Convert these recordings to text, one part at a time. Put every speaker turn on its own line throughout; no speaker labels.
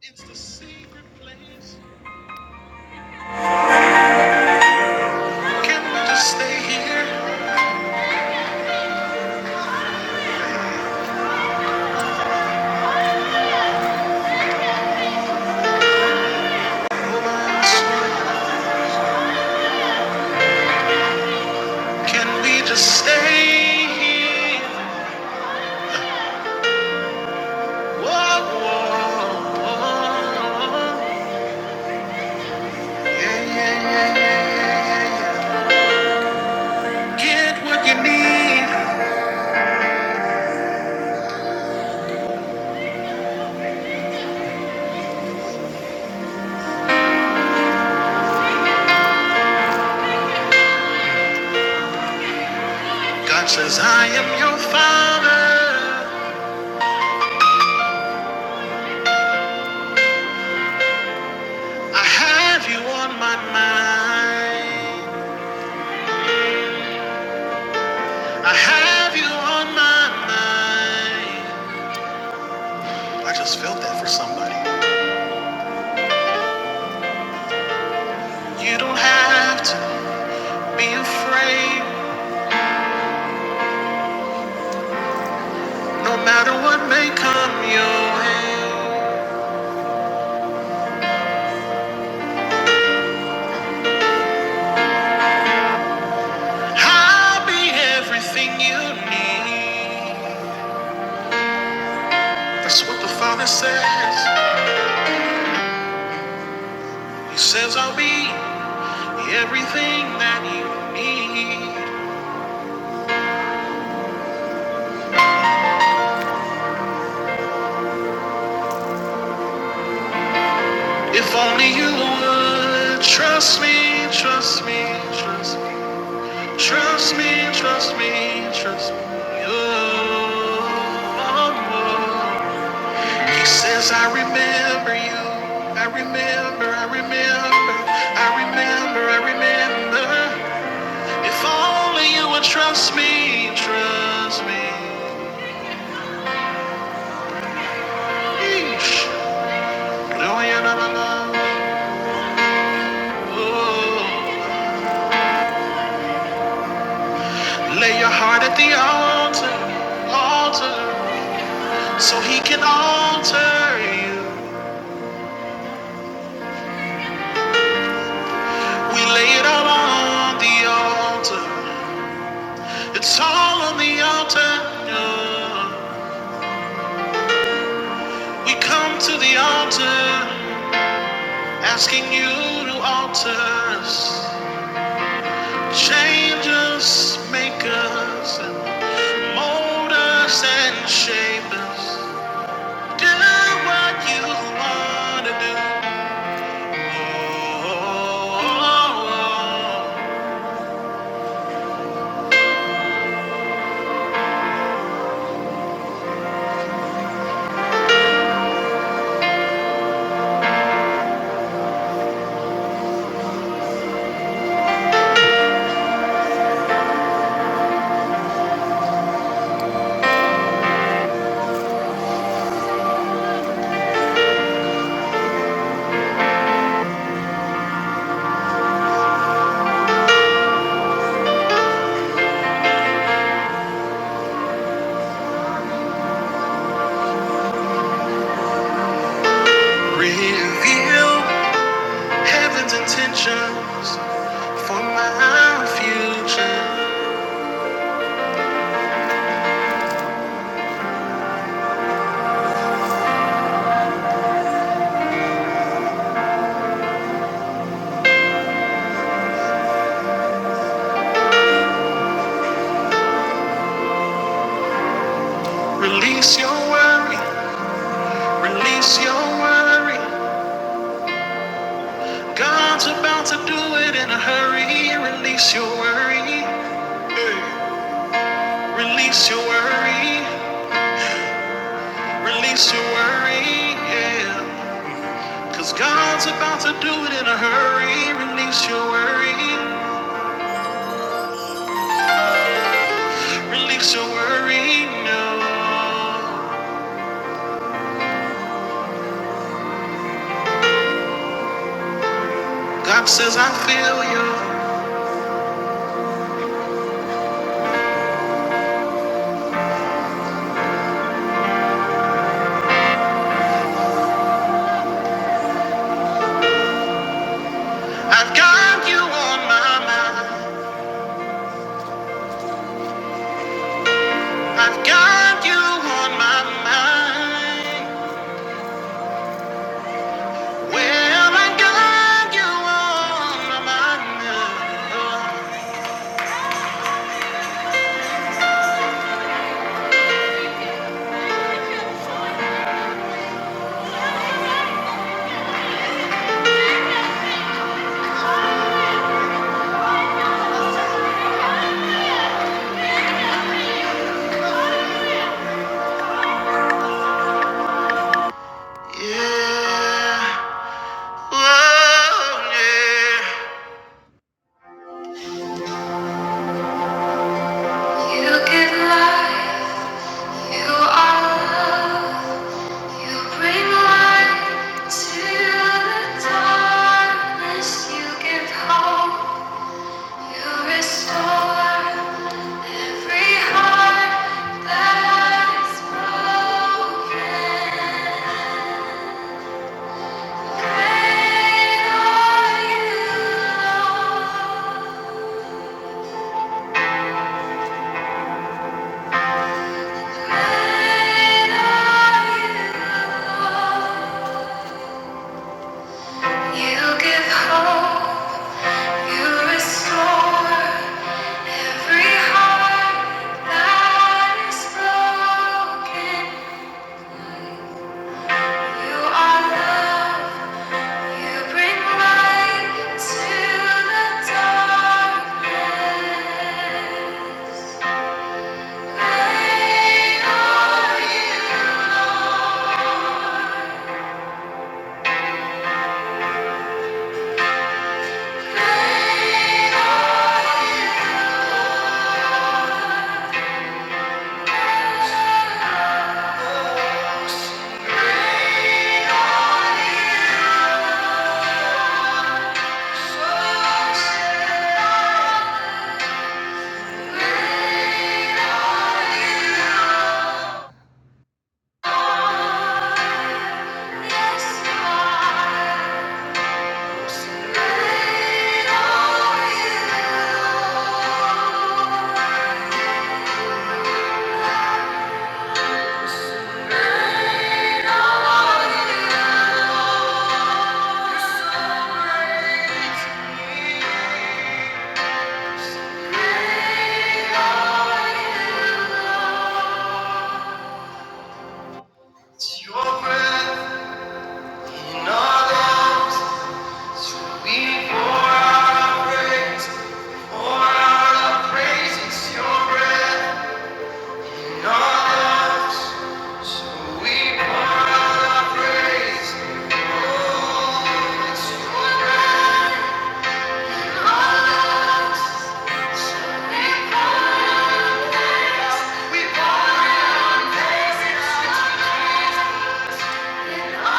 It's the secret place. Can we just stay here? Can we just stay here? Whoa, whoa, whoa. Yeah, yeah, yeah, yeah, yeah, yeah. Get what you need. God says, I am your father. I have you on my mind. I have you on my mind. I just felt that for somebody. You don't have to. Be afraid, no matter what may come your way. I'll be everything you need. That's what the Father says. He says, I'll be everything that you need. If only you would trust me, trust me, trust me, trust me, trust me, trust me. Oh, oh, oh. He says, I remember you. I remember, I remember, I remember, I remember. If only you would trust me, trust me. Yeesh. Oh, yeah, la, la, la. Ooh. Lay your heart at the altar, altar, so he can alter you. We lay it all on the altar. It's all on the altar. Yeah. We come to the altar, asking you to alter us, change us, make us, and mold us and shape us. Do what you want to do. Oh, reveal heaven's intentions for my future. Release your worry, release your worry. God's about to do it in a hurry. Release your worry. Yeah. Release your worry. Release your worry. Yeah. Cause God's about to do it in a hurry. Release your worry. Release your worry. No. God says, I feel you. I've got you on my mind. I've got you on my mind. Well, I got you on my mind. Yeah. Oh, yeah. You give life, you are love. You bring light to the darkness. You give hope, you restore. Every heart that is broken, great are you, Great are you, You give hope, you restore every heart that is broken. You are love, You bring light to the darkness. Rain on you, rain on you, rain on you. So rain on you, yes, you are. We pour out our praise. It's your breath. We pour out our praise. Thank you.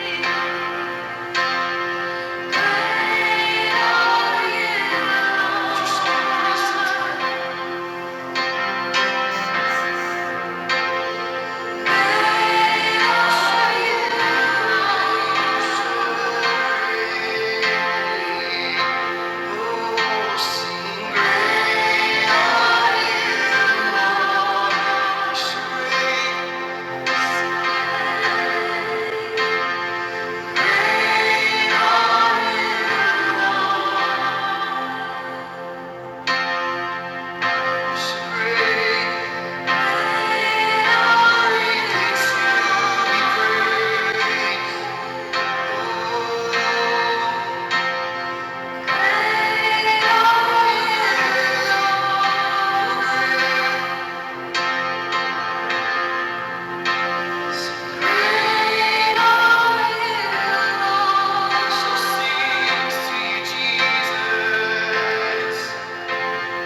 Thank you. Thank you.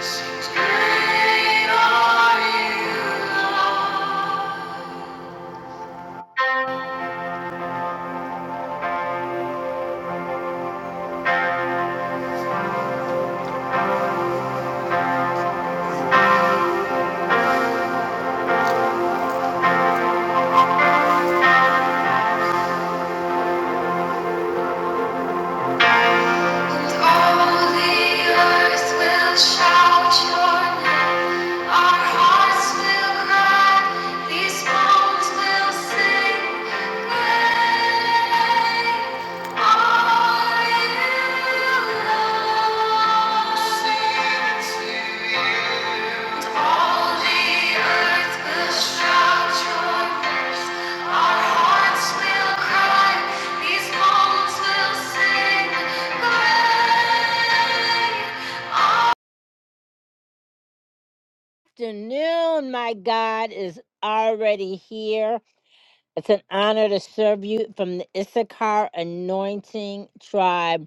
Seems Great are you, Lord. All the earth will shout your name. Our hearts will cry, these bones will sing. Great are you, Lord. All the earth will shout your praise. Afternoon, my God is already here. It's an honor to serve you from the Issachar Anointing Tribe.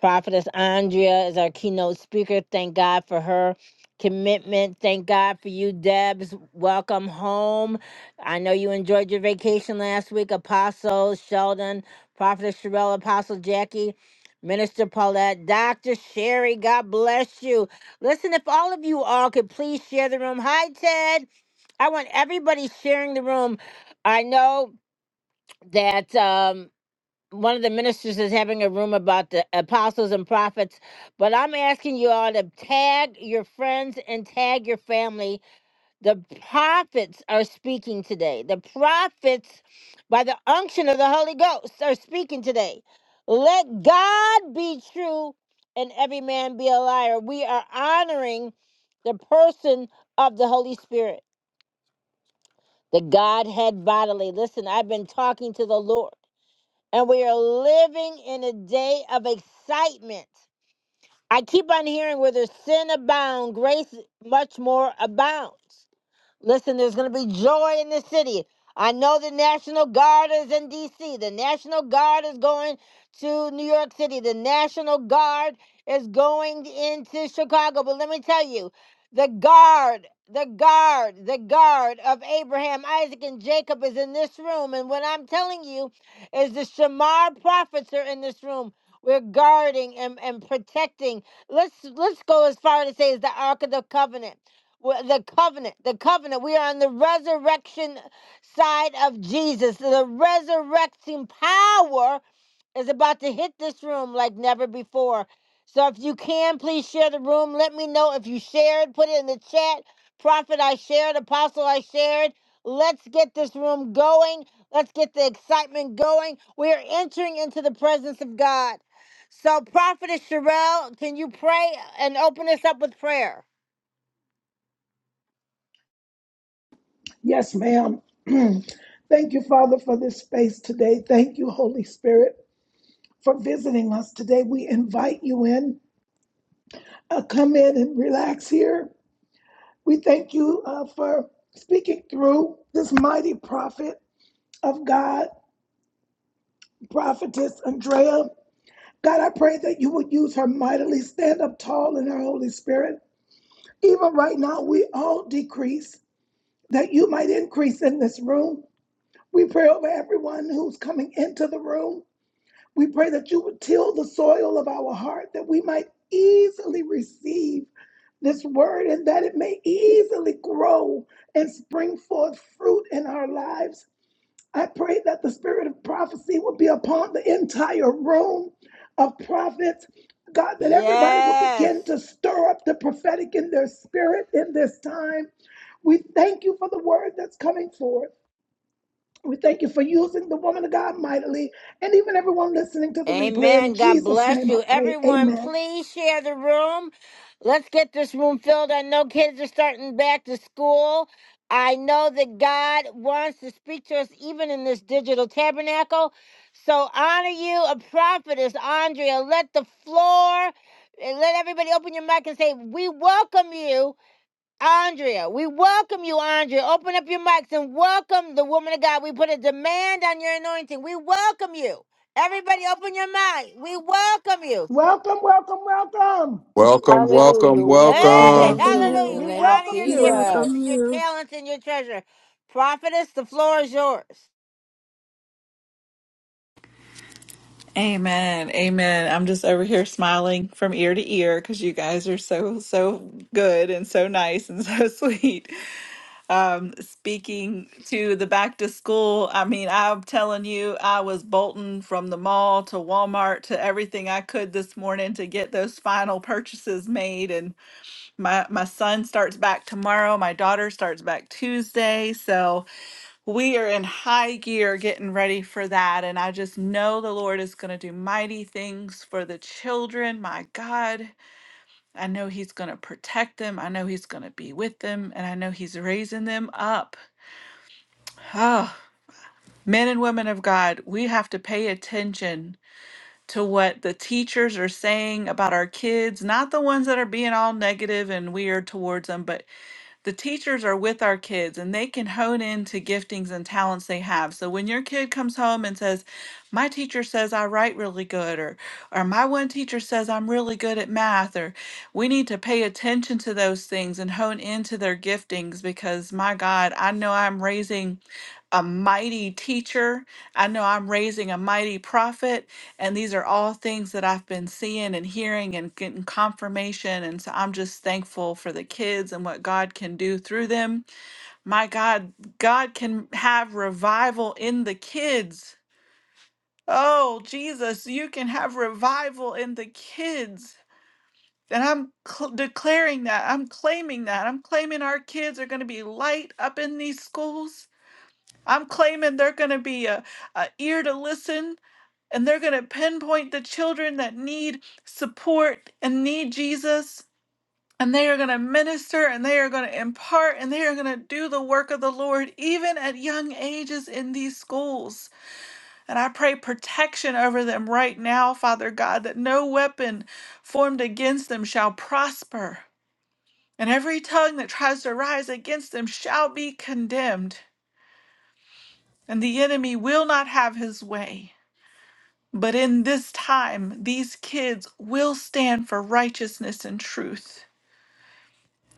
Prophetess Andrea is our keynote speaker. Thank God for her commitment. Thank God for you, Debs. Welcome home. I know you enjoyed your vacation last week. Apostle Sheldon, Prophetess Sherelle, Apostle Jackie, Minister Paulette, Dr. Sherry, God bless you. Listen, if all of you all could please share the room. Hi, Ted. I want everybody sharing the room. I know that. Um, one of the ministers is having a room about the apostles and prophets, but I'm asking you all to tag your friends and tag your family. The prophets are speaking today. The prophets, by the unction of the Holy Ghost, are speaking today. Let God be true and every man be a liar. We are honoring the person of the Holy Spirit, the Godhead bodily. Listen, I've been talking to the Lord and we are living in a day of excitement. I keep on hearing where there's sin abound, grace much more abounds. Listen, there's going to be joy in the city. I know the National Guard is in D.C. The National Guard is going to New York City. The National Guard is going into Chicago. But let me tell you, the guard, the guard, the guard of Abraham, Isaac, and Jacob is in this room. And what I'm telling you is the Shamar prophets are in this room. We're guarding and, and protecting. Let's let's go as far to say is the Ark of the Covenant. Well, the covenant, the covenant. We are on the resurrection side of Jesus. The resurrecting power is about to hit this room like never before. So if you can, please share the room. Let me know if you shared. Put it in the chat. Prophet, I shared. Apostle, I shared. Let's get this room going. Let's get the excitement going. We are entering into the presence of God. So, Prophetess Sherelle, can you pray and open us up with prayer?
Yes, ma'am. Thank you, Father, for this space today. Thank you, Holy Spirit, for visiting us today. We invite you in. Uh, come in and relax here. We thank you uh, for speaking through this mighty prophet of God, prophetess Andrea. God, I pray that you would use her mightily, stand up tall in her Holy Spirit. Even right now, we all decrease, that you might increase in this room. We pray over everyone who's coming into the room. We pray that you would till the soil of our heart that we might easily receive this word and that it may easily grow and spring forth fruit in our lives. I pray that the spirit of prophecy would be upon the entire room of prophets. God, that everybody would
Yes.
begin to stir up the prophetic in their spirit in this time. We thank you for the word that's coming forth. We thank you for using the woman of God mightily and even everyone listening to the replay. In
Amen. God
Jesus'
bless
name I
you.
pray.
Everyone,
Amen.
please share the room. Let's get this room filled. I know kids are starting back to school. I know that God wants to speak to us even in this digital tabernacle. So honor you, a prophetess, Andrea. Let the floor, and let everybody open your mic and say, We welcome you. Andrea, we welcome you, Andrea. Open up your mics and welcome the woman of God. We put a demand on your anointing. We welcome you. Everybody, open your mic. We welcome you.
Welcome, welcome, welcome.
Welcome, welcome,
Hallelujah. We
We
welcome.
Hey,
welcome
welcome
you in
you.
the
hallelujah.
We
We
name of
honor
welcome
your
We
you.
giftings,
welcome
Jesus.
your
you.
talents, and your treasure. Prophetess, the floor is yours.
Amen. Amen. I'm just over here smiling from ear to ear because you guys are so, so good and so nice and so sweet. Um, speaking to the back to school, I mean, I'm telling you, I was bolting from the mall to Walmart to everything I could this morning to get those final purchases made. And my, my son starts back tomorrow. My daughter starts back Tuesday. So, we are in high gear getting ready for that. And I just know the Lord is going to do mighty things for the children. My God, I know He's going to protect them. I know He's going to be with them. And I know He's raising them up. Oh, men and women of God, we have to pay attention to what the teachers are saying about our kids, not the ones that are being all negative and weird towards them, but the teachers are with our kids and they can hone into giftings and talents they have. So when your kid comes home and says, My teacher says I write really good, or, or my one teacher says I'm really good at math, or we need to pay attention to those things and hone into their giftings because my God, I know I'm raising a mighty teacher. I know I'm raising a mighty prophet. And these are all things that I've been seeing and hearing and getting confirmation. And so I'm just thankful for the kids and what God can do through them. My God, God can have revival in the kids. Oh, Jesus, you can have revival in the kids. And I'm cl- declaring that. I'm claiming that. I'm claiming our kids are going to be light up in these schools I'm claiming they're going to be a, a ear to listen and they're going to pinpoint the children that need support and need Jesus. And they are going to minister and they are going to impart and they are going to do the work of the Lord, even at young ages in these schools. And I pray protection over them right now, Father God, that no weapon formed against them shall prosper. And every tongue that tries to rise against them shall be condemned. And the enemy will not have his way. But in this time, these kids will stand for righteousness and truth.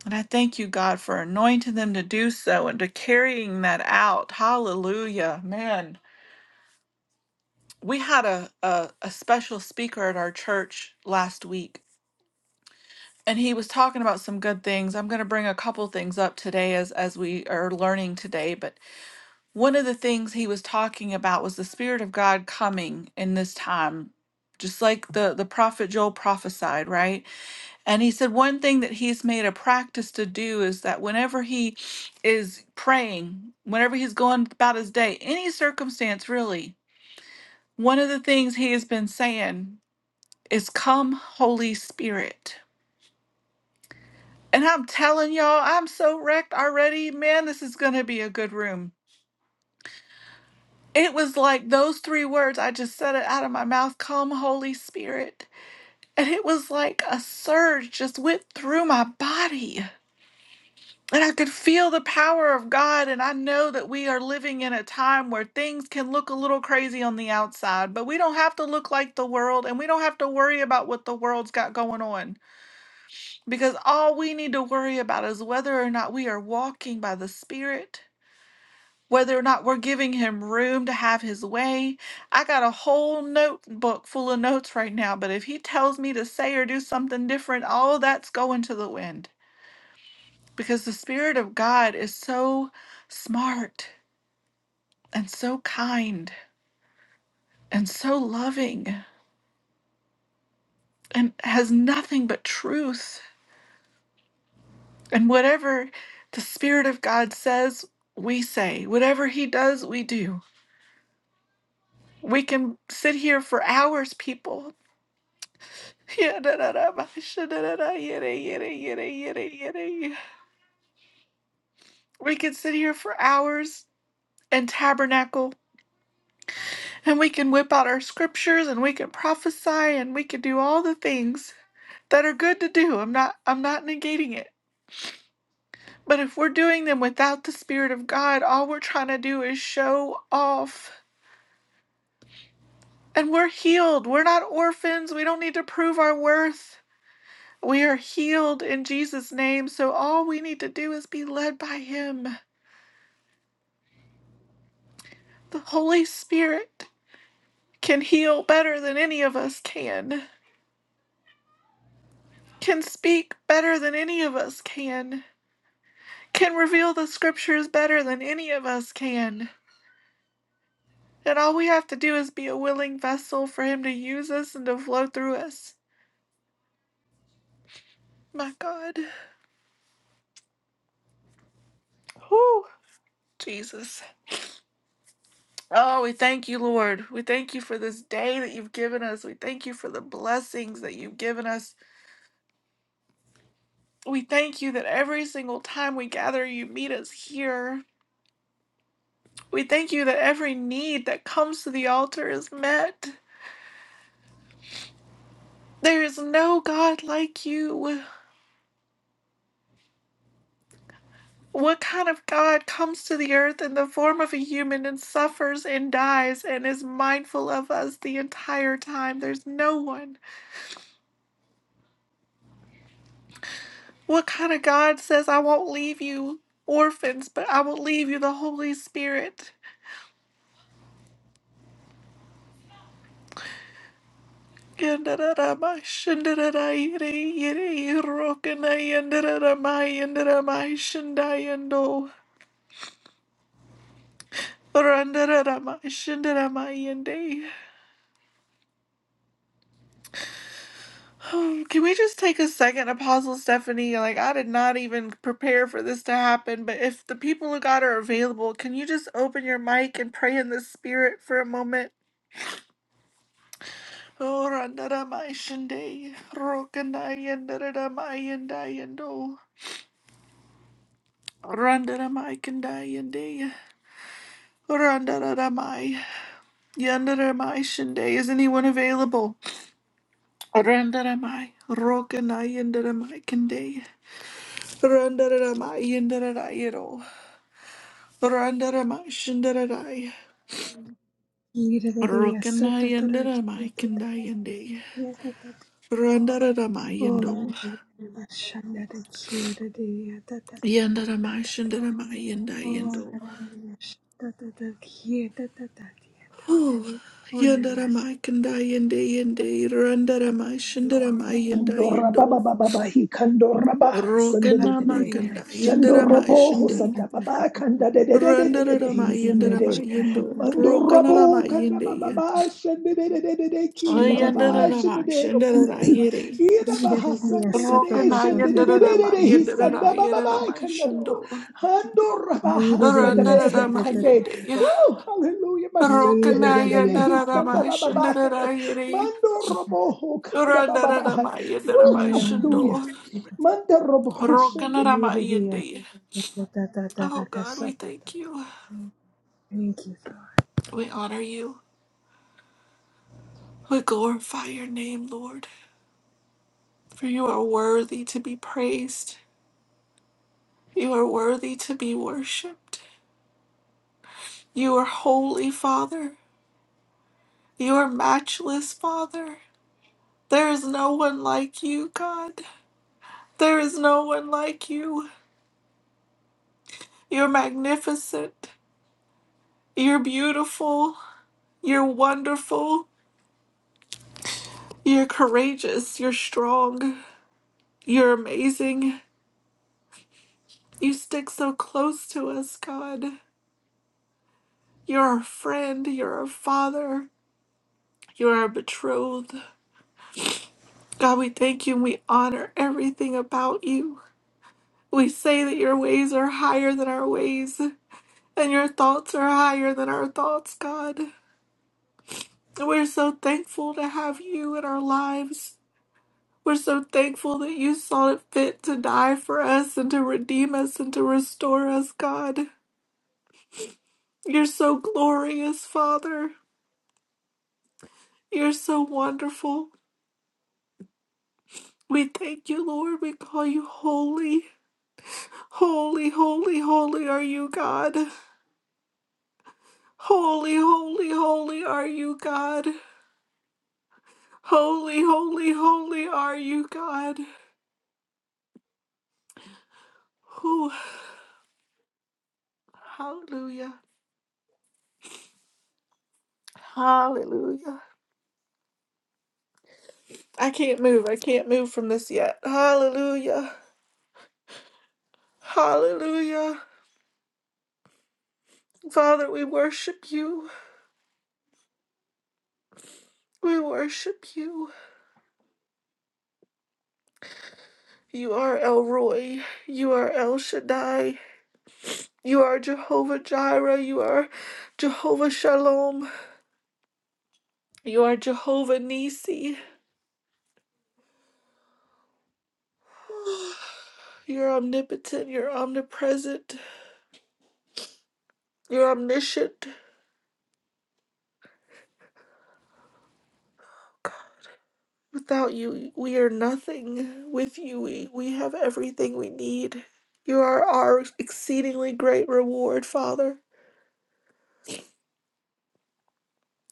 And I thank you, God, for anointing them to do so and to carrying that out. Hallelujah. Man, we had a, a, a special speaker at our church last week, and he was talking about some good things. I'm going to bring a couple things up today as, as we are learning today. But one of the things he was talking about was the Spirit of God coming in this time, just like the, the prophet Joel prophesied, right? And he said one thing that he's made a practice to do is that whenever he is praying, whenever he's going about his day, any circumstance really, one of the things he has been saying is, Come, Holy Spirit. And I'm telling y'all, I'm so wrecked already. Man, this is going to be a good room. It was like those three words, I just said it out of my mouth Come, Holy Spirit. And it was like a surge just went through my body. And I could feel the power of God. And I know that we are living in a time where things can look a little crazy on the outside, but we don't have to look like the world and we don't have to worry about what the world's got going on. Because all we need to worry about is whether or not we are walking by the Spirit, whether or not we're giving Him room to have His way. I got a whole notebook full of notes right now, but if He tells me to say or do something different, all that's going to the wind because the Spirit of God is so smart and so kind and so loving and has nothing but truth. And whatever the Spirit of God says, we say. Whatever He does, we do. We can sit here for hours, people. We can sit here for hours and tabernacle, and we can whip out our scriptures, and we can prophesy, and we can do all the things that are good to do. I'm not I'm not negating it. But if we're doing them without the spirit of God, all we're trying to do is show off. And we're healed. We're not orphans. We don't need to prove our worth. We are healed in Jesus name. So all we need to do is be led by him. The Holy Spirit can heal better than any of us can. Can speak better than any of us can. Can reveal the scriptures better than any of us can And all we have to do is be a willing vessel for Him to use us and to flow through us. My God. Whew. Jesus. Oh, we thank you, Lord. We thank you for this day that you've given us. We thank you for the blessings that you've given us. We thank you that every single time we gather, you meet us here. We thank you that every need that comes to the altar is met. There is no God like you. What kind of God comes to the earth in the form of a human and suffers and dies and is mindful of us the entire time? There's no one. What kind of God says, I won't leave you orphans, but I will leave you the Holy Spirit? Oh, Can we just take a second, Apostle Stephanie? Like, I did not even prepare for this to happen, but if the people of God are available, can you just open your mic and pray in the spirit for a moment? Oh, randaramai shinde, rokandayandaramai yandayando, randaramai kandayande, randaramai yandaramai shinde. Is anyone available? Randaramai, rokandayandaramai kande, randaramai yandarayero. Randaramai shandaradai.
Oh, He did it, yes,
Rokanai yandaramai kandai yandai. Randaramai yando. Yandaramai shandaramai yandai yando. Oh, Yandaramai kandai yandai yandai. Randaramai shandaramai yandai
Shandora baba,
yando.
baba, Shandorababababa, he sande
Rokanama
de, kandorabaha sandedede.
kandai yandaramai
Shandoroboho
shandai.
sandababa kandadedededede, de,
Randaramai yandaramai yando. Rokanaramai yandai.
de, de, de, de, ki da baba shande
Yandaramai
de, roboho
shandaramai yandai.
Ida baha sande de, de, shande de, de, de de de he sandabababa kandado.
Rokanayandaramayandaramayandaramayashando.
Handorabaha sandabehe kande.
Randaramayandaya.
Woo, hallelujah. ma shande de, he sandabababa he.
Rokanayandaramayashandarayare.
Mando roboho kanda baba baha Oh,
Thank
hallelujah.
Randaramayandaramaishando.
Manda robo hosete.
you,
Rokanaramayandaya. Oh God, we thank you.
Lord.
We honor you. We glorify your name, Lord, for you are worthy to be praised. You are worthy to be worshipped. You are holy, Father. You are matchless, Father. There is no one like you, God. There is no one like you. You're magnificent. You're beautiful. You're wonderful. You're courageous. You're strong. You're amazing. You stick so close to us, God. You're our friend. You're our father. You're our betrothed. God, we thank you and we honor everything about you. We say that your ways are higher than our ways and your thoughts are higher than our thoughts, God. We're so thankful to have you in our lives. We're so thankful that you saw it fit to die for us and to redeem us and to restore us, God. You're so glorious, Father. You're so wonderful. We thank you, Lord. We call you holy. Holy, holy, holy are you, God. Holy, holy, holy are you, God. Holy, holy, holy are you, God. Whew. Hallelujah. Hallelujah. I can't move. I can't move from this yet. Hallelujah. Hallelujah. Father, we worship you. We worship you. You are El Roy. You are El Shaddai. You are Jehovah Jireh. You are Jehovah Shalom. You are Jehovah Nisi. You're omnipotent. You're omnipresent. You're omniscient. Without you, we are nothing. With you, we, we have everything we need. You are our exceedingly great reward, Father.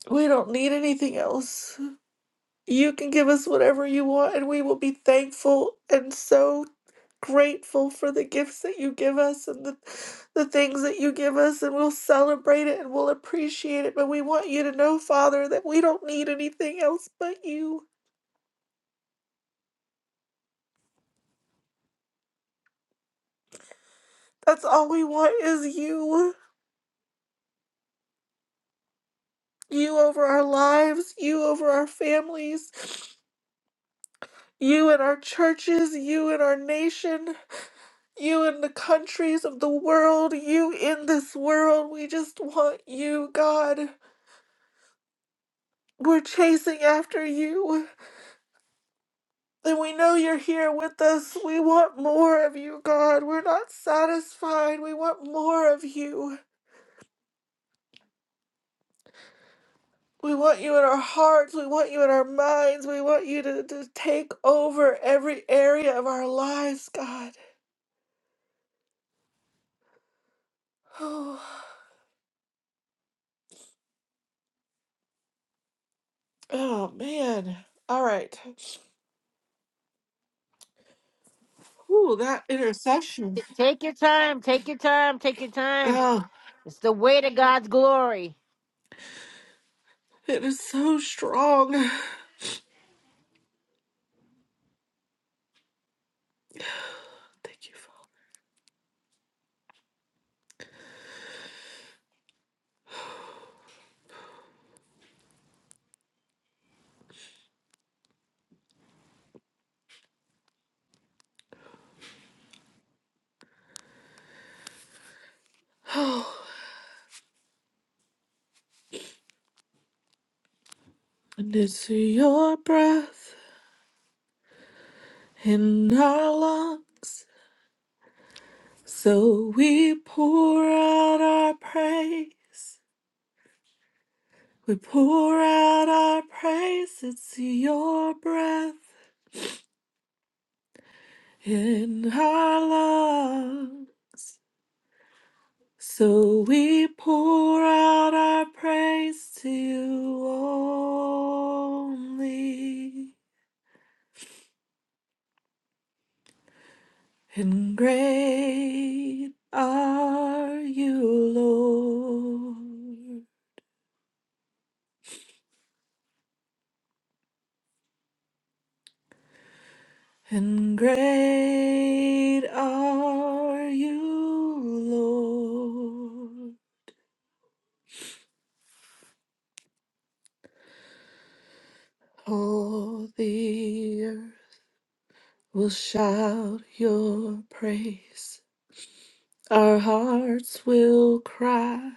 We don't need anything else. You can give us whatever you want, and we will be thankful and so grateful for the gifts that you give us and the, the things that you give us, and we'll celebrate it and we'll appreciate it. But we want you to know, Father, that we don't need anything else but you. That's all we want is you. you over our lives, you over our families, you in our churches, you in our nation, you in the countries of the world, you in this world. We just want you, God. We're chasing after you. And we know you're here with us. We want more of you, God. We're not satisfied. We want more of you. We want you in our hearts. We want you in our minds. We want you to, to take over every area of our lives, God. Oh man. All right. Ooh, that intercession.
T- Take your time. Take your time. Take your time.
Oh,
It's the way to God's glory.
it is so strong. Thank you, Father. Oh, and it's your breath in our lungs. So we pour out our praise. We pour out our praise. It's your breath in our lungs. So we pour out our praise to you only, and great are you, Lord, and great are you, Lord. All the earth will shout your praise. Our hearts will cry.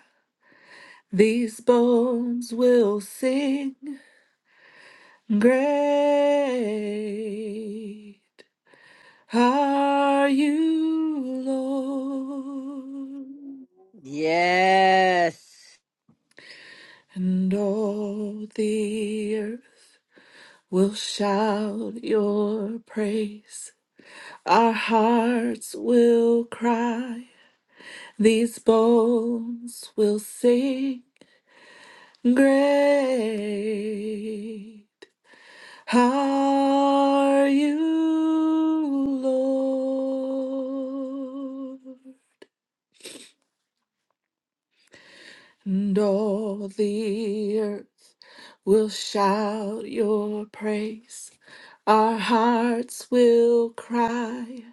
These bones will sing great. Are you Lord?
Yes.
And all the earth will shout your praise. Our hearts will cry. These bones will sing great. Are you Lord? And all the earth will shout your praise. Our hearts will cry.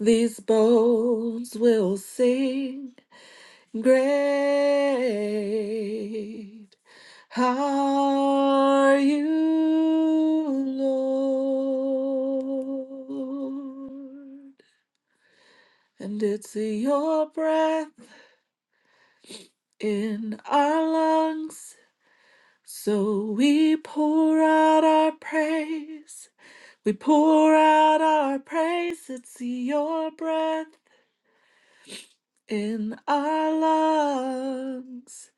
These bones will sing. Great Are you Lord? And it's your breath in our lungs. So we pour out our praise. We pour out our praise. It's your breath in our lungs.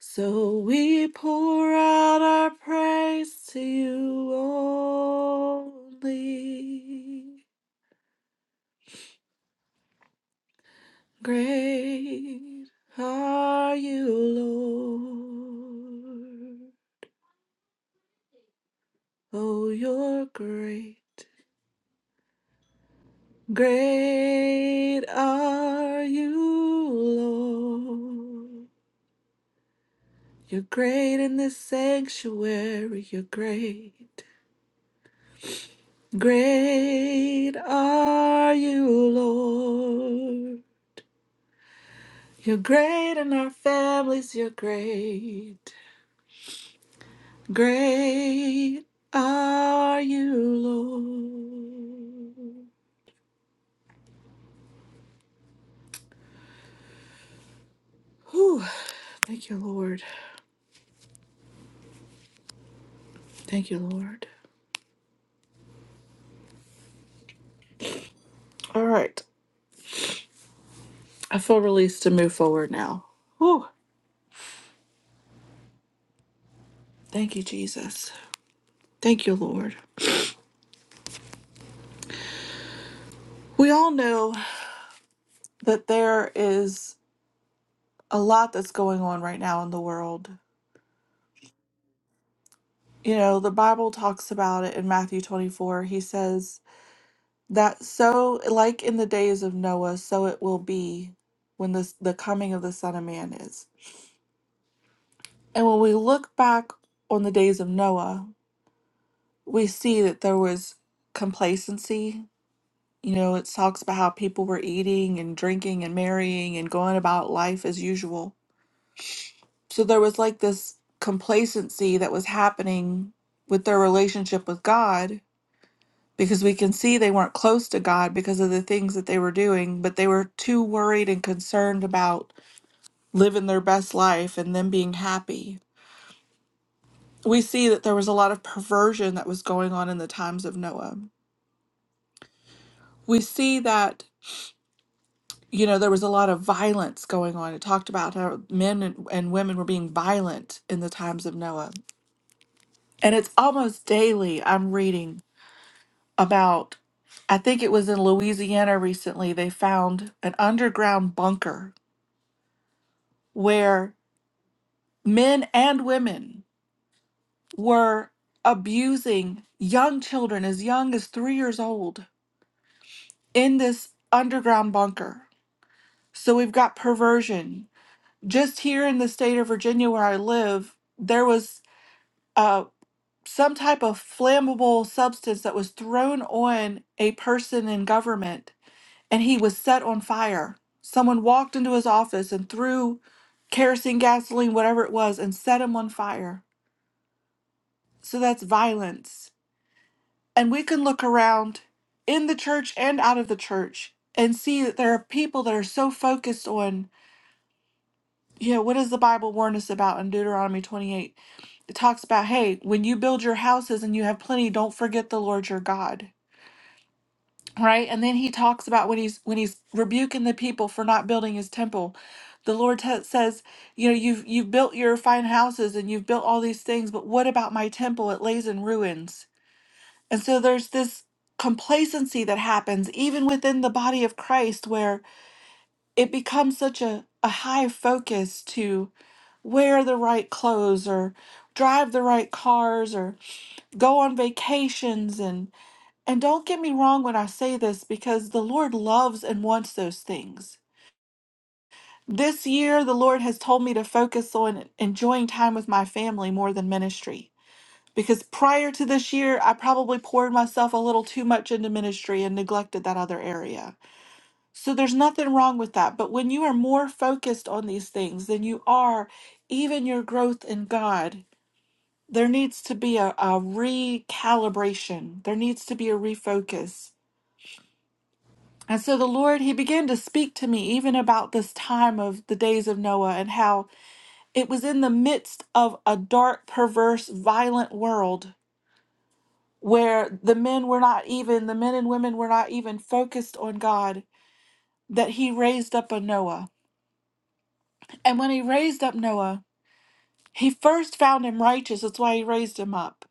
So we pour out our praise to you only. Great are you, Lord. Oh, you're great. Great are you, Lord. You're great in this sanctuary. You're great. Great are you, Lord. You're great and our families, you're great. Great are you, Lord. Whew. Thank you, Lord. Thank you, Lord. All right. I feel released to move forward now. Whew. Thank you, Jesus. Thank you, Lord. We all know that there is a lot that's going on right now in the world. You know, the Bible talks about it in Matthew 24. He says, That so, like in the days of Noah, so it will be when this, the coming of the Son of Man is. And when we look back on the days of Noah, we see that there was complacency. You know, it talks about how people were eating and drinking and marrying and going about life as usual. So there was like this complacency that was happening with their relationship with God because we can see they weren't close to God because of the things that they were doing, but they were too worried and concerned about living their best life and them being happy. We see that there was a lot of perversion that was going on in the times of Noah. We see that, you know, there was a lot of violence going on. It talked about how men and, and women were being violent in the times of Noah. And it's almost daily I'm reading about I think it was in Louisiana recently, they found an underground bunker where men and women were abusing young children as young as three years old in this underground bunker. So we've got perversion. Just here in the state of Virginia where I live, there was uh, some type of flammable substance that was thrown on a person in government and he was set on fire. Someone walked into his office and threw kerosene, gasoline, whatever it was, and set him on fire So that's violence. And we can look around in the church and out of the church and see that there are people that are so focused on, you know, what does the Bible warn us about in Deuteronomy 28? It talks about, hey, when you build your houses and you have plenty, don't forget the Lord your God. Right? And then he talks about when he's when he's rebuking the people for not building his temple. The Lord t- says, you know, you've you've built your fine houses and you've built all these things, but what about my temple? It lays in ruins And so there's this complacency that happens even within the body of Christ where it becomes such a, a high focus to wear the right clothes or drive the right cars or go on vacations and and don't get me wrong when I say this because the Lord loves and wants those things. This year the Lord has told me to focus on enjoying time with my family more than ministry. Because prior to this year, I probably poured myself a little too much into ministry and neglected that other area. So there's nothing wrong with that. But when you are more focused on these things than you are even your growth in God, there needs to be a, a recalibration, there needs to be a refocus. And so the Lord, He began to speak to me even about this time of the days of Noah and how it was in the midst of a dark, perverse, violent world where the men were not even, the men and women were not even focused on God, that he raised up a Noah. And when he raised up Noah, he first found him righteous. That's why he raised him up.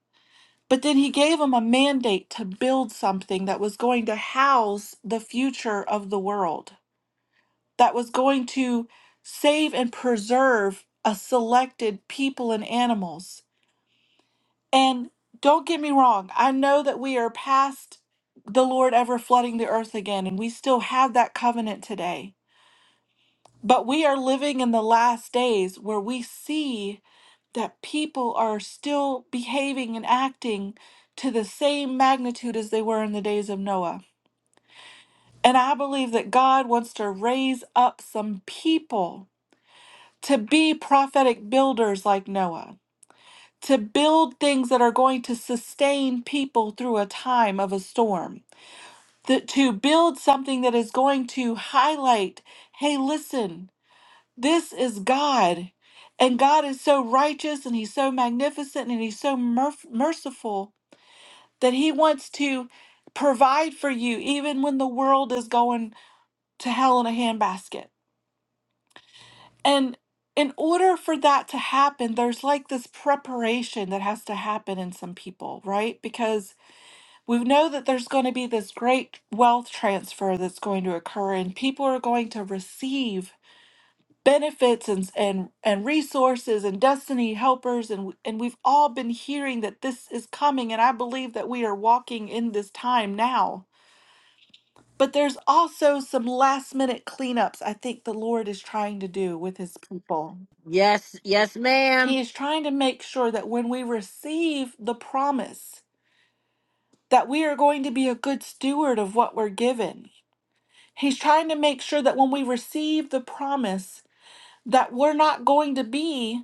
But then he gave him a mandate to build something that was going to house the future of the world, that was going to save and preserve a selected people and animals And don't get me wrong, I know that we are past the Lord ever flooding the earth again, and we still have that covenant today. But we are living in the last days where we see that people are still behaving and acting to the same magnitude as they were in the days of Noah. And I believe that God wants to raise up some people to be prophetic builders like Noah to build things that are going to sustain people through a time of a storm, th- to build something that is going to highlight hey, listen, this is God. And God is so righteous and He's so magnificent and He's so merf- merciful that He wants to provide for you even when the world is going to hell in a handbasket. And in order for that to happen, there's like this preparation that has to happen in some people, right? Because we know that there's going to be this great wealth transfer that's going to occur and people are going to receive benefits and and, and resources and destiny helpers and w- and we've all been hearing that this is coming and I believe that we are walking in this time now. But there's also some last minute cleanups I think the Lord is trying to do with his people.
Yes. Yes,
He
ma'am.
is trying to make sure that when we receive the promise that we are going to be a good steward of what we're given He's trying to make sure that when we receive the promise that we're not going to be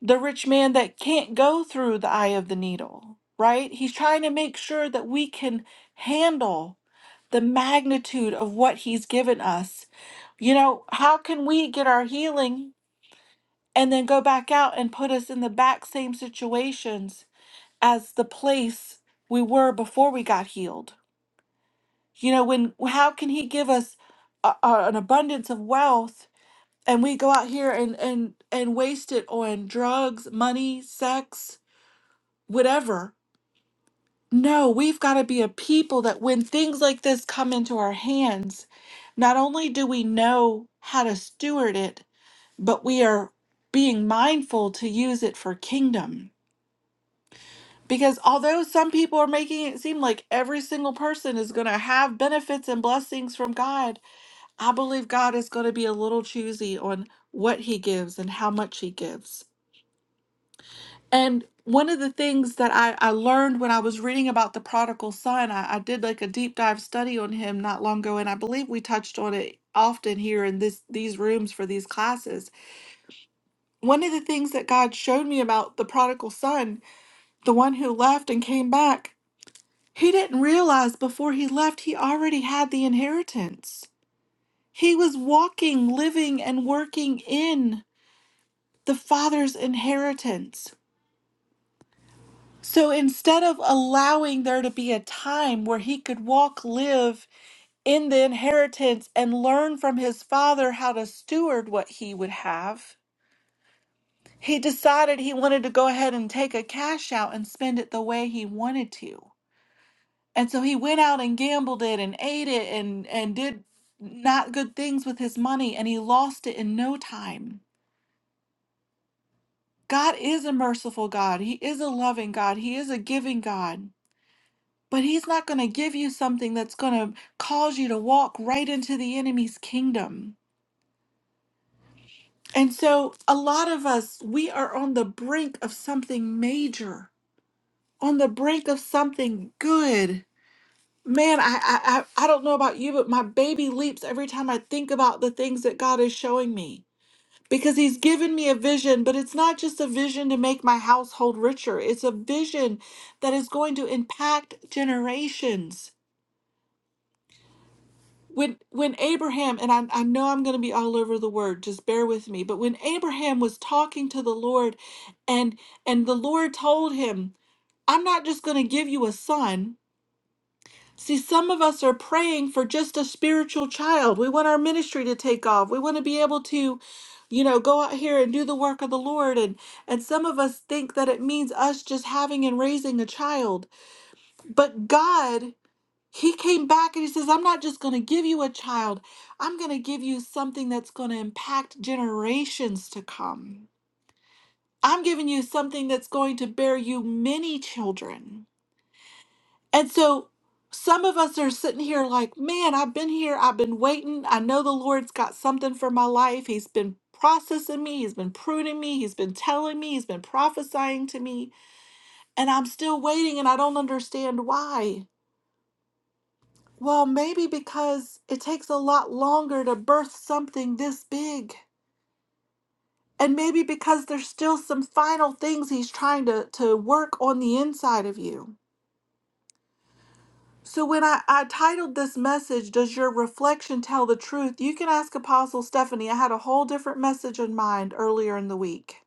the rich man that can't go through the eye of the needle, right? He's trying to make sure that we can handle the magnitude of what he's given us. You know, how can we get our healing and then go back out and put us in the back same situations as the place we were before we got healed? You know, when how can he give us a, a- an abundance of wealth and we go out here and and and waste it on drugs, money, sex, whatever. No, we've got to be a people that when things like this come into our hands, not only do we know how to steward it, but we are being mindful to use it for kingdom. Because although some people are making it seem like every single person is going to have benefits and blessings from God, I believe God is going to be a little choosy on what he gives and how much he gives And one of the things that I, I learned when I was reading about the prodigal son, I, I did like a deep dive study on him not long ago, and I believe we touched on it often here in this these rooms for these classes. One of the things that God showed me about the prodigal son, the one who left and came back, he didn't realize before he left he already had the inheritance. He was walking, living, and working in the father's inheritance So instead of allowing there to be a time where he could walk, live in the inheritance, and learn from his father how to steward what he would have, he decided he wanted to go ahead and take a cash out and spend it the way he wanted to. And so he went out and gambled it and ate it and, and did not good things with his money, and he lost it in no time. God is a merciful God. He is a loving God. He is a giving God. But he's not going to give you something that's going to cause you to walk right into the enemy's kingdom. And so, a lot of us, we are on the brink of something major, on the brink of something good. Man, I, I, I I don't know about you, but my baby leaps every time I think about the things that God is showing me. Because he's given me a vision, but it's not just a vision to make my household richer. It's a vision that is going to impact generations. when when Abraham and I, I know I'm going to be all over the word just bear with me but when Abraham was talking to the Lord and and the Lord told him I'm not just going to give you a son see some of us are praying for just a spiritual child we want our ministry to take off we want to be able to you know go out here and do the work of the Lord and and some of us think that it means us just having and raising a child but God he came back and he says, I'm not just going to give you a child, I'm going to give you something that's going to impact generations to come. I'm giving you something that's going to bear you many children. And so some of us are sitting here like, man, I've been here, I've been waiting. I know the Lord's got something for my life. He's been processing me, He's been pruning me, He's been telling me, He's been prophesying to me, and I'm still waiting and I don't understand why. Well, maybe because it takes a lot longer to birth something this big. And maybe because there's still some final things he's trying to, to work on the inside of you. So, when I, I titled this message, Does Your Reflection Tell the Truth? You can ask Apostle Stephanie. I had a whole different message in mind earlier in the week.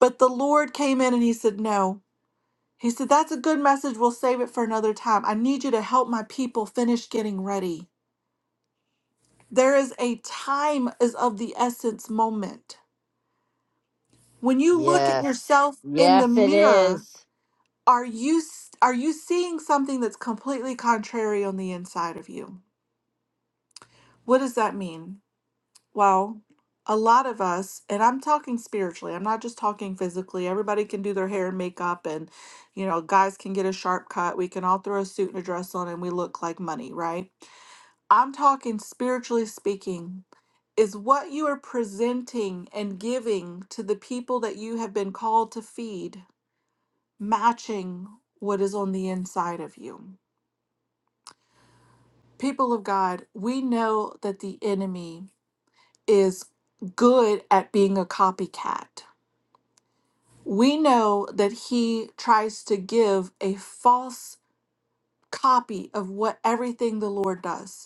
But the Lord came in and he said, No. He said, That's a good message. We'll save it for another time. I need you to help my people finish getting ready. There is a time is of the essence moment. When you look at
Yes.
yourself in the
Yes, it
mirror,
is.
are you s- are you seeing something that's completely contrary on the inside of you? What does that mean? Well, a lot of us, and I'm talking spiritually. I'm not just talking physically. Everybody can do their hair and makeup and you know, guys can get a sharp cut. We can all throw a suit and a dress on and we look like money, right? I'm talking spiritually speaking is what you are presenting and giving to the people that you have been called to feed matching what is on the inside of you? People of God, we know that the enemy is good at being a copycat. We know that he tries to give a false copy of what everything the Lord does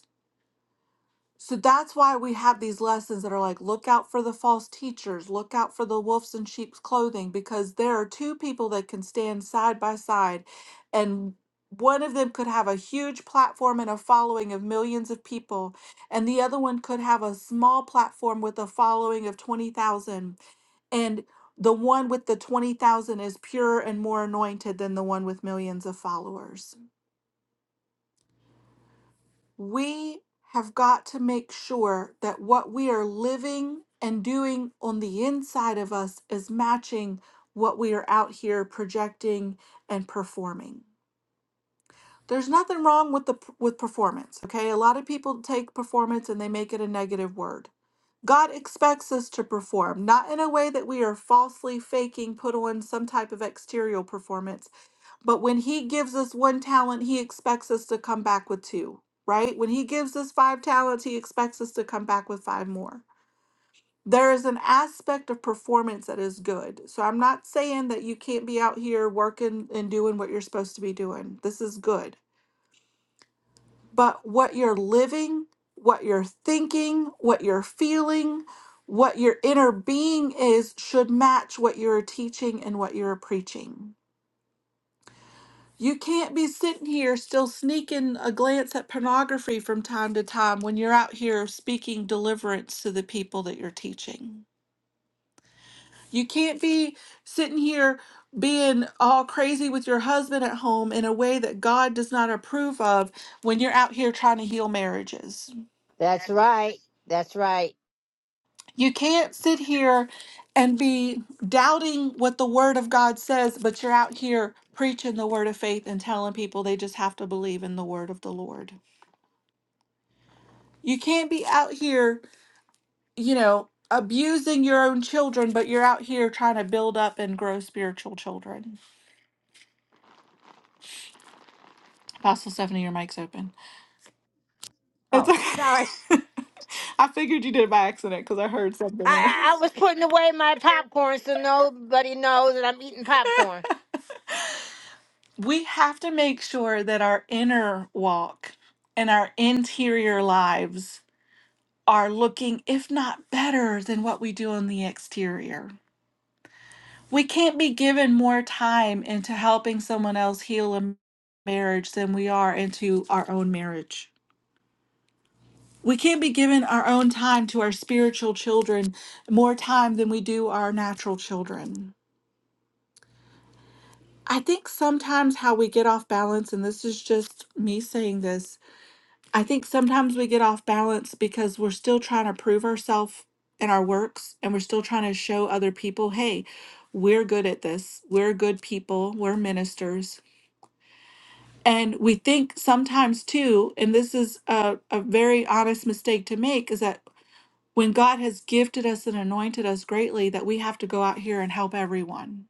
So that's why we have these lessons that are like, look out for the false teachers, look out for the wolves in sheep's clothing, because there are two people that can stand side by side, and one of them could have a huge platform and a following of millions of people, and the other one could have a small platform with a following of 20,000. And the one with the 20,000 is pure and more anointed than the one with millions of followers we have got to make sure that what we are living and doing on the inside of us is matching what we are out here projecting and performing. There's nothing wrong with the with performance, okay? A lot of people take performance and they make it a negative word. God expects us to perform, not in a way that we are falsely faking, put on some type of exterior performance, but when he gives us one talent, he expects us to come back with two, right? When he gives us five talents, he expects us to come back with five more. There is an aspect of performance that is good. So I'm not saying that you can't be out here working and doing what you're supposed to be doing. This is good. But what you're living, what you're thinking, what you're feeling, what your inner being is should match what you're teaching and what you're preaching You can't be sitting here still sneaking a glance at pornography from time to time when you're out here speaking deliverance to the people that you're teaching. You can't be sitting here being all crazy with your husband at home in a way that God does not approve of when you're out here trying to heal marriages.
That's right. That's right.
You can't sit here and be doubting what the Word of God says, but you're out here preaching the Word of faith and telling people they just have to believe in the Word of the Lord. You can't be out here, you know, abusing your own children, but you're out here trying to build up and grow spiritual children. Apostle Stephanie, your mic's open. It's
Oh, sorry.
okay. I figured you did it by accident because I heard something. in there.
I, I I was putting away my popcorn so nobody knows that I'm eating popcorn.
We have to make sure that our inner walk and our interior lives are looking, if not better, than what we do on the exterior. we can't be given more time into helping someone else heal a marriage than we are into our own marriage. We can't be given our own time to our spiritual children more time than we do our natural children. I think sometimes how we get off balance, and this is just me saying this, I think sometimes we get off balance because we're still trying to prove ourselves in our works and we're still trying to show other people, hey, we're good at this. We're good people. We're ministers And we think sometimes too, and this is a, a very honest mistake to make, is that when God has gifted us and anointed us greatly, that we have to go out here and help everyone.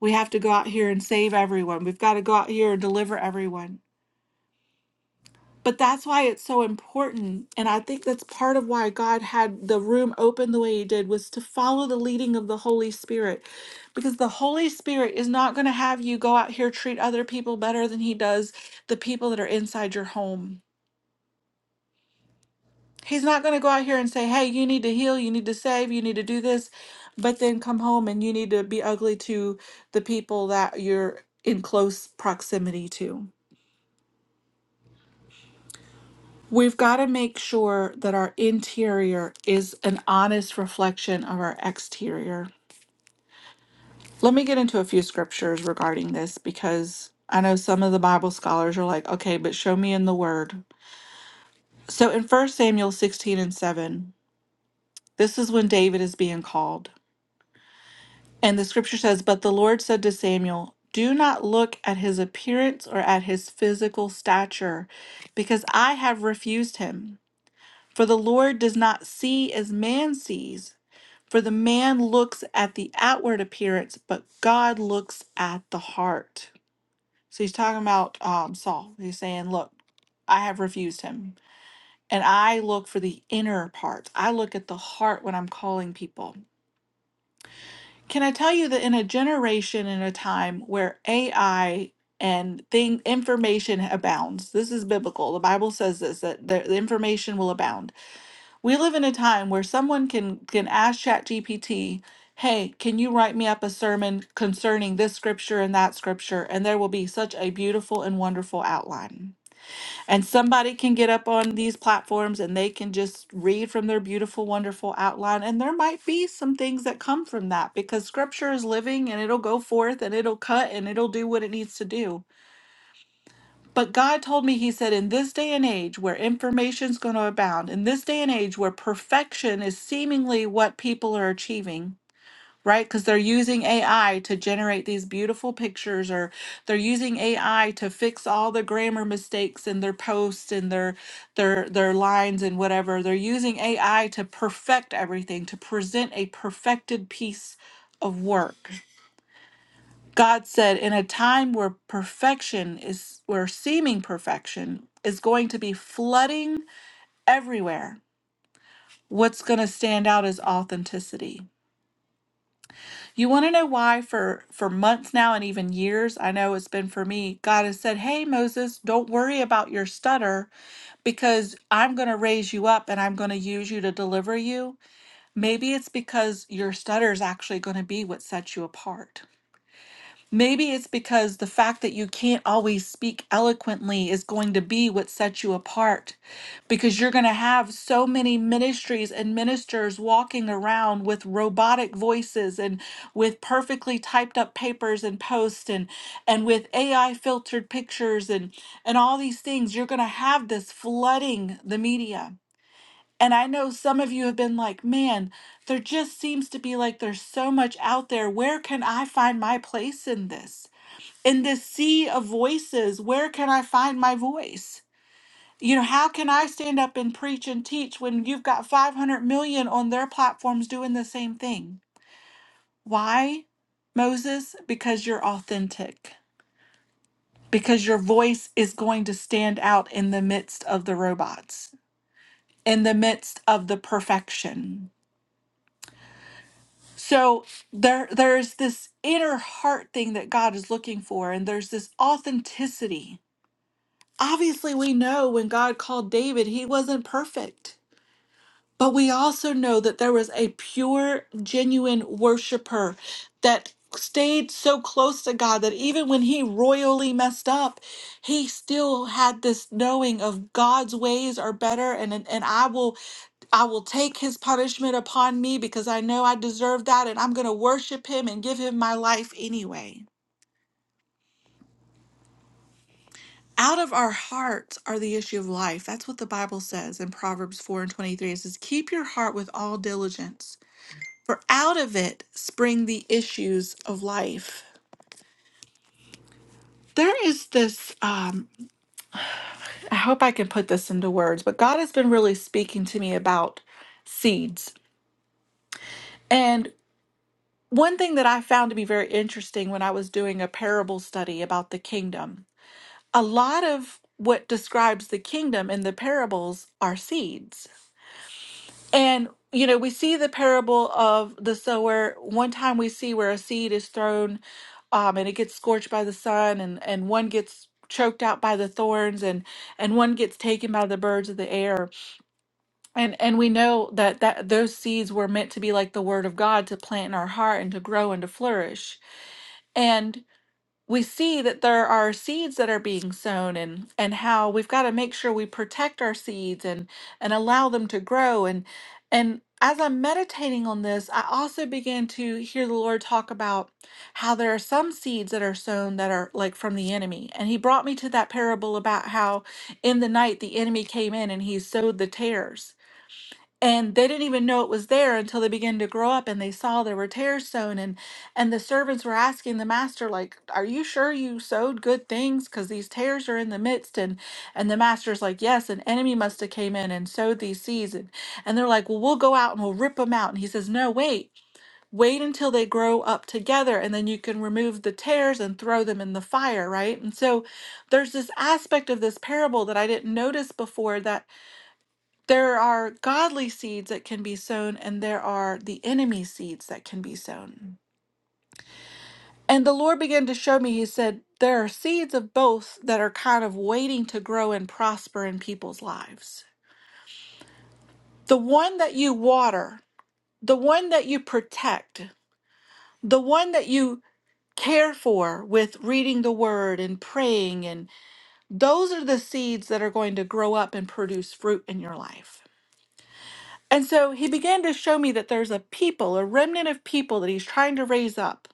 We have to go out here and save everyone. We've got to go out here and deliver everyone. But that's why it's so important. And I think that's part of why God had the room open the way He did was to follow the leading of the Holy Spirit. Because the Holy Spirit is not going to have you go out here treat other people better than He does the people that are inside your home He's not going to go out here and say, hey, you need to heal, you need to save, you need to do this, but then come home and you need to be ugly to the people that you're in close proximity to. We've got to make sure that our interior is an honest reflection of our exterior. Let me get into a few scriptures regarding this because I know some of the Bible scholars are like, okay, but show me in the Word. So in 1 Samuel 16 and 7, this is when David is being called. And the scripture says, But the Lord said to Samuel, Do not look at his appearance or at his physical stature, because I have refused him. For the Lord does not see as man sees, for the man looks at the outward appearance, but God looks at the heart. So he's talking about um, Saul. He's saying, Look, I have refused him. And I look for the inner part. I look at the heart when I'm calling people. Can I tell you that in a generation in a time where AI and thing information abounds, this is biblical. The Bible says this that the, the information will abound. We live in a time where someone can can ask ChatGPT, "Hey, can you write me up a sermon concerning this scripture and that scripture?" and there will be such a beautiful and wonderful outline. And somebody can get up on these platforms and they can just read from their beautiful, wonderful outline. And there might be some things that come from that because scripture is living and it'll go forth and it'll cut and it'll do what it needs to do. But God told me, He said, in this day and age where information's going to abound, in this day and age where perfection is seemingly what people are achieving, right? Because they're using AI to generate these beautiful pictures, or they're using AI to fix all the grammar mistakes in their posts and their their their lines and whatever. They're using AI to perfect everything, to present a perfected piece of work. God said, in a time where perfection is where seeming perfection is going to be flooding everywhere, what's going to stand out is authenticity You want to know why for for months now and even years, I know it's been for me. God has said, "Hey Moses, don't worry about your stutter because I'm going to raise you up and I'm going to use you to deliver you." Maybe it's because your stutter is actually going to be what sets you apart. Maybe it's because the fact that you can't always speak eloquently is going to be what sets you apart because you're going to have so many ministries and ministers walking around with robotic voices and with perfectly typed up papers and posts and and with AI filtered pictures and and all these things you're going to have this flooding the media. And I know some of you have been like, "Man, there just seems to be like there's so much out there. Where can I find my place in this?" in this sea of voices, where can I find my voice? You know, how can I stand up and preach and teach when you've got 500 million on their platforms doing the same thing? Why, Moses? Because you're authentic, because your voice is going to stand out in the midst of the robots, in the midst of the perfection. So there there's this inner heart thing that God is looking for and there's this authenticity Obviously, we know when God called David, he wasn't perfect. But we also know that there was a pure, genuine worshiper that stayed so close to God that even when he royally messed up, he still had this knowing of God's ways are better and and and I will I will take his punishment upon me because I know I deserve that and I'm going to worship him and give him my life anyway. out of our hearts are the issue of life. That's what the Bible says in Proverbs 4 and 23. It says, Keep your heart with all diligence, for out of it spring the issues of life. There is this, um, I hope I can put this into words, but God has been really speaking to me about seeds. And one thing that I found to be very interesting when I was doing a parable study about the kingdom, a lot of what describes the kingdom in the parables are seeds And, you know, we see the parable of the sower. One time we see where a seed is thrown um, and it gets scorched by the sun, and, and one gets choked out by the thorns and and one gets taken by the birds of the air and and we know that that those seeds were meant to be like the word of god to plant in our heart and to grow and to flourish we see that there are seeds that are being sown and and how we've got to make sure we protect our seeds and and allow them to grow and and as I'm meditating on this, I also began to hear the Lord talk about how there are some seeds that are sown that are like from the enemy. And he brought me to that parable about how in the night the enemy came in and he sowed the tares and they didn't even know it was there until they began to grow up and they saw there were tares sown and and the servants were asking the master like are you sure you sowed good things because these tares are in the midst and and the master's like yes an enemy must have came in and sowed these seeds and, and they're like well we'll go out and we'll rip them out and he says no wait wait until they grow up together and then you can remove the tares and throw them in the fire right and so there's this aspect of this parable that i didn't notice before that there are godly seeds that can be sown and there are the enemy seeds that can be sown. And the Lord began to show me, He said, there are seeds of both that are kind of waiting to grow and prosper in people's lives. The one that you water, the one that you protect, the one that you care for with reading the word and praying, and those are the seeds that are going to grow up and produce fruit in your life. And so he began to show me that there's a people, a remnant of people that he's trying to raise up.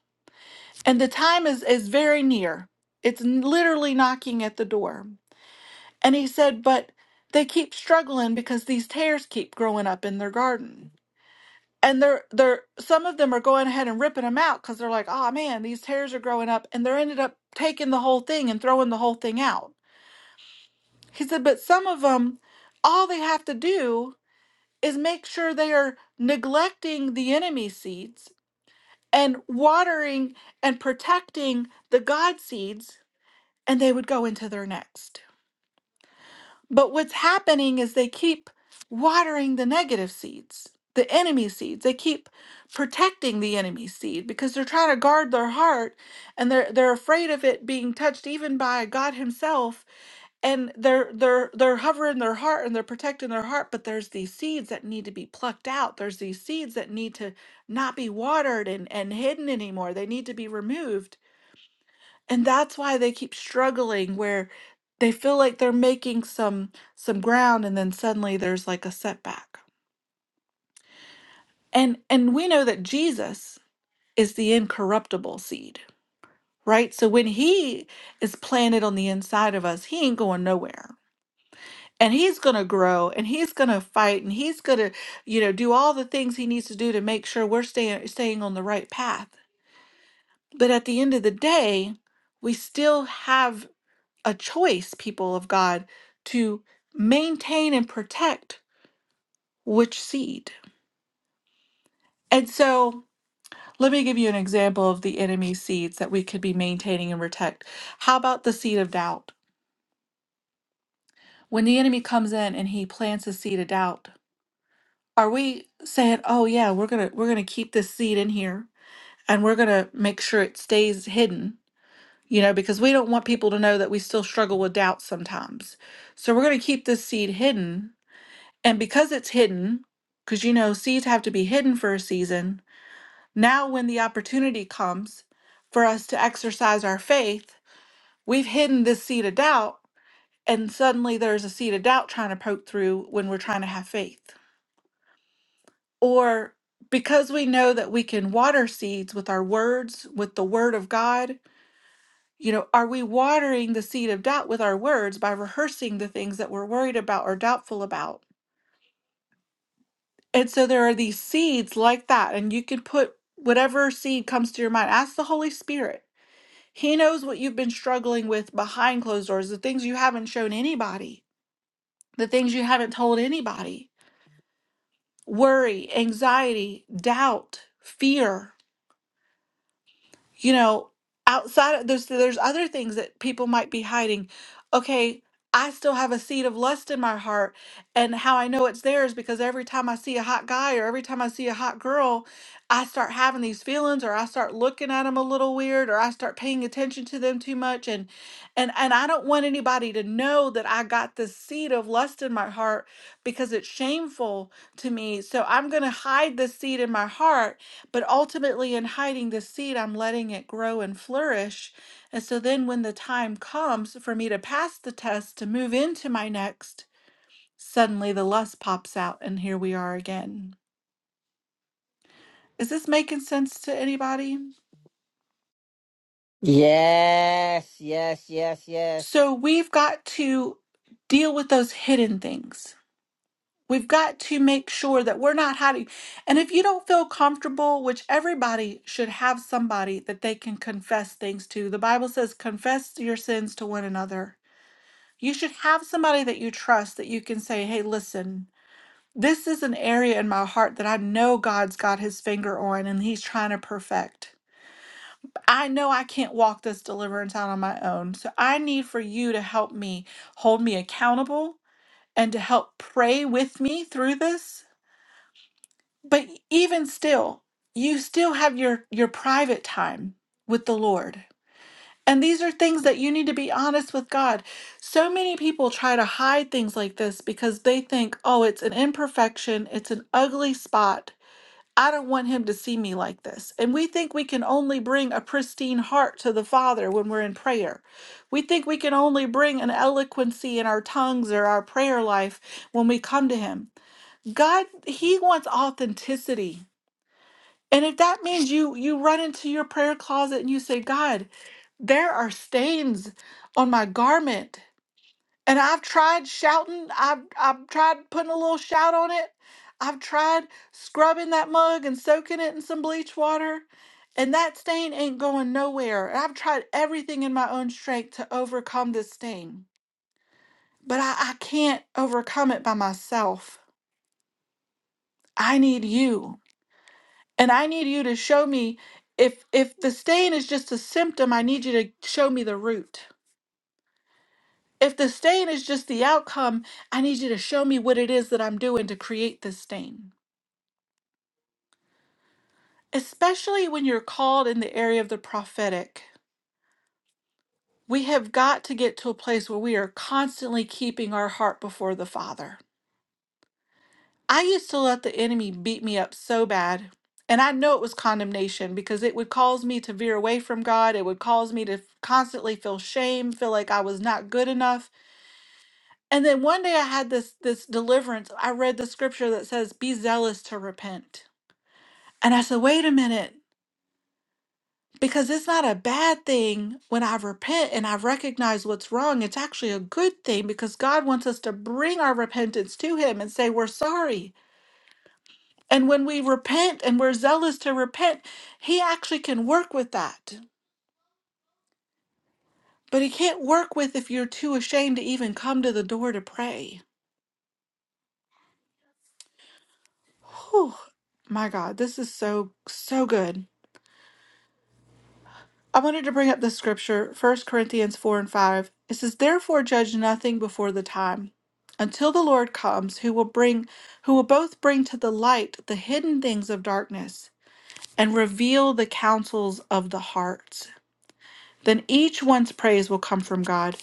And the time is, is very near. It's n- literally knocking at the door. And he said, But they keep struggling because these tares keep growing up in their garden. And they're they're some of them are going ahead and ripping them out because they're like, oh man, these tares are growing up, and they're ended up taking the whole thing and throwing the whole thing out. He said, but some of them, all they have to do is make sure they are neglecting the enemy seeds and watering and protecting the God seeds, and they would go into their next. But what's happening is they keep watering the negative seeds, the enemy seeds. They keep protecting the enemy seed because they're trying to guard their heart and they're they're afraid of it being touched even by God Himself and they're they're they're hovering their heart and they're protecting their heart but there's these seeds that need to be plucked out there's these seeds that need to not be watered and and hidden anymore they need to be removed and that's why they keep struggling where they feel like they're making some some ground and then suddenly there's like a setback and and we know that Jesus is the incorruptible seed right so when he is planted on the inside of us he ain't going nowhere and he's going to grow and he's going to fight and he's going to you know do all the things he needs to do to make sure we're staying staying on the right path but at the end of the day we still have a choice people of god to maintain and protect which seed and so let me give you an example of the enemy seeds that we could be maintaining and protect how about the seed of doubt when the enemy comes in and he plants a seed of doubt Are we saying, "Oh yeah, we're gonna we're gonna keep this seed in here, and we're gonna make sure it stays hidden," you know, because we don't want people to know that we still struggle with doubt sometimes. So we're gonna keep this seed hidden, and because it's hidden, because you know seeds have to be hidden for a season. Now, when the opportunity comes for us to exercise our faith, we've hidden this seed of doubt, and suddenly there's a seed of doubt trying to poke through when we're trying to have faith. Or because we know that we can water seeds with our words, with the word of God, you know, are we watering the seed of doubt with our words by rehearsing the things that we're worried about or doubtful about? And so there are these seeds like that, and you can put whatever seed comes to your mind. Ask the Holy Spirit. He knows what you've been struggling with behind closed doors, the things you haven't shown anybody, the things you haven't told anybody worry, anxiety, doubt, fear you know outside of there's there's other things that people might be hiding okay i still have a seed of lust in my heart and how i know it's there is because every time i see a hot guy or every time i see a hot girl i start having these feelings or i start looking at them a little weird or i start paying attention to them too much and and and i don't want anybody to know that i got this seed of lust in my heart because it's shameful to me so i'm going to hide this seed in my heart but ultimately, in hiding the seed, I'm letting it grow and flourish. And so then, when the time comes for me to pass the test to move into my next, suddenly the lust pops out, and here we are again. Is this making sense to anybody?
Yes, yes, yes, yes.
So, we've got to deal with those hidden things. We've got to make sure that we're not hiding. And if you don't feel comfortable, which everybody should have somebody that they can confess things to, the Bible says, confess your sins to one another you should have somebody that you trust that you can say, hey, listen, this is an area in my heart that I know God's got his finger on and he's trying to perfect. I know I can't walk this deliverance out on my own. So I need for you to help me hold me accountable and to help pray with me through this. But even still, you still have your your private time with the Lord And these are things that you need to be honest with God. So many people try to hide things like this because they think, oh, it's an imperfection, it's an ugly spot. I don't want him to see me like this. And we think we can only bring a pristine heart to the Father when we're in prayer. We think we can only bring an eloquency in our tongues or our prayer life when we come to him. God, he wants authenticity. And if that means you you run into your prayer closet and you say, "God, there are stains on my garment. And I've tried shouting, I've, I've tried putting a little shout on it. I've tried scrubbing that mug and soaking it in some bleach water. And that stain ain't going nowhere. And I've tried everything in my own strength to overcome this stain. But I, I can't overcome it by myself. I need you. And I need you to show me if if the stain is just a symptom, I need you to show me the root. If the stain is just the outcome, I need you to show me what it is that I'm doing to create this stain. Especially when you're called in the area of the prophetic, we have got to get to a place where we are constantly keeping our heart before the Father. I used to let the enemy beat me up so bad, and I know it was condemnation because it would cause me to veer away from God. It would cause me to constantly feel shame, feel like I was not good enough And then one day I had this this deliverance. I read the scripture that says, "Be zealous to repent." And I said, "Wait a minute, because it's not a bad thing when I repent and I recognize what's wrong. It's actually a good thing because God wants us to bring our repentance to him and say we're sorry. And when we repent and we're zealous to repent, he actually can work with that. But he can't work with if you're too ashamed to even come to the door to pray. Whew. My God, this is so, so good. I wanted to bring up this scripture, First Corinthians 4 and 5. It says, Therefore judge nothing before the time, until the Lord comes, who will bring who will both bring to the light the hidden things of darkness and reveal the counsels of the hearts. Then each one's praise will come from God.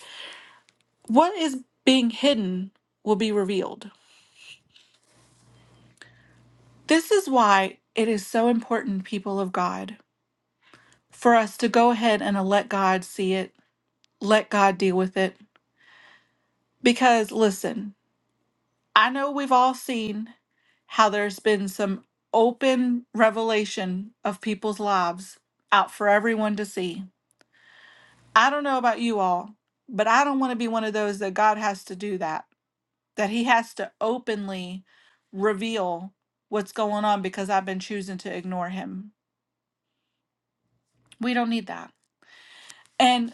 What is being hidden will be revealed. This is why it is so important, people of God, for us to go ahead and let God see it, let God deal with it. Because listen, I know we've all seen how there's been some open revelation of people's lives out for everyone to see. I don't know about you all, but I don't want to be one of those that God has to do that, that He has to openly reveal what's going on because I've been choosing to ignore Him. We don't need that. And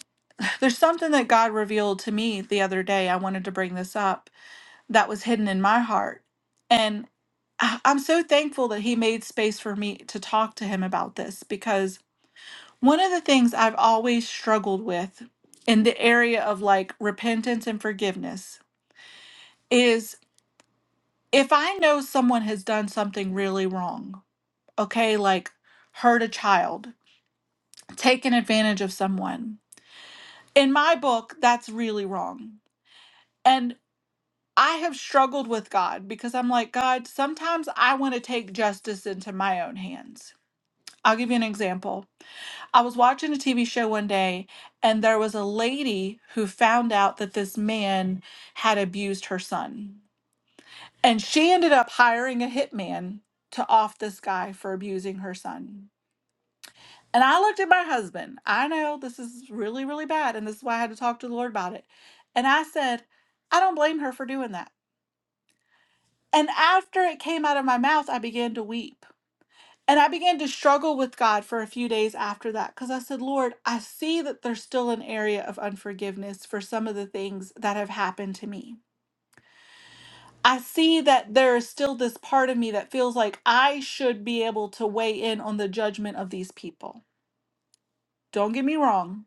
there's something that God revealed to me the other day. I wanted to bring this up that was hidden in my heart. And I- I'm so thankful that he made space for me to talk to him about this because one of the things I've always struggled with in the area of like repentance and forgiveness is if I know someone has done something really wrong, okay, like hurt a child, taken advantage of someone, in my book, that's really wrong. and. I have struggled with God because I'm like, God, sometimes I want to take justice into my own hands. I'll give you an example. I was watching a TV show one day, and there was a lady who found out that this man had abused her son. And she ended up hiring a hitman to off this guy for abusing her son. And I looked at my husband. I know this is really, really bad. And this is why I had to talk to the Lord about it. And I said, I don't blame her for doing that. And after it came out of my mouth, I began to weep. And I began to struggle with God for a few days after that because I said, Lord, I see that there's still an area of unforgiveness for some of the things that have happened to me. I see that there is still this part of me that feels like I should be able to weigh in on the judgment of these people. Don't get me wrong,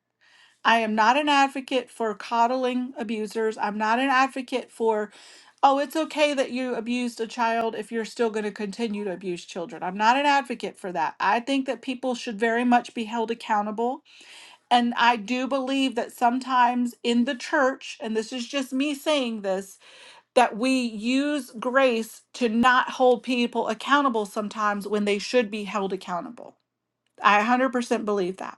I am not an advocate for coddling abusers. I'm not an advocate for, oh, it's okay that you abused a child if you're still going to continue to abuse children. I'm not an advocate for that. I think that people should very much be held accountable. And I do believe that sometimes in the church, and this is just me saying this, that we use grace to not hold people accountable sometimes when they should be held accountable. I 100% believe that.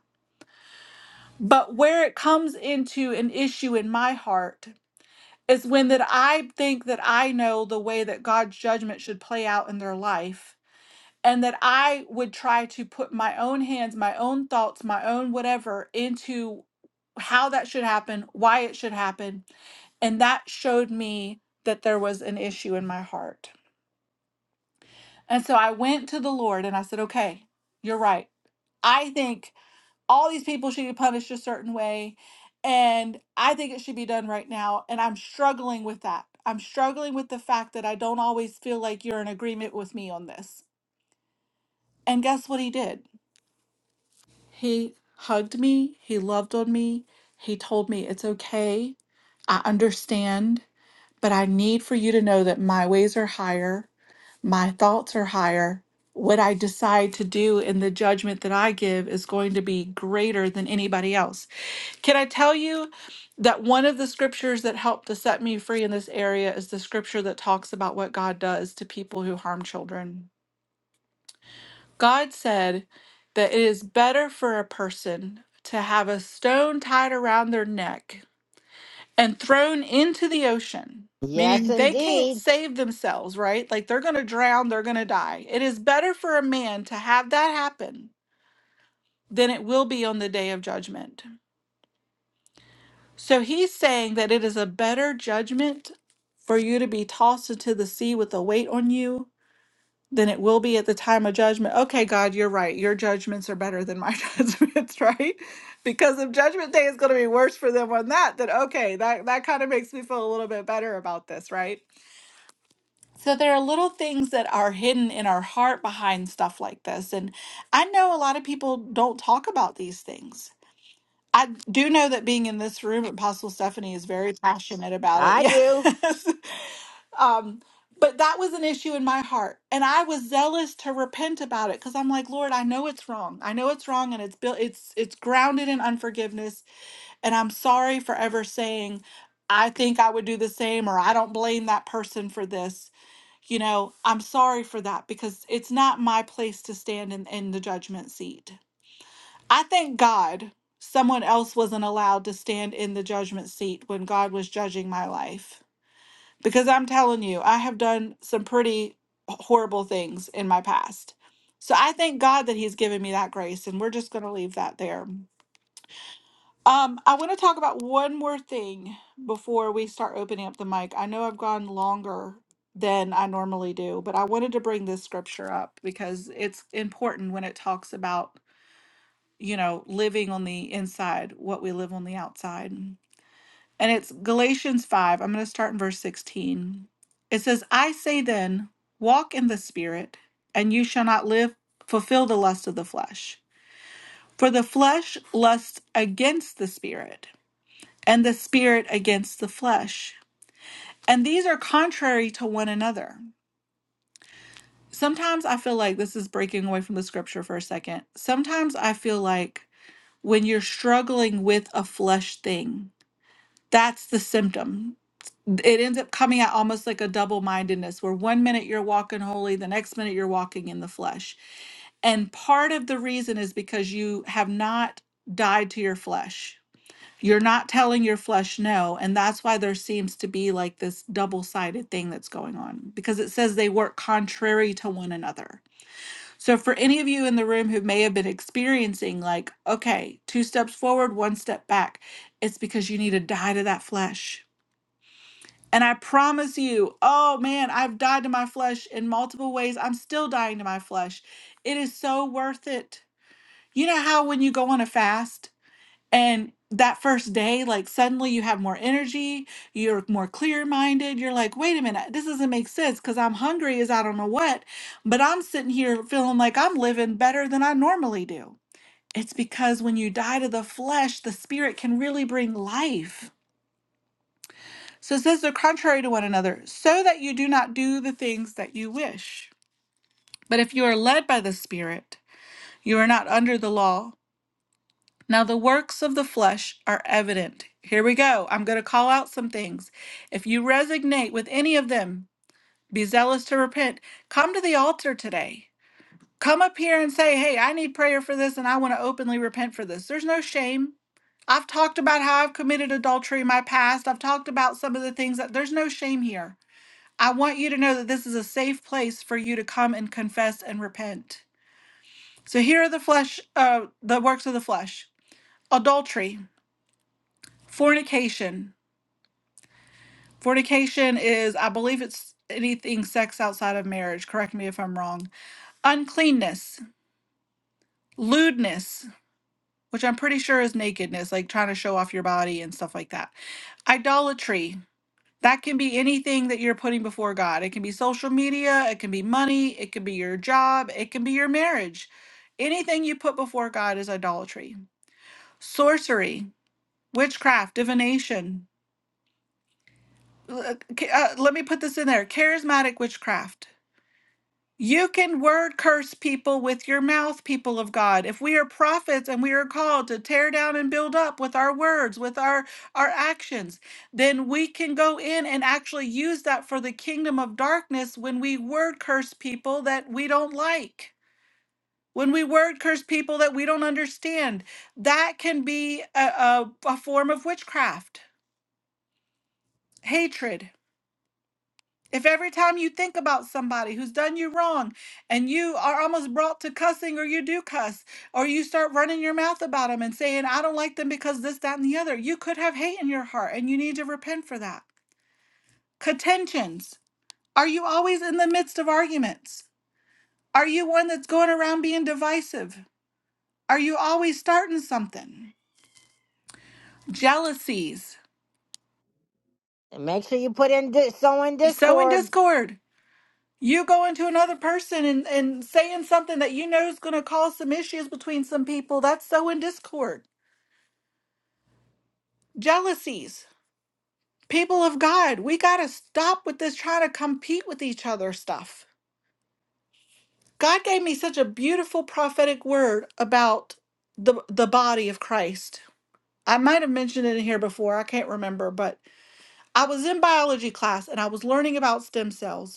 But where it comes into an issue in my heart is when that I think that I know the way that God's judgment should play out in their life and that I would try to put my own hands, my own thoughts, my own whatever into how that should happen, why it should happen, and that showed me that there was an issue in my heart. And so I went to the Lord and I said, "Okay, you're right. I think all these people should be punished a certain way. And I think it should be done right now. And I'm struggling with that. I'm struggling with the fact that I don't always feel like you're in agreement with me on this. And guess what he did? He hugged me, he loved on me, he told me it's okay. I understand, but I need for you to know that my ways are higher, my thoughts are higher. What I decide to do and the judgment that I give is going to be greater than anybody else. Can I tell you that one of the scriptures that helped to set me free in this area is the scripture that talks about what God does to people who harm children? God said that it is better for a person to have a stone tied around their neck and thrown into the ocean,
Yes,
meaning they can't
indeed.
save themselves, right? Like they're going to drown, they're going to die. It is better for a man to have that happen than it will be on the day of judgment. So he's saying that it is a better judgment for you to be tossed into the sea with a weight on you than it will be at the time of judgment. Okay, God, you're right. Your judgments are better than my judgments, right? Because if judgment day is going to be worse for them on that, then okay, that, that kind of makes me feel a little bit better about this, right? So there are little things that are hidden in our heart behind stuff like this. And I know a lot of people don't talk about these things I do know that being in this room, Apostle Stephanie is very passionate about it.
I do.
Yes. um, but that was an issue in my heart. And I was zealous to repent about it because I'm like, Lord, I know it's wrong. I know it's wrong and it's built it's it's grounded in unforgiveness. And I'm sorry for ever saying, I think I would do the same or I don't blame that person for this. You know, I'm sorry for that because it's not my place to stand in, in the judgment seat. I thank God someone else wasn't allowed to stand in the judgment seat when God was judging my life. Because I'm telling you, I have done some pretty horrible things in my past. So I thank God that He's given me that grace, and we're just going to leave that there. Um, I want to talk about one more thing before we start opening up the mic. I know I've gone longer than I normally do, but I wanted to bring this scripture up because it's important when it talks about you know, living on the inside, what we live on the outside. And it's Galatians 5. I'm going to start in verse 16. It says, I say then, walk in the Spirit, and you shall not live, fulfill the lust of the flesh. For the flesh lusts against the Spirit, and the Spirit against the flesh. And these are contrary to one another. Sometimes I feel like this is breaking away from the scripture for a second. Sometimes I feel like when you're struggling with a flesh thing, that's the symptom. It ends up coming out almost like a double mindedness, where one minute you're walking holy, the next minute you're walking in the flesh. And part of the reason is because you have not died to your flesh. You're not telling your flesh no. And that's why there seems to be like this double sided thing that's going on because it says they work contrary to one another. So, for any of you in the room who may have been experiencing, like, okay, two steps forward, one step back, it's because you need to die to that flesh and I promise you, oh man, I've died to my flesh in multiple ways. I'm still dying to my flesh. It is so worth it. You know how when you go on a fast and that first day, like suddenly you have more energy, you're more clear minded. You're like, wait a minute, this doesn't make sense because I'm hungry as I don't know what, but I'm sitting here feeling like I'm living better than I normally do. It's because when you die to the flesh, the spirit can really bring life so it says they're contrary to one another, so that you do not do the things that you wish. But if you are led by the Spirit, you are not under the law. Now the works of the flesh are evident. Here we go. I'm going to call out some things. If you resonate with any of them, be zealous to repent. Come to the altar today. Come up here and say, Hey, I need prayer for this and I want to openly repent for this. There's no shame. I've talked about how I've committed adultery in my past. I've talked about some of the things that there's no shame here. I want you to know that this is a safe place for you to come and confess and repent. So here are the flesh, uh, the works of the flesh: adultery, fornication. Fornication is, I believe, it's anything sex outside of marriage. Correct me if I'm wrong. Uncleanness, lewdness, which I'm pretty sure is nakedness, like trying to show off your body and stuff like that. Idolatry, That can be anything that you're putting before God. It can be social media, it can be money, it can be your job, it can be your marriage. Anything you put before God is idolatry. Sorcery, witchcraft, divination. uh, ca- uh, let me put this in there charismatic witchcraft. You can word curse people with your mouth, people of God. If we are prophets and we are called to tear down and build up with our words, with our, our actions, then we can go in and actually use that for the kingdom of darkness when we word curse people that we don't like. When we word curse people that we don't understand, that can be a, a, a form of witchcraft, hatred. If every time you think about somebody who's done you wrong and you are almost brought to cussing or you do cuss, or you start running your mouth about them and saying, I don't like them because this, that, and the other, you could have hate in your heart and you need to repent for that. Contentions. Are you always in the midst of arguments? Are you one that's going around being divisive? Are you always starting something? Jealousies.
And make sure you put in di- so in
You sow in
Discord.
discord. you going to another person and, and saying something that you know is going to cause some issues between some people that's so in discord jealousies people of god we got to stop with this trying to compete with each other stuff god gave me such a beautiful prophetic word about the the body of christ i might have mentioned it in here before i can't remember but i was in biology class and i was learning about stem cells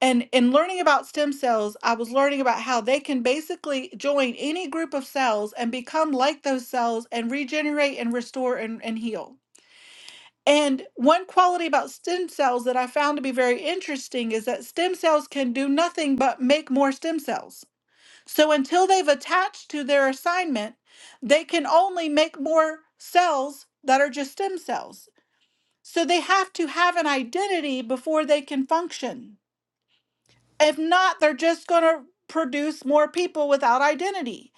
and in learning about stem cells i was learning about how they can basically join any group of cells and become like those cells and regenerate and restore and, and heal and one quality about stem cells that i found to be very interesting is that stem cells can do nothing but make more stem cells so until they've attached to their assignment they can only make more cells that are just stem cells so they have to have an identity before they can function if not, they're just going to produce more people without identity.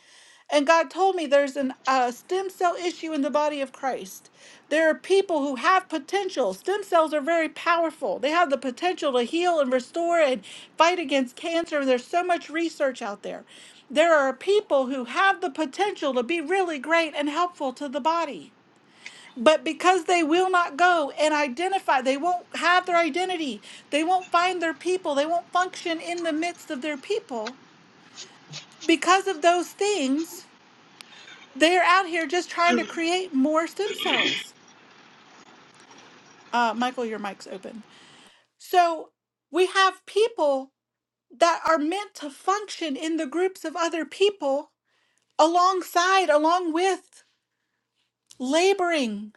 And God told me there's an a stem cell issue in the body of Christ. There are people who have potential. Stem cells are very powerful. They have the potential to heal and restore and fight against cancer. And there's so much research out there. There are people who have the potential to be really great and helpful to the body. But because they will not go and identify, they won't have their identity, they won't find their people, they won't function in the midst of their people. Because of those things, they're out here just trying to create more stem cells. Uh, Michael, your mic's open. So we have people that are meant to function in the groups of other people alongside, along with laboring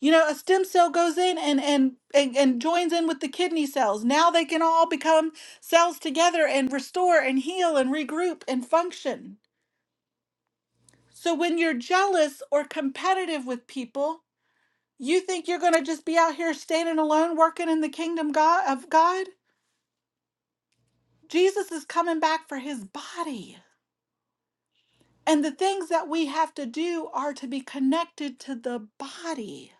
you know a stem cell goes in and and and, and joins in with the kidney cells now they can all become cells together and restore and heal and regroup and function so when you're jealous or competitive with people you think you're going to just be out here standing alone working in the kingdom god of god jesus is coming back for his body and the things that we have to do are to be connected to the body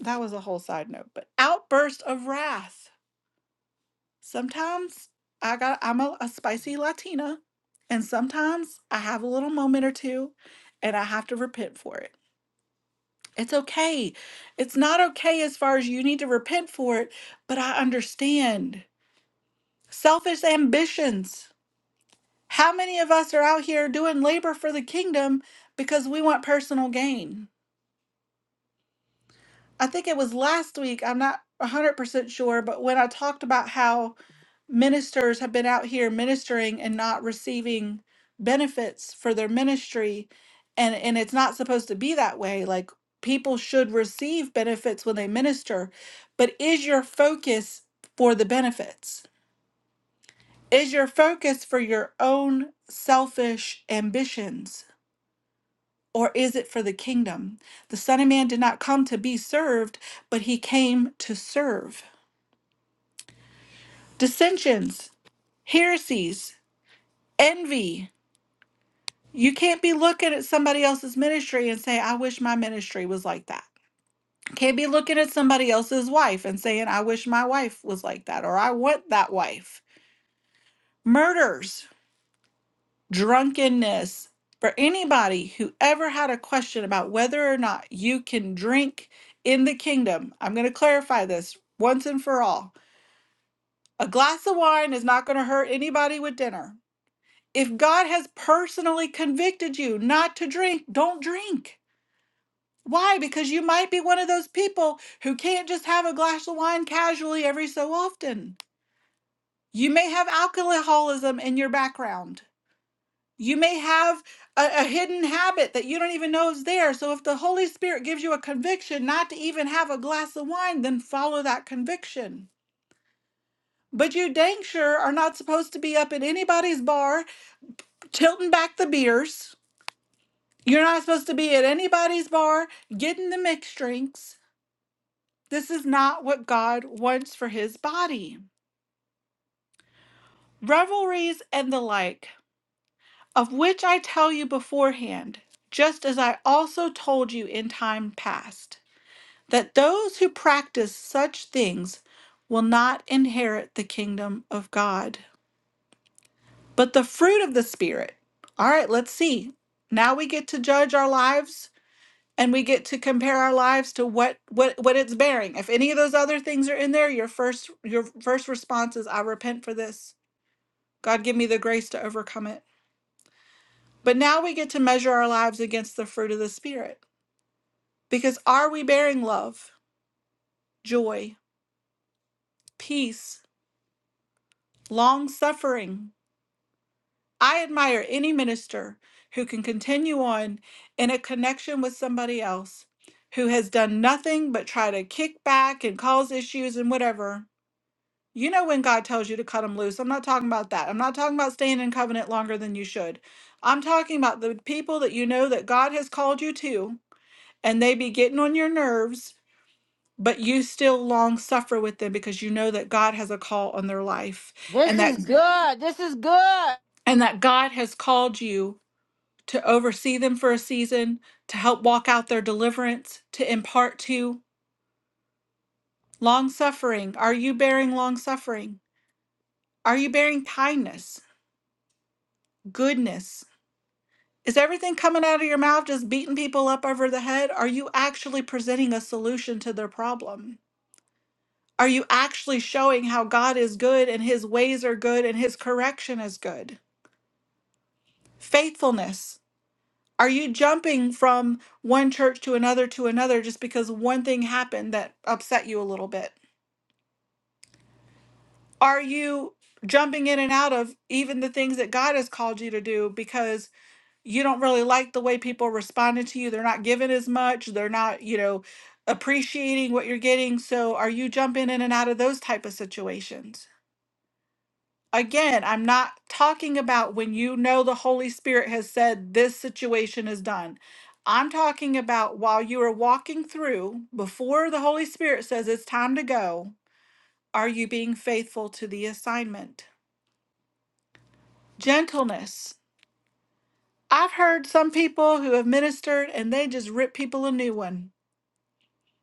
that was a whole side note but outburst of wrath sometimes I got I'm a, a spicy Latina, and sometimes I have a little moment or two, and I have to repent for it. It's okay. It's not okay as far as you need to repent for it, but I understand selfish ambitions. How many of us are out here doing labor for the kingdom because we want personal gain? I think it was last week, I'm not 100% sure, but when I talked about how ministers have been out here ministering and not receiving benefits for their ministry and and it's not supposed to be that way like people should receive benefits when they minister but is your focus for the benefits is your focus for your own selfish ambitions or is it for the kingdom the son of man did not come to be served but he came to serve dissensions heresies envy You can't be looking at somebody else's ministry and say, I wish my ministry was like that. Can't be looking at somebody else's wife and saying, I wish my wife was like that or I want that wife. Murders, drunkenness. For anybody who ever had a question about whether or not you can drink in the kingdom, I'm going to clarify this once and for all. A glass of wine is not going to hurt anybody with dinner. If God has personally convicted you not to drink, don't drink. Why? Because you might be one of those people who can't just have a glass of wine casually every so often. You may have alcoholism in your background. You may have a, a hidden habit that you don't even know is there. So, if the Holy Spirit gives you a conviction not to even have a glass of wine, then follow that conviction. But you dang sure are not supposed to be up at anybody's bar tilting back the beers. You're not supposed to be at anybody's bar getting the mixed drinks. This is not what God wants for his body. Revelries and the like, of which I tell you beforehand, just as I also told you in time past, that those who practice such things will not inherit the kingdom of God. But the fruit of the Spirit. All right, let's see. Now we get to judge our lives and we get to compare our lives to what what what it's bearing if any of those other things are in there your first your first response is i repent for this god give me the grace to overcome it but now we get to measure our lives against the fruit of the spirit because are we bearing love joy peace long suffering i admire any minister who can continue on in a connection with somebody else who has done nothing but try to kick back and cause issues and whatever You know when God tells you to cut them loose. I'm not talking about that. I'm not talking about staying in covenant longer than you should. I'm talking about the people that you know that God has called you to, and they be getting on your nerves, but you still long suffer with them because you know that God has a call on their life,
This
and that
is
Mhm.
good. This is good.
and that God has called you to oversee them for a season, to help walk out their deliverance, to impart to long suffering. Are you bearing long suffering? Are you bearing kindness, goodness? Is everything coming out of your mouth just beating people up over the head? Are you actually presenting a solution to their problem? Are you actually showing how God is good and his ways are good and his correction is good? Faithfulness. Are you jumping from one church to another to another just because one thing happened that upset you a little bit? Are you jumping in and out of even the things that God has called you to do because? you don't really like the way people are responding to you. They're not giving as much. They're not, you know, appreciating what you're getting. So are you jumping in and out of those type of situations? Again, I'm not talking about when you know the Holy Spirit has said this situation is done. I'm talking about while you are walking through, before the Holy Spirit says it's time to go, are you being faithful to the assignment? Gentleness. I've heard some people who have ministered and they just rip people a new one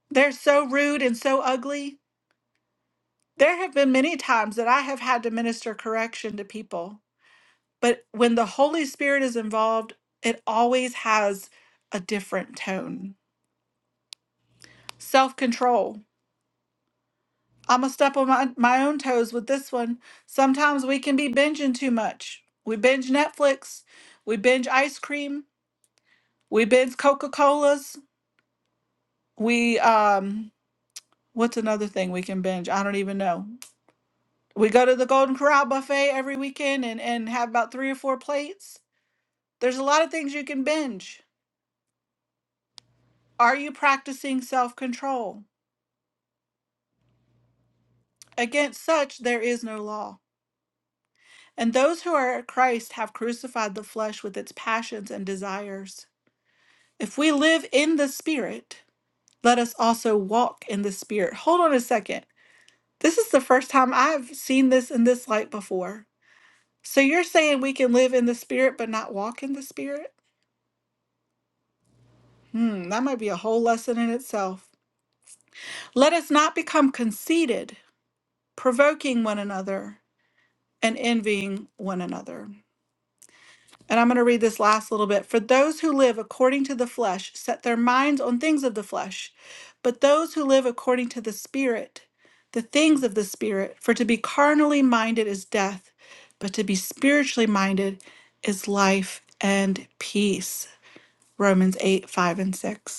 They're so rude and so ugly. There have been many times that I have had to minister correction to people, but when the Holy Spirit is involved, it always has a different tone. Self control. I'm going to step on my, my own toes with this one. Sometimes we can be binging too much. We binge Netflix, we binge ice cream, we binge Coca Cola's, we, um, what's another thing we can binge? I don't even know. We go to the Golden Corral buffet every weekend and, and have about three or four plates. There's a lot of things you can binge. Are you practicing self control? Against such, there is no law. And those who are at Christ have crucified the flesh with its passions and desires. If we live in the Spirit, let us also walk in the Spirit. Hold on a second. This is the first time I've seen this in this light before. So you're saying we can live in the Spirit but not walk in the Spirit? Hmm, that might be a whole lesson in itself. Let us not become conceited, provoking one another and envying one another. And I'm going to read this last little bit. For those who live according to the flesh set their minds on things of the flesh, but those who live according to the Spirit, the things of the Spirit. For to be carnally minded is death, but to be spiritually minded is life and peace. Romans 8, 5, and 6.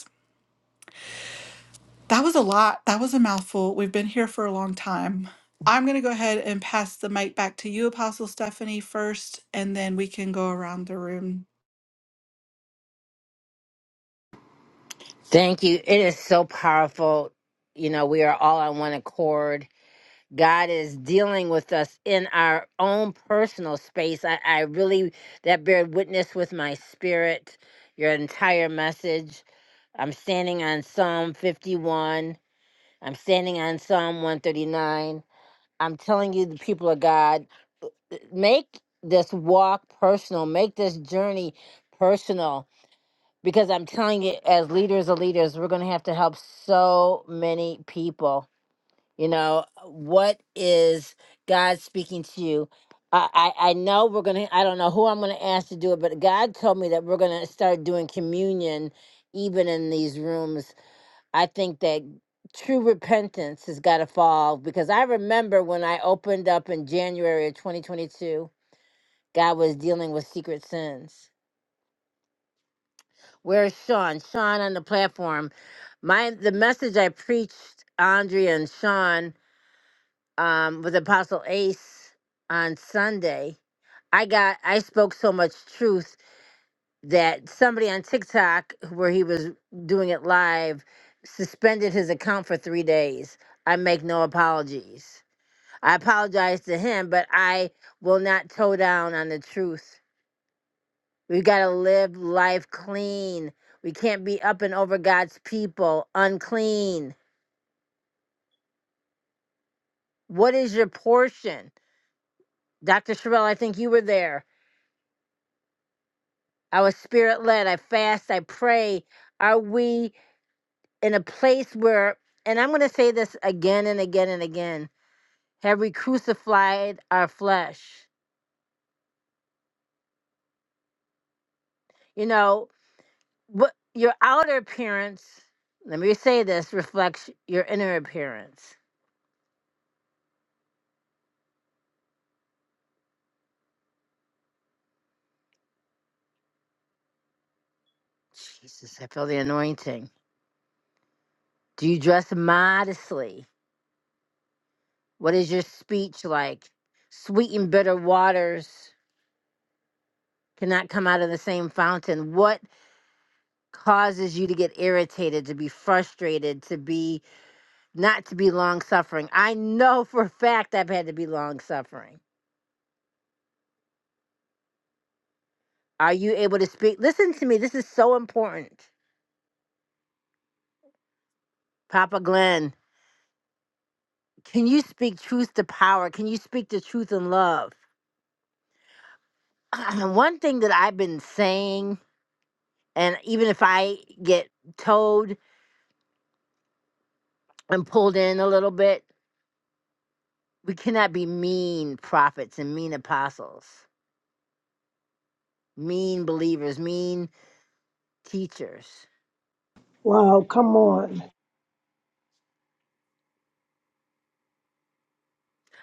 That was a lot. That was a mouthful. We've been here for a long time. I'm going to go ahead and pass the mic back to you, Apostle Stephanie, first, and then we can go around the room
Thank you. It is so powerful. You know, we are all on one accord. God is dealing with us in our own personal space. I, I really, that bear witness with my spirit, your entire message. I'm standing on Psalm 51. I'm standing on Psalm 139. I'm telling you, the people of God, make this walk personal, make this journey personal. Because I'm telling you, as leaders of leaders, we're going to have to help so many people you know, what is God speaking to you? I, I, I know we're going to, I don't know who I'm going to ask to do it, but God told me that we're going to start doing communion even in these rooms. I think that true repentance has got to fall because I remember when I opened up in January of 2022, God was dealing with secret sins. Where's Sean? Sean on the platform. My the message I preached, Andrea and Sean um, with Apostle Ace on Sunday, I got I spoke so much truth that somebody on TikTok where he was doing it live suspended his account for three days. I make no apologies. I apologize to him, but I will not toe down on the truth. We've got to live life clean. We can't be up and over God's people unclean. What is your portion? Dr. Sherrill, I think you were there I was spirit led. I fast. I pray. Are we in a place where, and I'm going to say this again and again and again, have we crucified our flesh? You know, what your outer appearance, let me say this, reflects your inner appearance. Jesus, I feel the anointing. Do you dress modestly? What is your speech like? Sweet and bitter waters. cannot come out of the same fountain what causes you to get irritated to be frustrated to be not to be long suffering i know for a fact i've had to be long suffering are you able to speak listen to me this is so important papa glenn can you speak truth to power can you speak the truth in love one thing that i've been saying and even if i get towed and pulled in a little bit we cannot be mean prophets and mean apostles mean believers, mean teachers.
Wow, come on.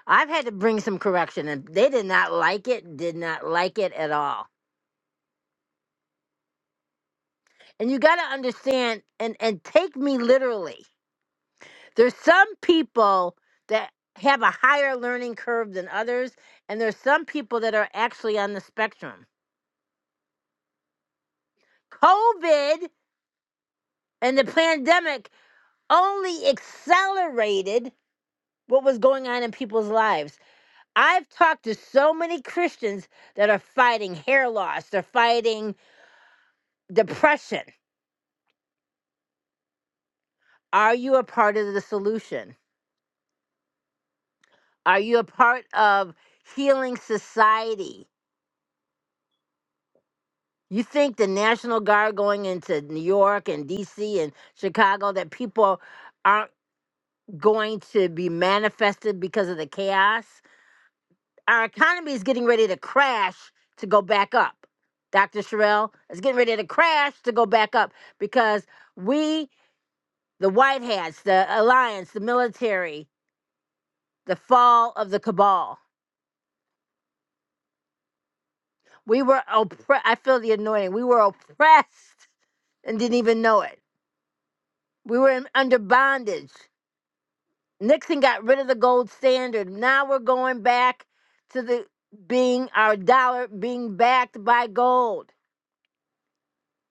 I've had to bring some correction and they did not like it, did not like it at all. And you got to understand and and take me literally. There's some people that have a higher learning curve than others and there's some people that are actually on the spectrum. COVID and the pandemic only accelerated what was going on in people's lives. I've talked to so many Christians that are fighting hair loss, they're fighting depression. Are you a part of the solution? Are you a part of healing society? You think the National Guard going into New York and DC and Chicago that people aren't going to be manifested because of the chaos? Our economy is getting ready to crash to go back up. Dr. Sherrill is getting ready to crash to go back up because we the White Hats, the Alliance, the military, the fall of the cabal. We were oppressed. I feel the anointing. We were oppressed and didn't even know it. We were in, under bondage. Nixon got rid of the gold standard. Now we're going back to the being our dollar being backed by gold.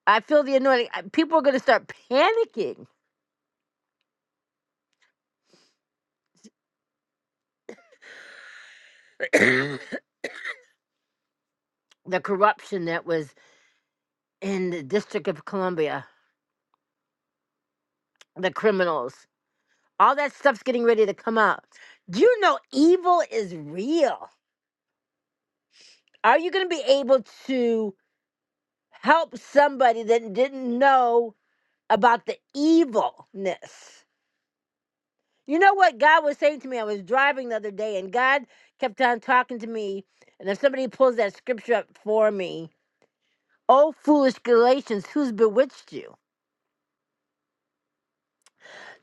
I feel the anointing. I- People are going to start panicking. The corruption that was in the District of Columbia, the criminals. All that stuff's getting ready to come out. Do you know evil is real? Are you going to be able to help somebody that didn't know about the evilness? You know what God was saying to me? I was driving the other day and God kept on talking to me. And if somebody pulls that scripture up for me, oh, foolish Galatians, who's bewitched you?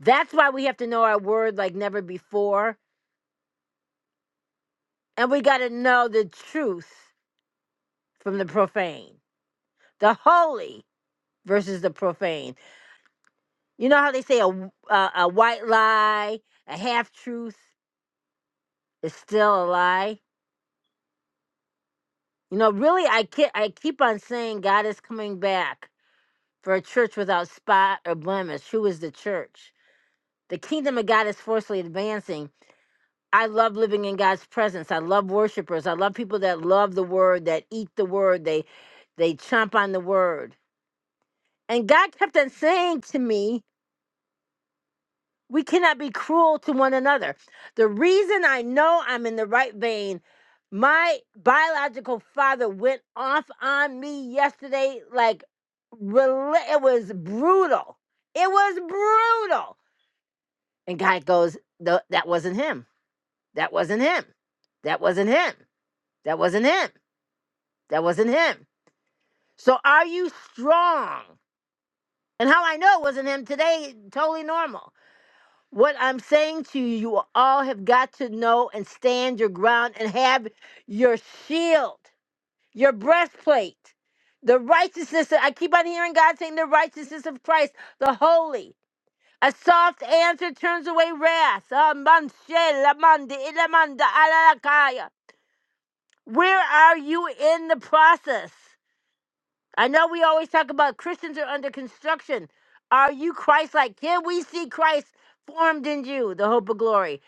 That's why we have to know our word like never before. And we got to know the truth from the profane, the holy versus the profane. You know how they say a, w- a, a white lie, a half truth is still a lie? You know, really, I, ke- I keep on saying God is coming back for a church without spot or blemish. Who is the church? The kingdom of God is forcefully advancing. I love living in God's presence. I love worshipers. I love people that love the word, that eat the word, they they chomp on the word. And God kept on saying to me, We cannot be cruel to one another. The reason I know I'm in the right vein, my biological father went off on me yesterday like rela- it was brutal. It was brutal. And God goes, "No, that wasn't him. That wasn't him. That wasn't him. That wasn't him. That wasn't him." So are you strong? And how I know it wasn't him today, totally normal. What I'm saying to you, you all have got to know and stand your ground and have your shield, your breastplate, the righteousness. That I keep on hearing God saying the righteousness of Christ, the holy. A soft answer turns away wrath. Ah, man, she, la, man, de, ila, man, da, ala, la, kaya. Where are you in the process? I know we always talk about Christians are under construction. Are you Christ like? Can we see Christ formed in you, the hope of glory?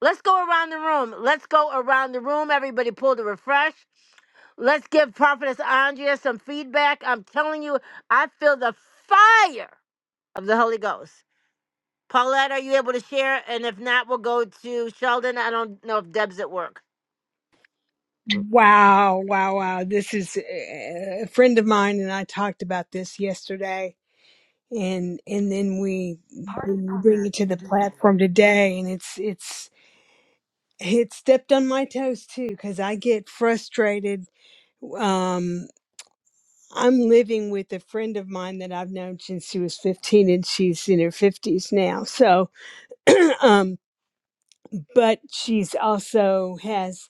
Let's go around the room. Let's go around the room. Everybody pull the refresh. Let's give Prophetess Andrea some feedback. I'm telling you, I feel the fire of the Holy Ghost. Paulette, are you able to share? And if not, we'll go to Sheldon. I don't know if Deb's at work.
Wow, wow, wow. This is uh, a friend of mine and I talked about this yesterday and and then we we bring it to the platform today and it's it's it stepped on my toes too cuz I get frustrated um I'm living with a friend of mine that I've known since she was 15 and she's in her 50s now. So, but she's also has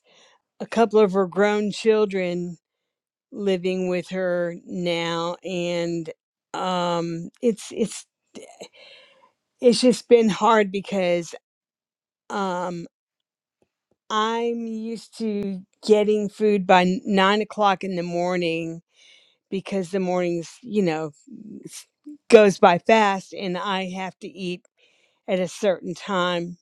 a couple of her grown children living with her now and um it's it's it's just been hard because um i'm used to getting food by n- nine o'clock in the morning because the mornings you know s- goes by fast and i have to eat at a certain time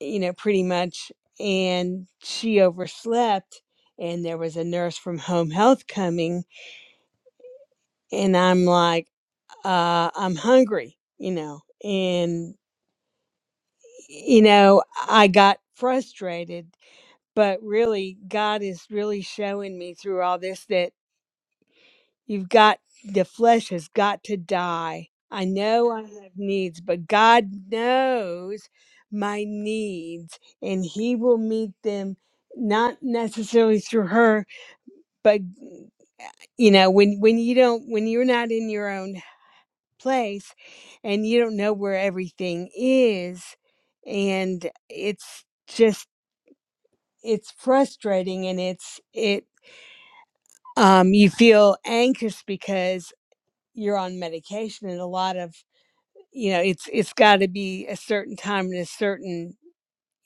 you know, pretty much. And she overslept, and there was a nurse from home health coming, and I'm like, uh, I'm hungry, you know. And, you know, I got frustrated, but really, God is really showing me through all this that. You've got the flesh has got to die. I know I have needs, but God knows my needs and he will meet them not necessarily through her, but you know, when when you don't when you're not in your own place and you don't know where everything is and it's just it's frustrating and it's it um you feel anxious because you're on medication and a lot of you know it's it's got to be a certain time and a certain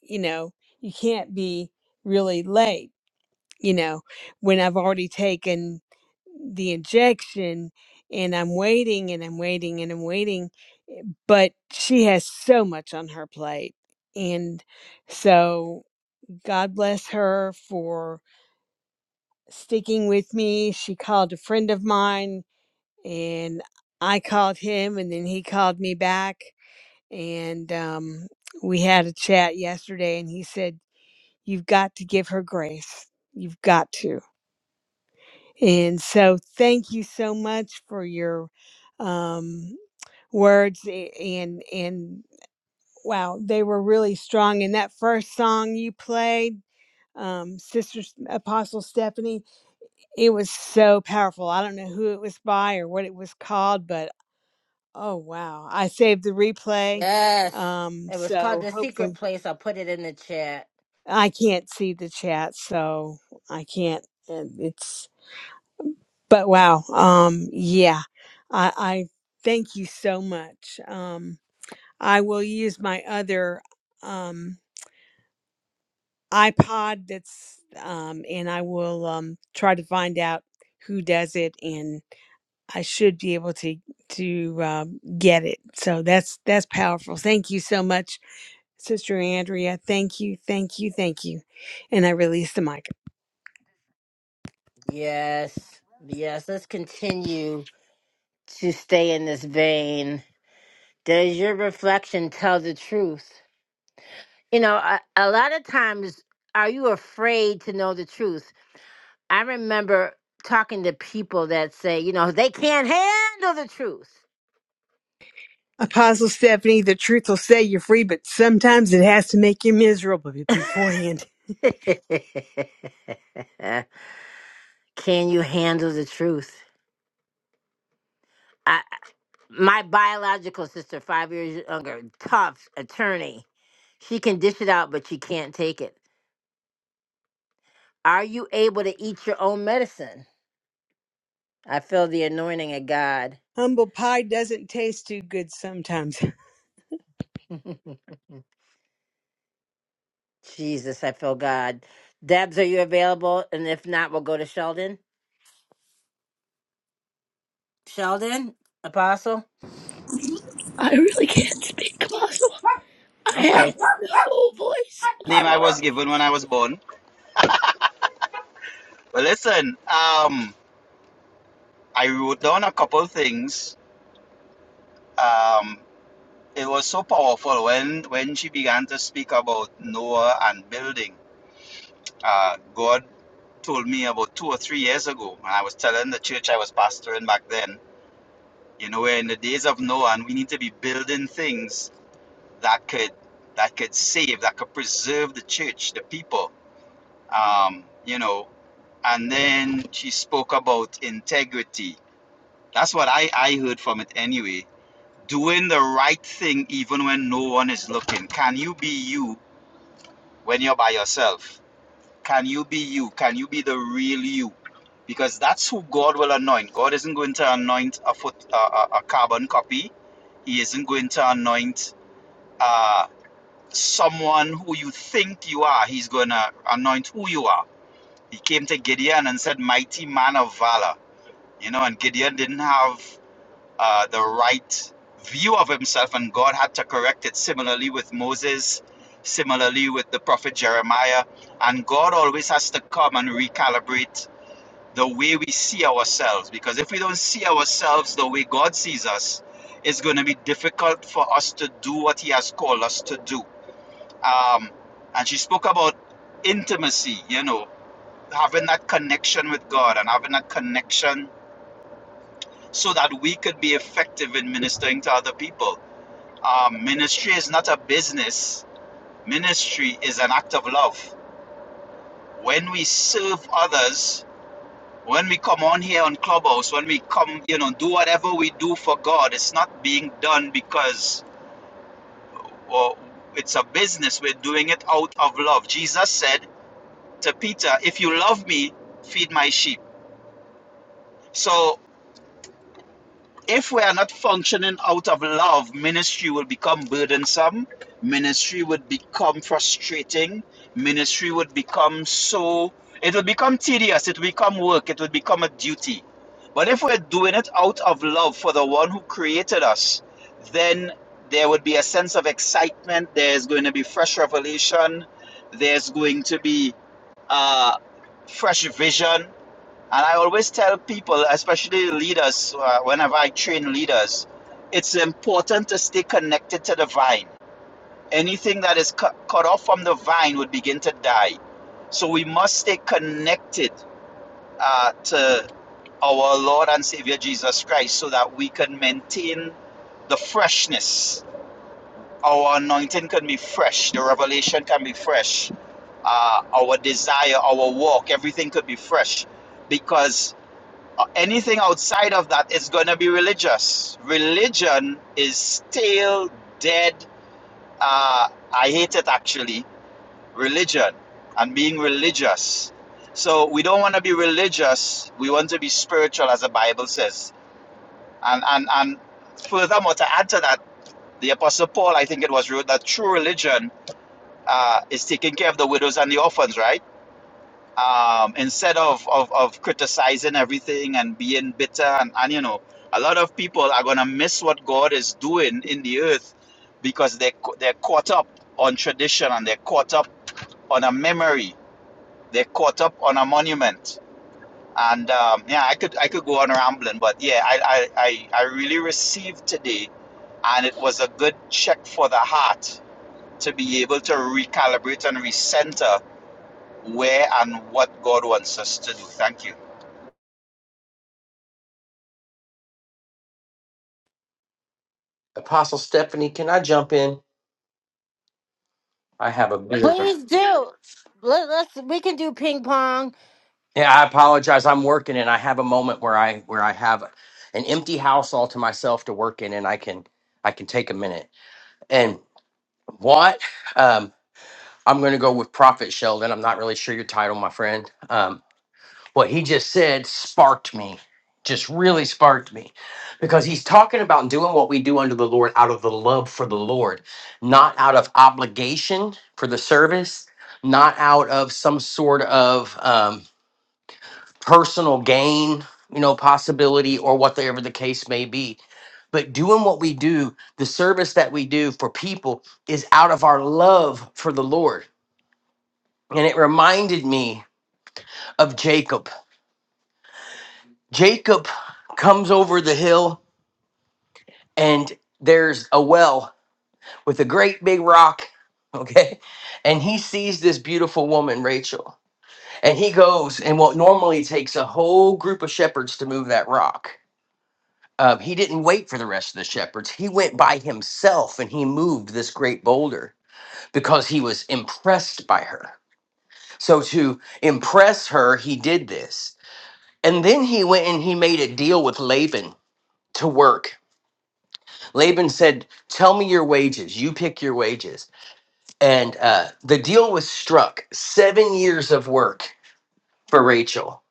you know you can't be really late you know when i've already taken the injection and i'm waiting and i'm waiting and i'm waiting eh, but she has so much on her plate and so god bless her for sticking with me she called a friend of mine and I called him, and then he called me back, and um, we had a chat yesterday, and he said, "You've got to give her grace. You've got to." And so, thank you so much for your um, words, a- and and wow, they were really strong. And that first song you played. Um, Sister S- Apostle Stephanie, it was so powerful. I don't know who it was by or what it was called, but Oh wow. I saved the replay.
Yes.
Um
It was called
so
The Secret
hopefully
Place. I'll put it in the chat.
I can't see the chat so I can't and it's but wow. Um yeah. I I thank you so much. Um I will use my other um iPod that's um and I will um try to find out who does it and I should be able to to um, get it. So that's that's powerful. Thank you so much Sister Andrea, thank you, thank you, thank you. And I release the mic.
Yes, yes, let's continue to stay in this vein. Does your reflection tell the truth? You know, a, a lot of times, are you afraid to know the truth? I remember talking to people that say, you know, they can't handle the truth.
Apostle Stephanie, the truth will set you free, but sometimes it has to make you miserable beforehand.
Can you handle the truth? I, my biological sister, five years younger, tough attorney. She can dish it out, but she can't take it. Are you able to eat your own medicine? I feel the anointing of God.
Humble pie doesn't taste too good sometimes.
Jesus, I feel God. Debs, are you available? And if not, we'll go to Sheldon. Sheldon, Apostle.
I really can't speak, Apostle. I have
Okay.
no voice.
name I was given when I was born. But listen, um, I wrote down a couple things. Um, it was so powerful when when she began to speak about Noah and building. Uh, God told me about two or three years ago, and I was telling the church I was pastoring back then. You know, we're in the days of Noah, and we need to be building things that could that could save, that could preserve the church, the people. Um, you know, and then she spoke about integrity That's what I, I heard from it anyway. Doing the right thing even when no one is looking. Can you be you when you're by yourself? Can you be you? Can you be the real you? Because that's who God will anoint. God isn't going to anoint a foot a, a carbon copy. He isn't going to anoint uh, someone who you think you are. He's going to anoint who you are. He came to Gideon and said, "Mighty man of valor," you know, and Gideon didn't have uh, the right view of himself, and God had to correct it similarly with Moses, similarly with the prophet Jeremiah. And God always has to come and recalibrate the way we see ourselves because if we don't see ourselves the way God sees us, it's going to be difficult for us to do what He has called us to do. Um, and she spoke about intimacy, you know, having that connection with God and having that connection so that we could be effective in ministering to other people um, ministry is not a business. Ministry is an act of love. When we serve others, when we come on here on Clubhouse, when we come, you know, do whatever we do for God, it's not being done because well, it's a business. We're doing it out of love. Jesus said to Peter, If you love me, feed my sheep. So if we are not functioning out of love, ministry will become burdensome. Ministry would become frustrating. Ministry would become so, it will become tedious. It will become work. It will become a duty. But if we're doing it out of love for the one who created us, then there would be a sense of excitement. There's going to be fresh revelation. There's going to be uh, fresh vision and I always tell people, especially leaders, uh, whenever I train leaders, it's important to stay connected to the vine. Anything that is cut, cut off from the vine would begin to die. So we must stay connected uh, to our Lord and Savior Jesus Christ so that we can maintain the freshness. Our anointing can be fresh, the revelation can be fresh, uh, our desire, our walk, everything could be fresh because uh, Anything outside of that is going to be religious. Religion is still dead. Uh, I hate it actually. Religion and being religious. So we don't want to be religious. We want to be spiritual, as the Bible says. And and and furthermore, to add to that, the Apostle Paul, I think it was wrote that true religion uh, is taking care of the widows and the orphans, right? um, instead of, of, of criticizing everything and being bitter and, and you know a lot of people are going to miss what god is doing in the earth because they, they're caught up on tradition and they're caught up on a memory they're caught up on a monument and um, yeah i could i could go on rambling but yeah I, I i i really received today and it was a good check for the heart to be able to recalibrate and recenter where and what god wants us to do thank you
Apostle Stephanie, can I jump in? I have a bit of a-
Please do. Let, let's. We can do ping pong.
yeah. I apologize. I'm working, and I have a moment where I where I have an empty house all to myself to work in, and I can I can take a minute. And what um, I'm going to go with Prophet Sheldon. I'm not really sure your title, my friend. Um, what he just said sparked me just really sparked me because he's talking about doing what we do under the lord out of the love for the lord not out of obligation for the service not out of some sort of um, personal gain you know possibility or whatever the case may be but doing what we do the service that we do for people is out of our love for the lord and it reminded me of jacob Jacob comes over the hill and there's a well with a great big rock, okay? And he sees this beautiful woman, Rachel. And he goes, and what normally takes a whole group of shepherds to move that rock. Um, he didn't wait for the rest of the shepherds. He went by himself and he moved this great boulder because he was impressed by her. So, to impress her, he did this. And then he went and he made a deal with Laban to work Laban said, Tell me your wages. You pick your wages. And uh, the deal was struck seven years of work for Rachel.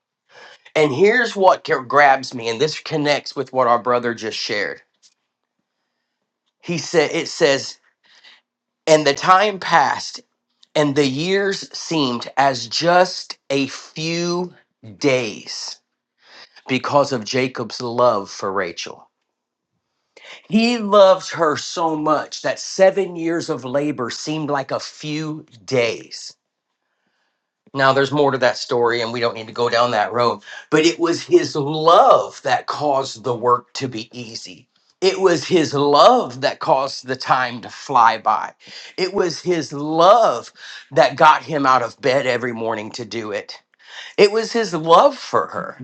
And here's what g- grabs me, and this connects with what our brother just shared. He said, It says, And the time passed, and the years seemed as just a few days because of Jacob's love for Rachel. He loved her so much that seven years of labor seemed like a few days Now, there's more to that story, and we don't need to go down that road. But it was his love that caused the work to be easy. It was his love that caused the time to fly by. It was his love that got him out of bed every morning to do it. It was his love for her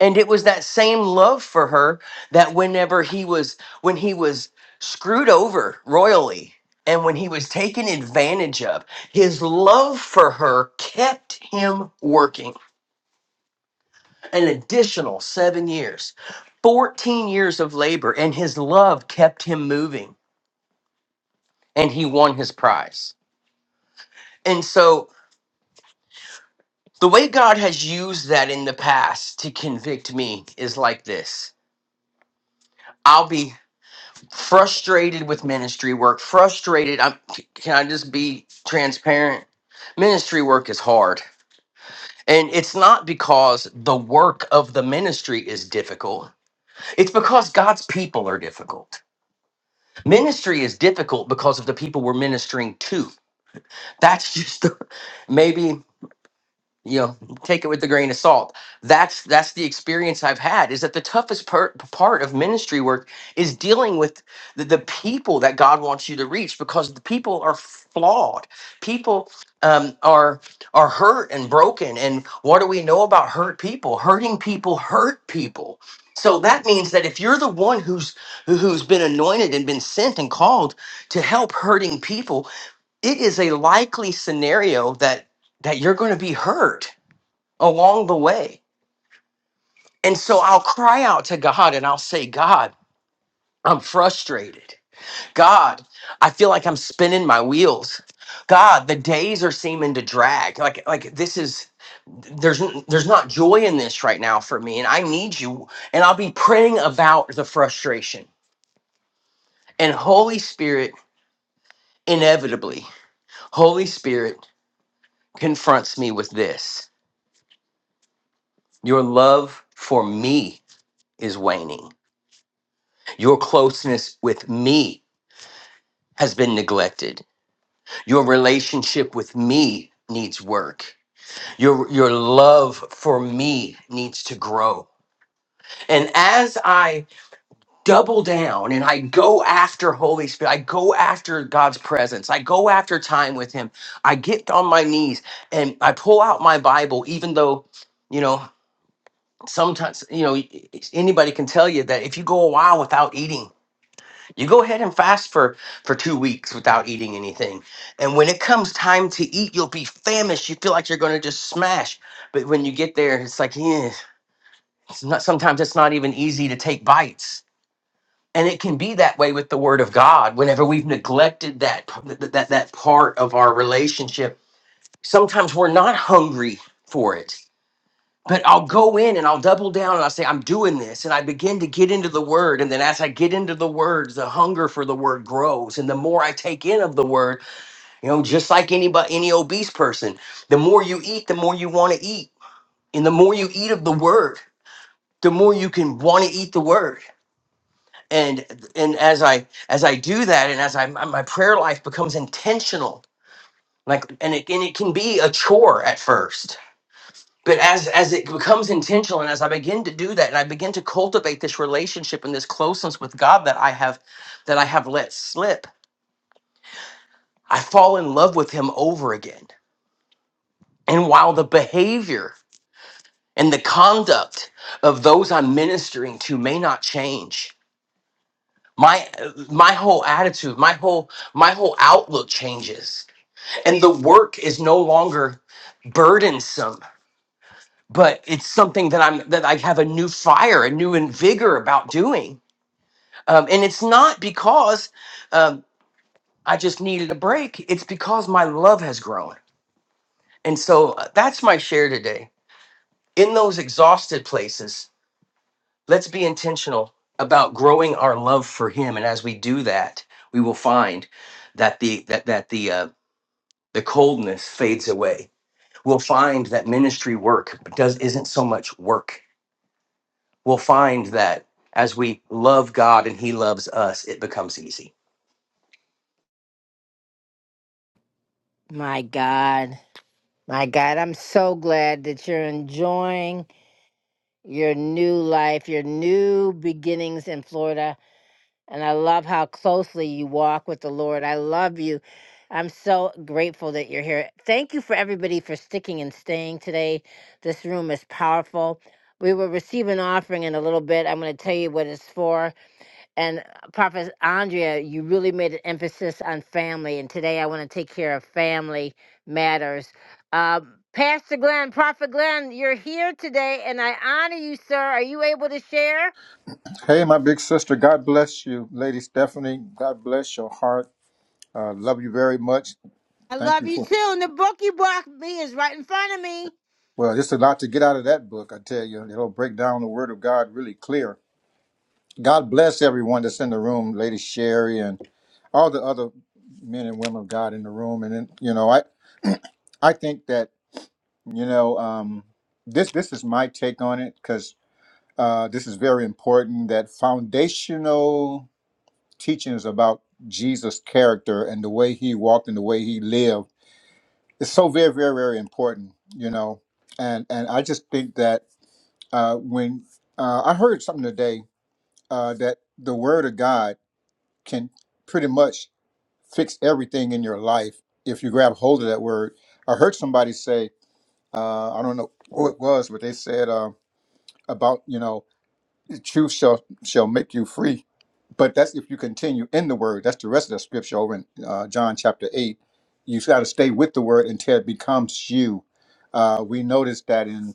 and it was that same love for her that whenever he was when he was screwed over royally and when he was taken advantage of his love for her kept him working an additional 7 years 14 years of labor and his love kept him moving and he won his prize and so the way god has used that in the past to convict me is like this i'll be frustrated with ministry work frustrated i'm can i just be transparent ministry work is hard and it's not because the work of the ministry is difficult it's because god's people are difficult ministry is difficult because of the people we're ministering to that's just maybe you know take it with a grain of salt that's that's the experience i've had is that the toughest per- part of ministry work is dealing with the, the people that god wants you to reach because the people are flawed people um, are are hurt and broken and what do we know about hurt people hurting people hurt people so that means that if you're the one who's who- who's been anointed and been sent and called to help hurting people it is a likely scenario that that you're going to be hurt along the way. And so I'll cry out to God and I'll say, God, I'm frustrated. God, I feel like I'm spinning my wheels. God, the days are seeming to drag. Like like this is there's n- there's not joy in this right now for me and I need you and I'll be praying about the frustration. And Holy Spirit inevitably Holy Spirit confronts me with this. Your love for me is waning. Your closeness with me has been neglected. Your relationship with me needs work. Your your love for me needs to grow. And as I double down and I go after Holy Spirit, I go after God's presence. I go after time with him. I get on my knees and I pull out my Bible even though, you know, sometimes, you know, anybody can tell you that if you go a while without eating You go ahead and fast for for 2 weeks without eating anything. And when it comes time to eat, you'll be famished. You feel like you're going to just smash. But when you get there, it's like, yeah, it's not sometimes it's not even easy to take bites. And it can be that way with the word of God whenever we've neglected that that that, that part of our relationship. Sometimes we're not hungry for it but I'll go in and I'll double down and I'll say, I'm doing this. And I begin to get into the word. And then as I get into the words, the hunger for the word grows. And the more I take in of the word, you know, just like anybody, any obese person, the more you eat, the more you want to eat. And the more you eat of the word, the more you can want to eat the word. And and as I as I do that, and as I my my prayer life becomes intentional, like and it and it can be a chore at first but as as it becomes intentional and as i begin to do that and i begin to cultivate this relationship and this closeness with god that i have that i have let slip i fall in love with him over again and while the behavior and the conduct of those i'm ministering to may not change my my whole attitude my whole my whole outlook changes and the work is no longer burdensome but it's something that i'm that i have a new fire a new vigor about doing Um, and it's not because um, I just needed a break, it's because my love has grown. And so uh, that's my share today. In those exhausted places, let's be intentional about growing our love for him and as we do that we will find that the that that the uh, the coldness fades away we'll find that ministry work does isn't so much work we'll find that as we love god and he loves us it becomes easy
My God, my God, I'm so glad that you're enjoying your new life, your new beginnings in Florida. And I love how closely you walk with the Lord. I love you. I'm so grateful that you're here. Thank you for everybody for sticking and staying today. This room is powerful. We will receive an offering in a little bit. I'm going to tell you what it's for. And uh, Prophet Andrea, you really made an emphasis on family. And today I want to take care of family matters. Uh, Pastor Glenn, Prophet Glenn, you're here today and I honor you, sir. Are you able to share?
Hey, my big sister, God bless you, Lady Stephanie. God bless your heart. Uh, love you very much.
I
Thank
love
you
you
for.
too. And the book you brought me is right in front of me.
Well, it's a lot to get out of that book, I tell you. It'll break down the Word of God really clear. God bless everyone that's in the room, Lady Sherry, and all the other men and women of God in the room. And then, you know, I I think that you know um, this this is my take on it because uh, this is very important. That foundational teachings about Jesus' character and the way he walked and the way he lived is so very, very, very important, you know. And and I just think that uh, when uh, I heard something today uh, that the Word of God can pretty much fix everything in your life if you grab hold of that word. I heard somebody say, uh, I don't know who it was, but they said uh, about you know, the truth shall shall make you free But that's if you continue in the word. That's the rest of the scripture over in uh, John chapter 8. You've got to stay with the word until it becomes you. Uh, we noticed that in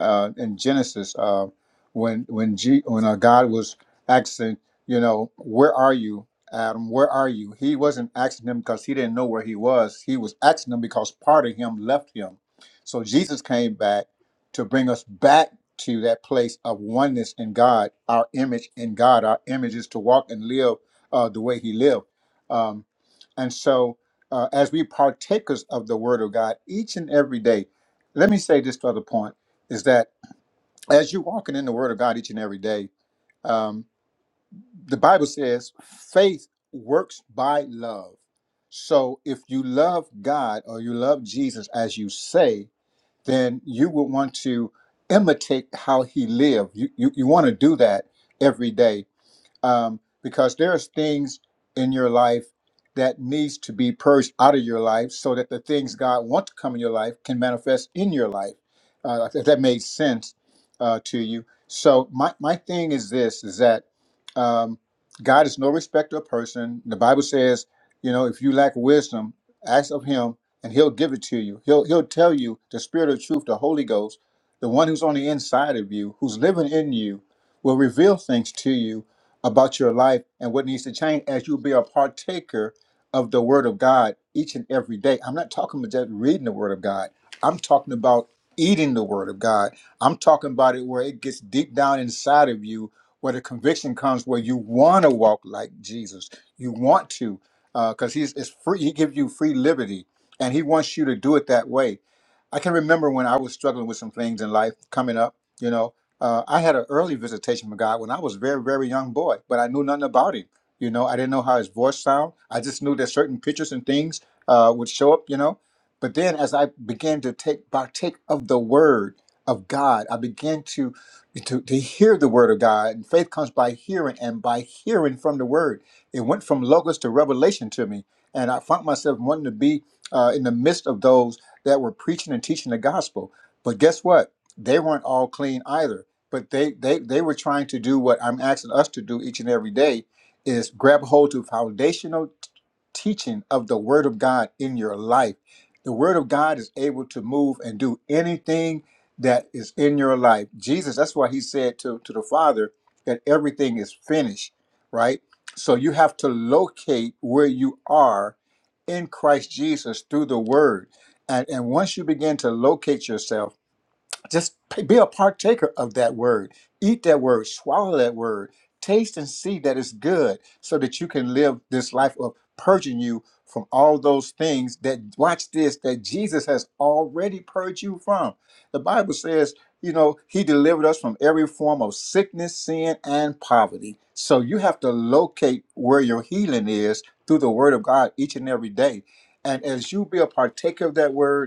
uh, in Genesis uh, when when G, when uh, God was asking, you know, where are you, Adam? Where are you? He wasn't asking him because he didn't know where he was. He was asking him because part of him left him. So Jesus came back to bring us back to that place of oneness in God, our image in God. Our image is to walk and live uh, the way He lived. Um, and so, uh, as we partakers of the Word of God each and every day, let me say this other point is that as you're walking in the Word of God each and every day, um, the Bible says faith works by love. So if you love God or you love Jesus as you say, then you will want to imitate how he lived. You, you, you want to do that every day um, because there's things in your life that needs to be purged out of your life so that the things god wants to come in your life can manifest in your life uh, if that made sense uh, to you so my, my thing is this is that um, god is no respecter of person the bible says you know if you lack wisdom ask of him and he'll give it to you he'll, he'll tell you the spirit of truth the holy ghost the one who's on the inside of you who's living in you will reveal things to you about your life and what needs to change as you be a partaker of the Word of God each and every day. I'm not talking about just reading the Word of God, I'm talking about eating the Word of God. I'm talking about it where it gets deep down inside of you, where the conviction comes where you want to walk like Jesus. You want to, because He's it's free, He gives you free liberty, and He wants you to do it that way. I can remember when I was struggling with some things in life coming up, you know. Uh, I had an early visitation with God when I was a very, very young boy, but I knew nothing about him. You know, I didn't know how his voice sound. I just knew that certain pictures and things uh, would show up. You know, but then as I began to take partake of the Word of God, I began to to, to hear the Word of God, and faith comes by hearing, and by hearing from the Word. It went from logos to revelation to me, and I found myself wanting to be uh, in the midst of those that were preaching and teaching the gospel. But guess what? They weren't all clean either but they they they were trying to do what I'm asking us to do each and every day is grab hold to foundational t- teaching of the word of God in your life. The word of God is able to move and do anything that is in your life. Jesus, that's why he said to, to the Father that everything is finished, right? So you have to locate where you are in Christ Jesus through the word. And, and once you begin to locate yourself, just p- be a partaker of that word. Eat that word. Swallow that word. Taste and see that it's good so that you can live this life of purging you from all those things that, watch this, that Jesus has already purged you from. The Bible says, you know, He delivered us from every form of sickness, sin, and poverty. So you have to locate where your healing is through the Word of God each and every day. And as you be a partaker of that word,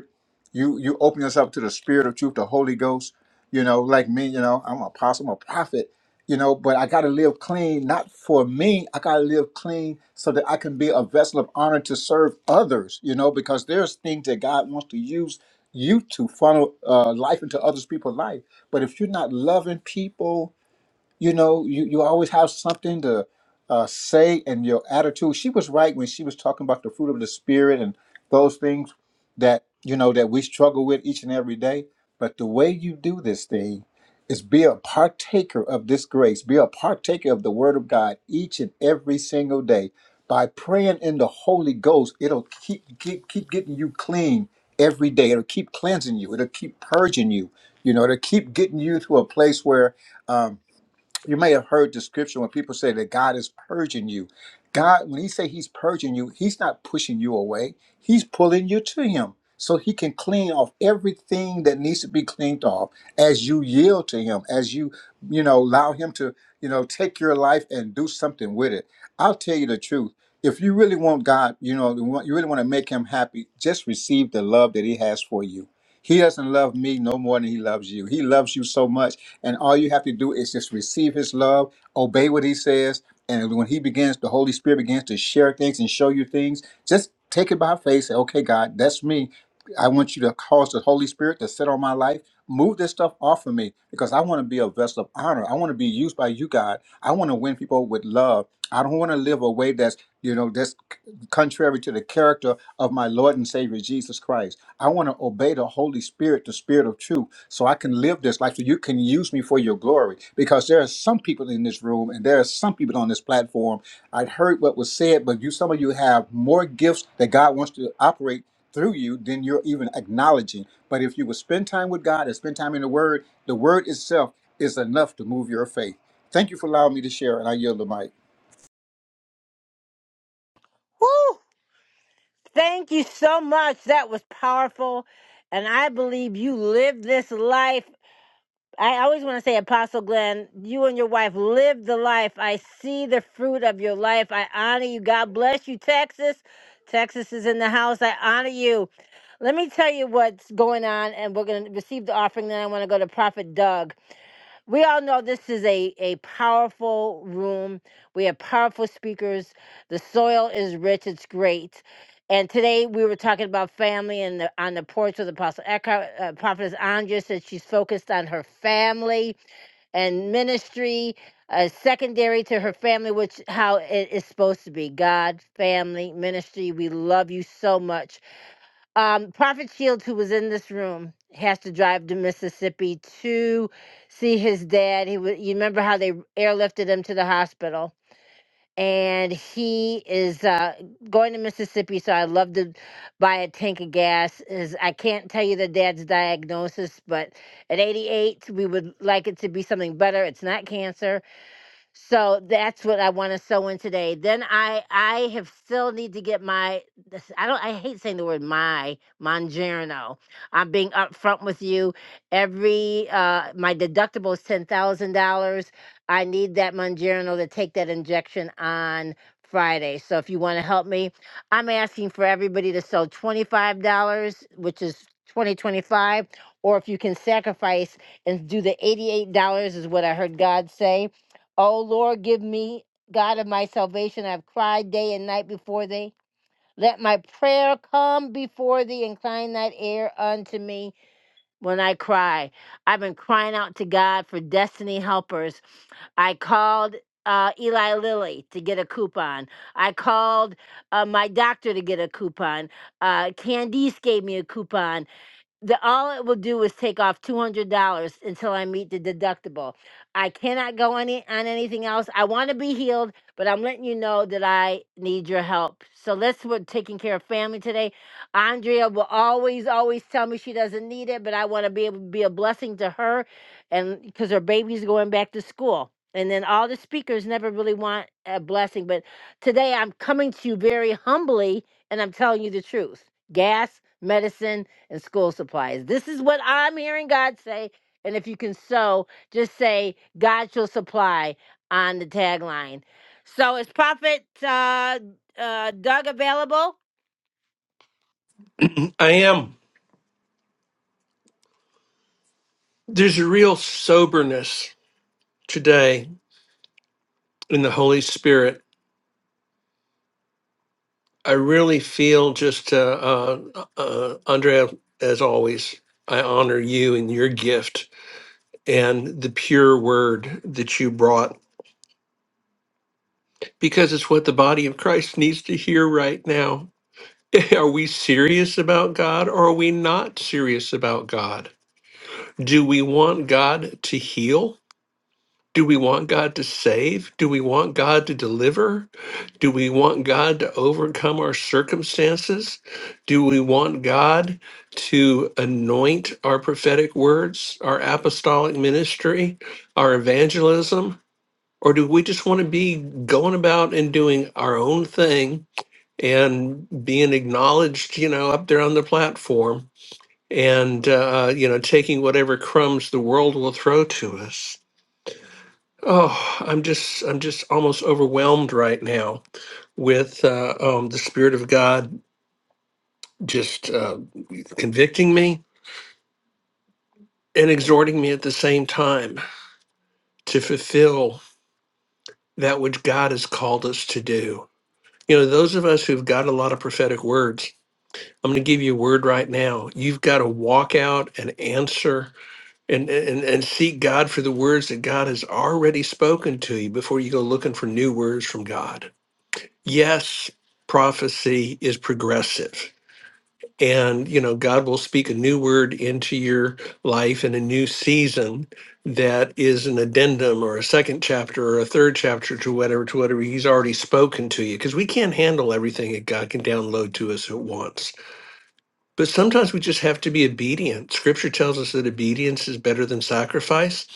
you you open yourself to the spirit of truth the holy ghost you know like me you know i'm an apostle i'm a prophet you know but i gotta live clean not for me i gotta live clean so that i can be a vessel of honor to serve others you know because there's things that god wants to use you to funnel uh, life into others people's life but if you're not loving people you know you, you always have something to uh, say and your attitude she was right when she was talking about the fruit of the spirit and those things that you know that we struggle with each and every day but the way you do this thing is be a partaker of this grace be a partaker of the word of god each and every single day by praying in the holy ghost it'll keep keep, keep getting you clean every day it'll keep cleansing you it'll keep purging you you know it'll keep getting you to a place where um, you may have heard the scripture when people say that God is purging you. God, when He say He's purging you, He's not pushing you away. He's pulling you to Him so He can clean off everything that needs to be cleaned off as you yield to Him, as you, you know, allow Him to, you know, take your life and do something with it. I'll tell you the truth. If you really want God, you know, you want- you really want to make Him happy, just receive the love that He has for you. He doesn't love me no more than He loves you. He loves you so much and all you have to do is just receive his love, obey what he says. And when he begins, the Holy Spirit begins to share things and show you things. Just take it by faith. Say, okay, God, that's me. I want you to cause the Holy Spirit to sit on my life. Move this stuff off of me because I want to be a vessel of honor. I want to be used by you, God. I want to win people with love. I don't want to live a way that's, you know, that's contrary to the character of my Lord and Savior Jesus Christ. I want to obey the Holy Spirit, the Spirit of truth so I can live this life so you can use me for your glory. Because there are some people in this room and there are some people on this platform. i heard what was said, but you some of you have more gifts that God wants to operate through you than you're even acknowledging. But if you will spend time with God and spend time in the Word, the Word itself is enough to move your faith. Thank you for allowing me to share, and I yield the mic.
Woo! Thank you so much. That was powerful. And I believe you lived this life. I always want to say, Apostle Glenn, you and your wife lived the life. I see the fruit of your life. I honor you. God bless you, Texas. Texas is in the house. I honor you. Let me tell you what's going on, and we're going to receive the offering. Then I want to go to Prophet Doug. we all know this is a, a powerful room. We have powerful speakers. The soil is rich, it's great. And today we were talking about family and the, on the porch with Apostle Eckhart. Uh, Prophetess Andrea said she's focused on her family and ministry, uh, secondary to her family, which how it is supposed to be God, family, ministry. We love you so much um, Prophet Shields, who was in this room, has to drive to Mississippi to see his dad. He was, you remember how they airlifted him to the hospital, and he is uh, going to Mississippi. So I love to buy a tank of gas. Is I can't tell you the dad's diagnosis, but at 88, we would like it to be something better. It's not cancer so that's what I want to sew in today. Then I I have still need to get my this- I don't I hate saying the word my Mongerno. I'm being upfront with you. Every uh my deductible is ten thousand dollars. I need that Mongerno to take that injection on Friday. So if you want to help me, I'm asking for everybody to sew twenty five dollars, which is twenty twenty five, or if you can sacrifice and do the eighty eight dollars is what I heard God say O Lord, give me, God of my salvation, I've cried day and night before thee. Let my prayer come before thee, incline that ear unto me when I cry. I've been crying out to God for destiny helpers. I called uh, Eli Lilly to get a coupon. I called uh, my doctor to get a coupon. Uh, Candice gave me a coupon the all it will do is take off two hundred dollars until I meet the deductible. I cannot go any on anything else. I want to be healed, but I'm letting you know that I need your help. So let's we're taking care of family today. Andrea will always, always tell me she doesn't need it, but I want to be able to be a blessing to her, and because her baby's going back to school. And then all the speakers never really want a blessing, but today I'm coming to you very humbly, and I'm telling you the truth. Gas, medicine and school supplies. This is what I'm hearing God say. And if you can sow, just say, God shall supply on the tagline. So is Prophet uh, uh, Doug available?
I am. There's a real soberness today in the Holy Spirit. I really feel just, uh, uh, uh, Andrea, as always, I honor you and your gift and the pure word that you brought because it's what the body of Christ needs to hear right now. Are we serious about God or are we not serious about God? Do we want God to heal? Do we want God to save? Do we want God to deliver? Do we want God to overcome our circumstances? Do we want God to anoint our prophetic words, our apostolic ministry, our evangelism? Or do we just want to be going about and doing our own thing and being acknowledged, you know, up there on the platform and, uh, you know, taking whatever crumbs the world will throw to us? Oh, I'm just, I'm just almost overwhelmed right now with uh, um, the Spirit of God just uh, convicting me and exhorting me at the same time to fulfill that which God has called us to do. You know, those of us who've got a lot of prophetic words, I'm going to give you a word right now. You've got to walk out and answer and, and, and seek God for the words that God has already spoken to you before you go looking for new words from God. Yes, prophecy is progressive and you know god will speak a new word into your life in a new season that is an addendum or a second chapter or a third chapter to whatever to whatever he's already spoken to you because we can't handle everything that god can download to us at once but sometimes we just have to be obedient. Scripture tells us that obedience is better than sacrifice.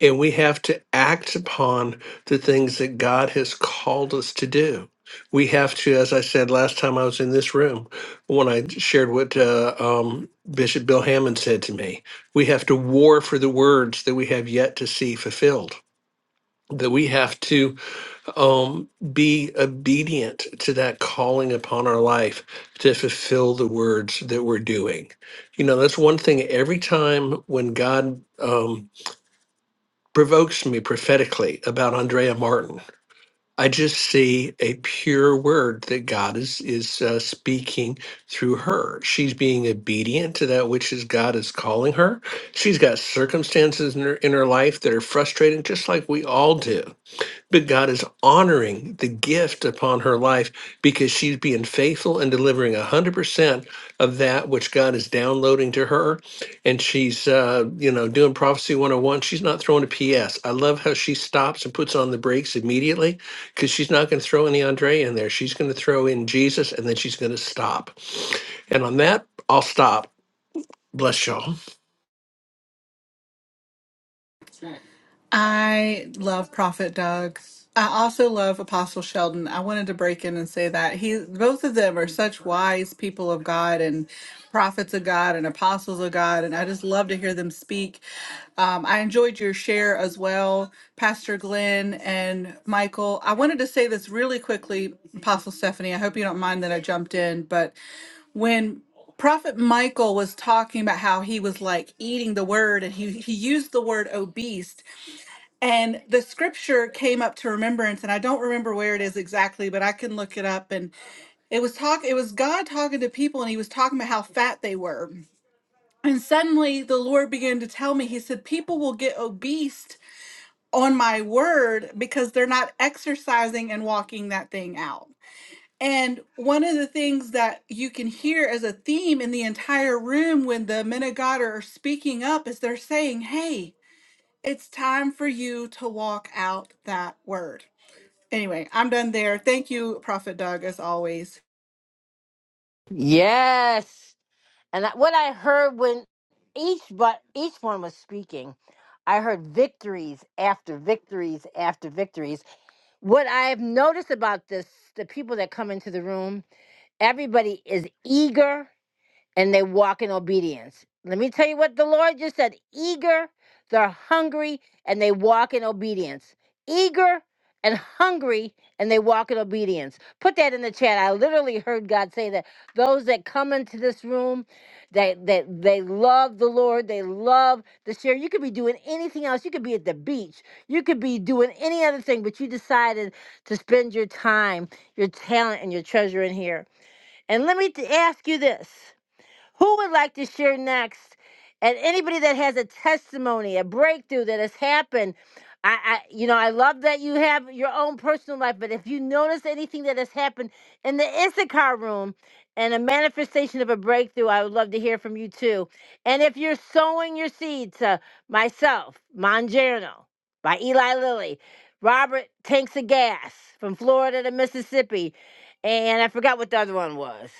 And we have to act upon the things that God has called us to do. We have to, as I said last time I was in this room, when I shared what uh, um, Bishop Bill Hammond said to me, we have to war for the words that we have yet to see fulfilled. That we have to um, be obedient to that calling upon our life to fulfill the words that we're doing. You know, that's one thing. Every time when God um, provokes me prophetically about Andrea Martin, I just see a pure word that God is is uh, speaking through her. She's being obedient to that which is God is calling her. She's got circumstances in her in her life that are frustrating, just like we all do but God is honoring the gift upon her life because she's being faithful and delivering 100% of that which God is downloading to her. And she's, uh, you know, doing Prophecy 101. She's not throwing a PS. I love how she stops and puts on the brakes immediately because she's not going to throw any Andre in there. She's going to throw in Jesus and then she's going to stop. And on that, I'll stop. Bless y'all.
I love Prophet Doug. I also love Apostle Sheldon. I wanted to break in and say that he, both of them are such wise people of God and prophets of God and apostles of God, and I just love to hear them speak. Um, I enjoyed your share as well, Pastor Glenn and Michael. I wanted to say this really quickly, Apostle Stephanie. I hope you don't mind that I jumped in, but when Prophet Michael was talking about how he was like eating the word, and he he used the word obese. And the scripture came up to remembrance, and I don't remember where it is exactly, but I can look it up. And it was talk, it was God talking to people, and he was talking about how fat they were. And suddenly the Lord began to tell me, He said, People will get obese on my word because they're not exercising and walking that thing out. And one of the things that you can hear as a theme in the entire room when the men of God are speaking up is they're saying, Hey, it's time for you to walk out that word. Anyway, I'm done there. Thank you, Prophet Doug, as always.
Yes. And that- what I heard when each but each one was speaking, I heard victories after victories after victories. What I've noticed about this, the people that come into the room, everybody is eager and they walk in obedience. Let me tell you what the Lord just said eager, they're hungry, and they walk in obedience. Eager and hungry, and they walk in obedience. Put that in the chat. I literally heard God say that those that come into this room, they, they, they love the Lord, they love the share. You could be doing anything else. You could be at the beach, you could be doing any other thing, but you decided to spend your time, your talent, and your treasure in here. And let me t- ask you this. Who would like to share next? And anybody that has a testimony, a breakthrough that has happened, I, I you know, I love that you have your own personal life, but if you notice anything that has happened in the Issachar room and a manifestation of a breakthrough, I would love to hear from you too. And if you're sowing your seed to myself, Mangiano by Eli Lilly, Robert Tanks of Gas from Florida to Mississippi, and I forgot what the other one was.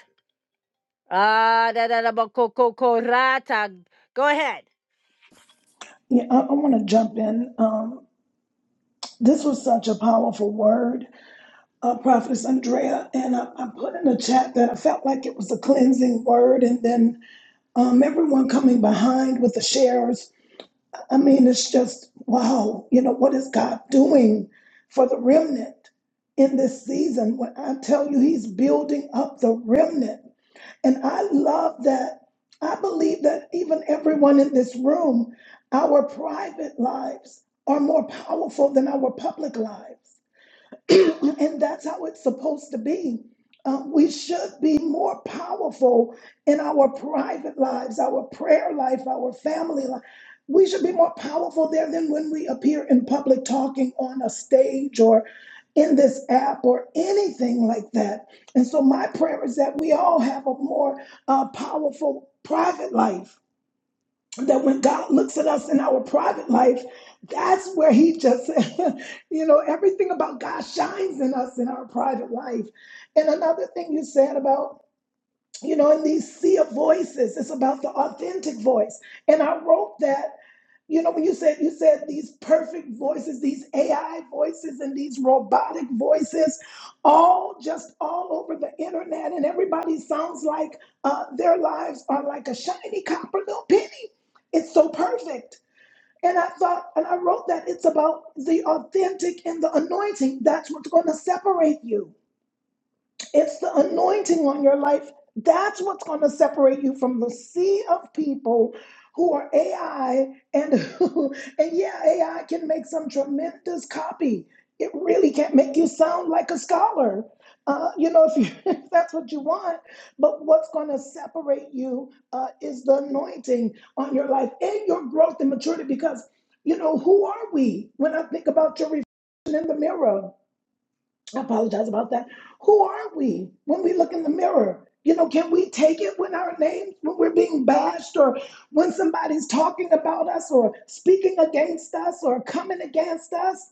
Ah, da da da ba ko ko ko rata. Go ahead.
Yeah, I, I want to jump in. Um, this was such a powerful word, uh, Prophetess Andrea, and I, I put in the chat that I felt like it was a cleansing word, and then um, everyone coming behind with the shares. I mean, it's just wow. You know what is God doing for the remnant in this season? When I tell you, He's building up the remnant. And I love that. I believe that even everyone in this room, our private lives are more powerful than our public lives. and that's how it's supposed to be. Um, we should be more powerful in our private lives, our prayer life, our family life. We should be more powerful there than when we appear in public talking on a stage or in this app or anything like that. And so, my prayer is that we all have a more uh, powerful private life that when God looks at us in our private life, that's where He just, you know, everything about God shines in us in our private life. And another thing you said about, you know, in these sea of voices, it's about the authentic voice. And I wrote that. You know, when you said you said these perfect voices, these AI voices and these robotic voices, all just all over the internet, and everybody sounds like uh, their lives are like a shiny copper little penny. It's so perfect. And I thought, and I wrote that it's about the authentic and the anointing. That's what's going to separate you. It's the anointing on your life. That's what's going to separate you from the sea of people who are AI and who, and yeah, AI can make some tremendous copy. It really can make you sound like a scholar. Uh, you know, if, you, if that's what you want. But what's going to separate you uh, is the anointing on your life and your growth and maturity. Because, you know, who are we? When I think about your reflection in the mirror, I apologize about that. Who are we when we look in the mirror? You know, can we take it when our names, when we're being bashed, or when somebody's talking about us, or speaking against us, or coming against us?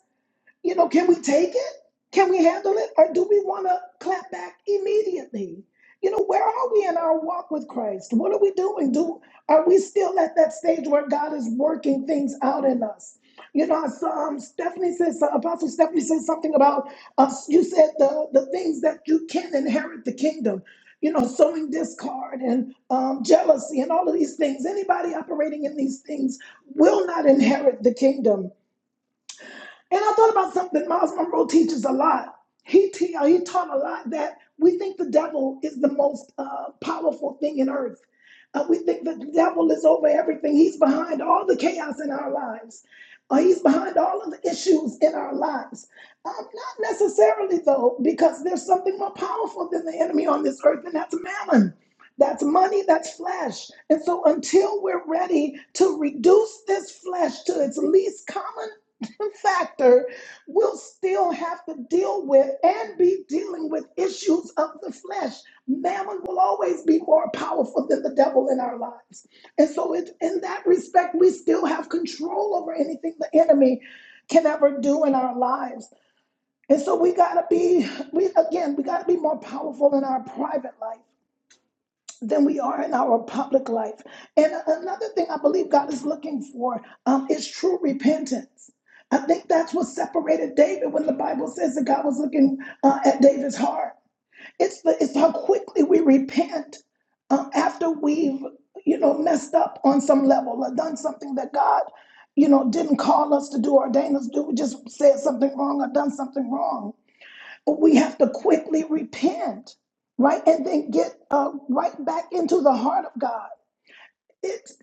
You know, can we take it? Can we handle it? Or do we want to clap back immediately? You know, where are we in our walk with Christ? What are we doing? Do are we still at that stage where God is working things out in us? You know, so, um, Stephanie says, uh, Apostle Stephanie says something about us. you said the the things that you can inherit the kingdom. You know, sowing discord and um, jealousy and all of these things. Anybody operating in these things will not inherit the kingdom and I thought about something that Miles Monroe teaches a lot. He, te- uh, he taught a lot that we think the devil is the most uh, powerful thing in earth. Uh, we think that the devil is over everything. He's behind all the chaos in our lives. Uh, he's behind all of the issues in our lives. Um, not necessarily, though, because there's something more powerful than the enemy on this earth, and that's mammon. That's money, that's flesh. And so, until we're ready to reduce this flesh to its least common factor we will still have to deal with and be dealing with issues of the flesh. Mammon will always be more powerful than the devil in our lives. And so, it, in that respect, we still have control over anything the enemy can ever do in our lives. And so, we got to be, we again, we got to be more powerful in our private life than we are in our public life. And another thing I believe God is looking for um, is true repentance. I think that's what separated David when the Bible says that God was looking uh, at David's heart. It's the it's how quickly we repent um, after we've you know messed up on some level or done something that God you know didn't call us to do, ordain us to do. We just said something wrong or done something wrong we have to quickly repent, right? And then get uh, right back into the heart of God. It's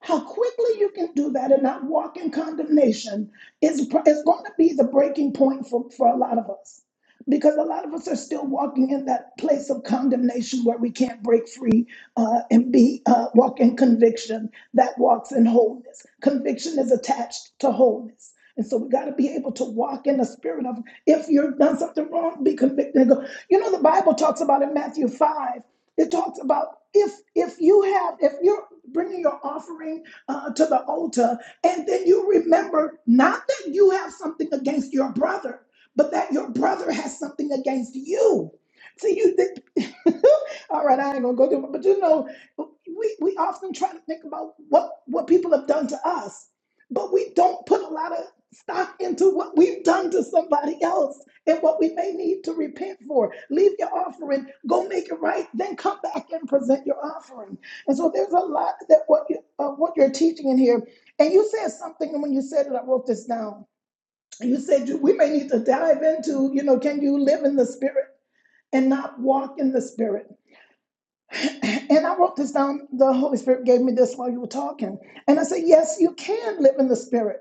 how quickly you can do that and not walk in condemnation is is going to be the breaking point for, for a lot of us. Because a lot of us are still walking in that place of condemnation where we can't break free uh, and be uh, walk in conviction that walks in wholeness. Conviction is attached to wholeness, and so we got to be able to walk in the spirit of if you've done something wrong, be convicted and go. You know the Bible talks about in Matthew five. It talks about if if you have if you're bringing your offering uh, to the altar, and then you remember not that you have something against your brother, but that your brother has something against you. See, you think. All right, I ain't gonna go there, but you know, we we often try to think about what what people have done to us, but we don't put a lot of stock into what we've done to somebody else and what we may need to repent for. Leave your offering, go make it right, then come back and present your offering. And so there's a lot that what you uh, what you're teaching in here. And you said something, and when you said it, I wrote this down. You said you, we may need to dive into, you know, can you live in the spirit and not walk in the spirit? And I wrote this down. The Holy Spirit gave me this while you were talking, and I said, yes, you can live in the spirit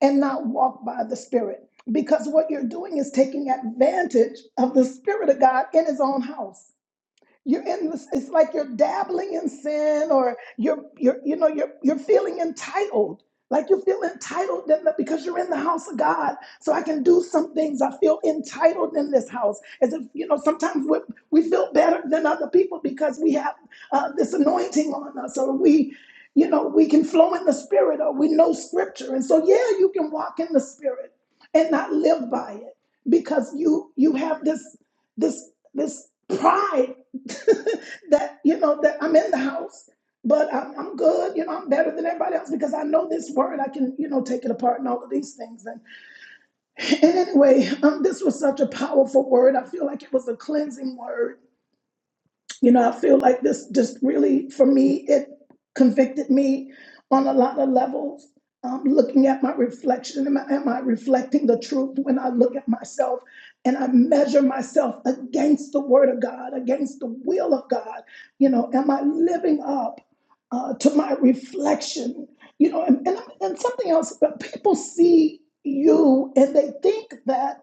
and not walk by the Spirit. Because what you're doing is taking advantage of the Spirit of God in His own house. You're in this, it's like you're dabbling in sin or you're you're you know you're you're feeling entitled. Like you feel entitled in the- because you're in the house of God. So I can do some things. I feel entitled in this house. As if, you know, sometimes we, we feel better than other people because we have uh, this anointing on us or we you know, we can flow in the spirit or we know scripture. And so, yeah, you can walk in the spirit and not live by it because you you have this this this pride that you know that I'm in the house, but I'm, I'm good. You know, I'm better than everybody else because I know this word. I can you know take it apart and all of these things. And, and anyway, um, this was such a powerful word. I feel like it was a cleansing word you know, I feel like this just really, for me, it convicted me on a lot of levels. Um, looking at my reflection, am I, am I reflecting the truth when I look at myself and I measure myself against the word of God, against the will of God? You know, am I living up uh, to my reflection? You know, and, and, and something else, but people see you and they think that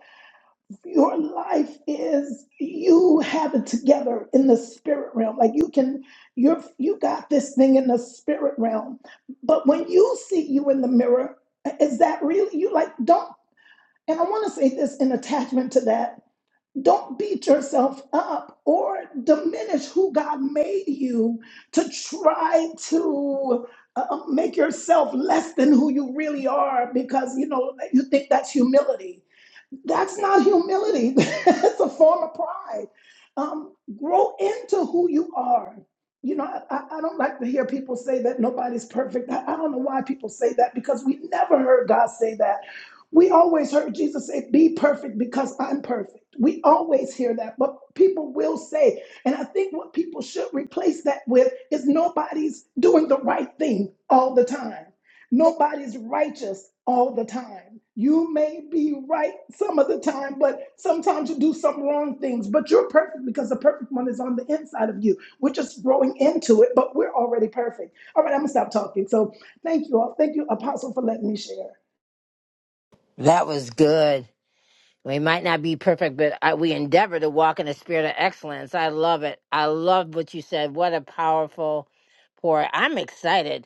your life is you have it together in the spirit realm like you can you're you got this thing in the spirit realm but when you see you in the mirror is that really you like don't and i want to say this in attachment to that don't beat yourself up or diminish who god made you to try to uh, make yourself less than who you really are because you know you think that's humility that's not humility. That's a form of pride. Um, grow into who you are. You know, I, I I don't like to hear people say that nobody's perfect. I, I don't know why people say that because we never heard God say that. We always heard Jesus say, Be perfect because I'm perfect. We always hear that, but people will say, and I think what people should replace that with is nobody's doing the right thing all the time. Nobody's righteous all the time. You may be right some of the time, but sometimes you do some wrong things. But you're perfect because the perfect one is on the inside of you. We're just growing into it, but we're already perfect. All right, I'm gonna stop talking. So thank you all. Thank you, Apostle, for letting me share.
That was good. We might not be perfect, but I, we endeavor to walk in a spirit of excellence. I love it. I love what you said. What a powerful pour. I'm excited.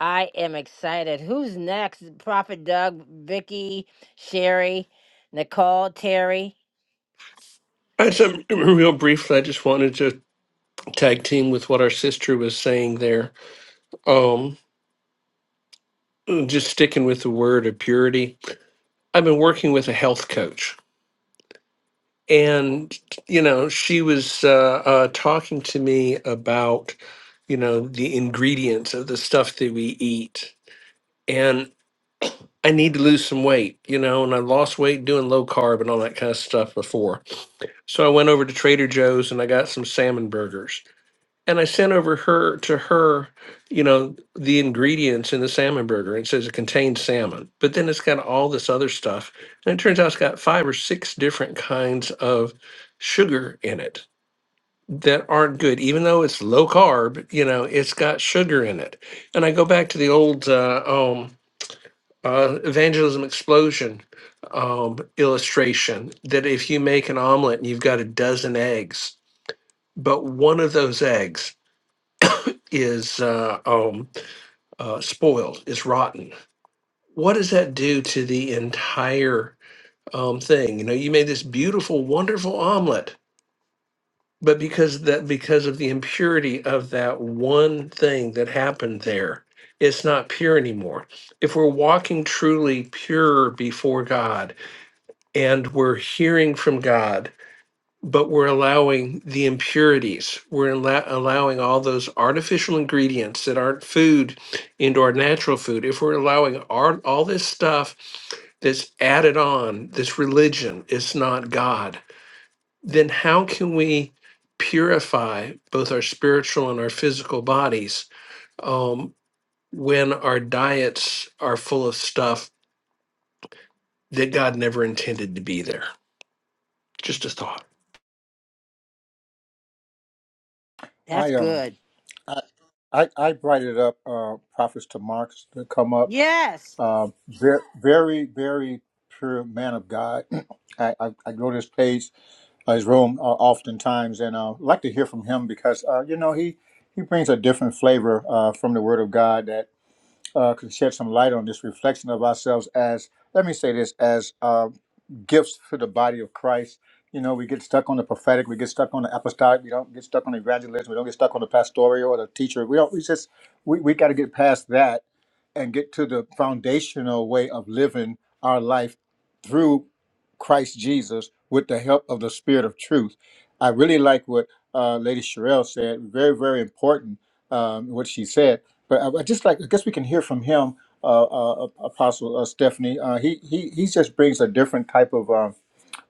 I am excited. Who's next? Prophet Doug, Vicky, Sherry, Nicole, Terry.
All right, so real briefly, I just wanted to tag team with what our sister was saying there. Um, just sticking with the word of purity, I've been working with a health coach. And, you know, she was uh, uh, talking to me about, you know, the ingredients of the stuff that we eat. And I need to lose some weight, you know, and I lost weight doing low carb and all that kind of stuff before. So I went over to Trader Joe's and I got some salmon burgers and I sent over her to her, you know, the ingredients in the salmon burger. It says it contains salmon, but then it's got all this other stuff, and it turns out it's got five or six different kinds of sugar in it that aren't good. Even though it's low carb, you know, it's got sugar in it. And I go back to the old uh, um, uh, evangelism explosion um, illustration that if you make an omelet and you've got a dozen eggs, but one of those eggs is uh, um, uh, spoiled, is rotten. What does that do to the entire um, thing? You know, you made this beautiful, wonderful omelet, but because that because of the impurity of that one thing that happened there, it's not pure anymore. If we're walking truly pure before God and we're hearing from God but we're allowing the impurities. We're allo- allowing all those artificial ingredients that aren't food into our natural food. If we're allowing our, all this stuff that's added on, this religion is not God, then how can we purify both our spiritual and our physical bodies um, when our diets are full of stuff that God never intended to be there? Just a thought.
That's
I um
good.
I I, I brought it up, uh, prophets to Marks to come up
Yes.
Uh, very, very, very pure man of God. I, I, I go to his page, uh, his room, uh, oftentimes, and uh, like to hear from him because uh, you know he he brings a different flavor uh, from the Word of God that uh, can shed some light on this reflection of ourselves as let me say this as uh, gifts to the body of Christ. You know, we get stuck on the prophetic, we get stuck on the apostolic, we don't get stuck on the evangelism, we don't get stuck on the pastoral or the teacher. We don't. We just we, we got to get past that and get to the foundational way of living our life through Christ Jesus with the help of the Spirit of Truth. I really like what uh, Lady Sherelle said. Very, very important um, what she said. But I, I just like, I guess we can hear from him, uh, uh, Apostle uh, Stephanie. Uh, he he he just brings a different type of um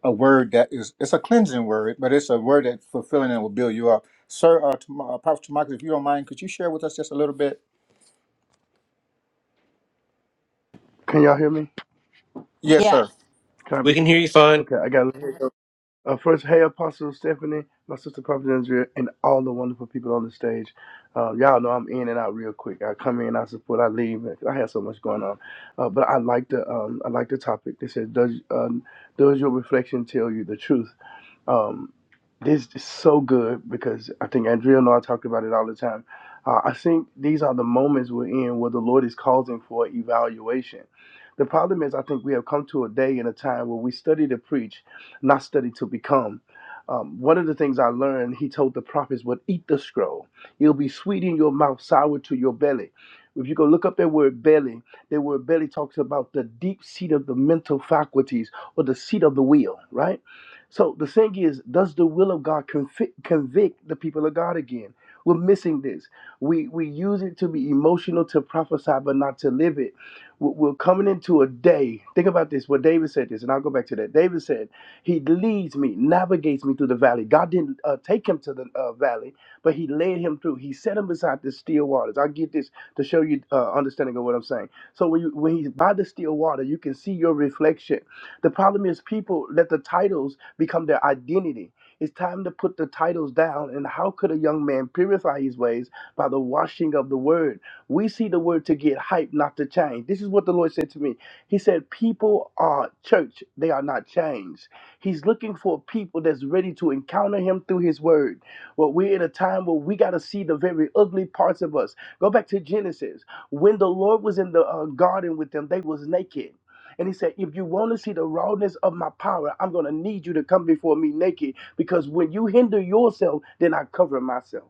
a word that is it's a cleansing word, but it's a word that's fulfilling and will build you up. Sir, uh, Tom- uh, Prophet Tamaki, if you don't mind, could you share with us just a little bit?
Can y'all hear me?
Yes, sir.
Yes.
Can I be? Okay, I got it. Uh, first, hey, Apostle Stephanie, my sister Prophet Andrea, and all the wonderful people on the stage. Uh, y'all know I'm in and out real quick. I come in, I support, I leave. I have so much going on, uh, but I like the um, I like the topic. They said, "Does um, does your reflection tell you the truth?" Um, this is so good because I think Andrea and I talk about it all the time. Uh, I think these are the moments we're in where the Lord is causing for evaluation. The problem is, I think we have come to a day and a time where we study to preach, not study to become. Um, one of the things I learned, he told the prophets, "But eat the scroll. It'll be sweet in your mouth, sour to your belly." If you go look up that word belly, that word belly talks about the deep seat of the mental faculties or the seat of the wheel, right? So the thing is, does the will of God convict, convict the people of God again? We're missing this. We we use it to be emotional to prophesy, but not to live it. We're coming into a day. Think about this. What David said this, and I'll go back to that. David said, "He leads me, navigates me through the valley." God didn't uh, take him to the uh, valley, but He led him through. He set him beside the still waters. I get this to show you uh, understanding of what I'm saying. So when you when he's by the still water, you can see your reflection. The problem is people let the titles become their identity. It's time to put the titles down. And how could a young man purify his ways by the washing of the word? We see the word to get hype, not to change. This is what the Lord said to me. He said, People are church, they are not changed. He's looking for people that's ready to encounter Him through His word. Well, we're in a time where we got to see the very ugly parts of us. Go back to Genesis. When the Lord was in the uh, garden with them, they was naked. And he said, if you want to see the rawness of my power, I'm going to need you to come before me naked because when you hinder yourself, then I cover myself.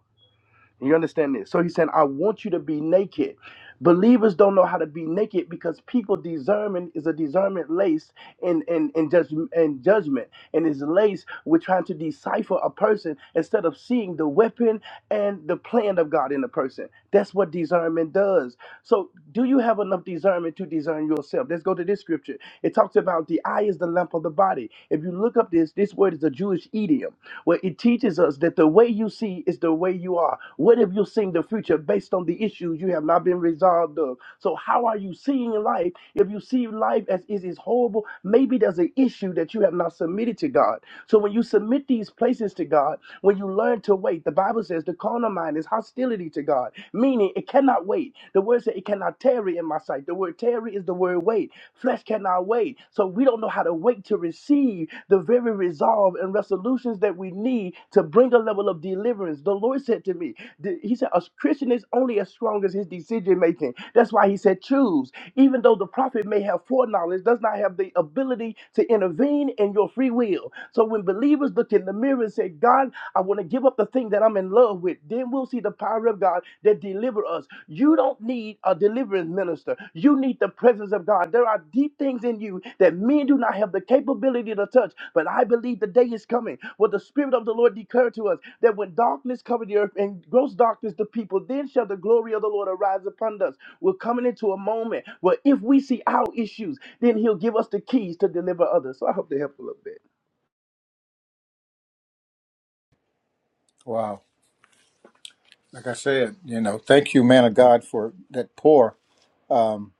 You understand this? So he's saying, I want you to be naked. Believers don't know how to be naked because people discernment is a discernment laced in in, in, judge, in judgment and is laced with trying to decipher a person instead of seeing the weapon and the plan of God in the person. That's what discernment does. So, do you have enough discernment to discern yourself? Let's go to this scripture. It talks about the eye is the lamp of the body. If you look up this, this word is a Jewish idiom where it teaches us that the way you see is the way you are. What if you seeing the future based on the issues you have not been resolved of? So, how are you seeing life? If you see life as it is horrible, maybe there's an issue that you have not submitted to God. So, when you submit these places to God, when you learn to wait, the Bible says the carnal mind is hostile hostility to God, meaning it cannot wait. The word said it cannot tarry in my sight. The word tarry is the word wait. Flesh cannot wait. So we don't know how to wait to receive the very resolve and resolutions that we need to bring a level of deliverance. The Lord said to me, th- He said, A Christian is only as strong as his decision making. That's why He said, Choose. Even though the prophet may have foreknowledge, does not have the ability to intervene in your free will. So when believers look in the mirror and say, God, I want to give up the thing that I'm in love with. Then we'll see the power of God that deliver us. You don't need a deliverance minister. You need the presence of God. There are deep things in you that men do not have the capability to touch. But I believe the day is coming where the Spirit of the Lord declared to us that when darkness covered the earth and gross darkness the people, then shall the glory of the Lord arise upon us. We're coming into a moment where if we see our issues, then He'll give us the keys to deliver others. So I hope they help a little bit.
Wow. like I said, you know, thank you, man of God, for that pour. Um,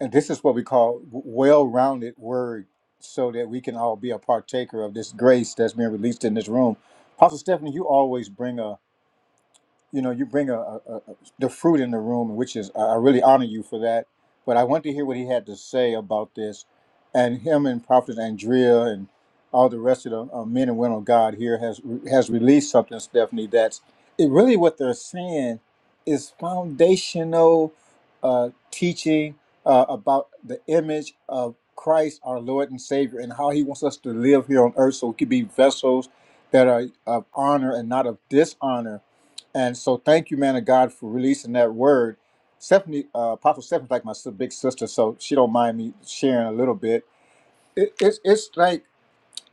and this is what we call well-rounded word, so that we can all be a partaker of this grace that's being released in this room. Apostle Stephanie, you always bring a you know, you bring a, a, a the fruit in the room, which is I I really honor you for that. But I want to hear what he had to say about this, and him and Prophet Andrea and all the rest of the uh, men and women of God here has has released something, Stephanie. That's it. Really, what they're saying is foundational uh, teaching uh, about the image of Christ, our Lord and Savior, and how He wants us to live here on earth, so we could be vessels that are of honor and not of dishonor and so, thank you, man of God, for releasing that word. Stephanie, uh, Apostle Stephanie's like my si- big sister, so she don't mind me sharing a little bit. It, it's it's like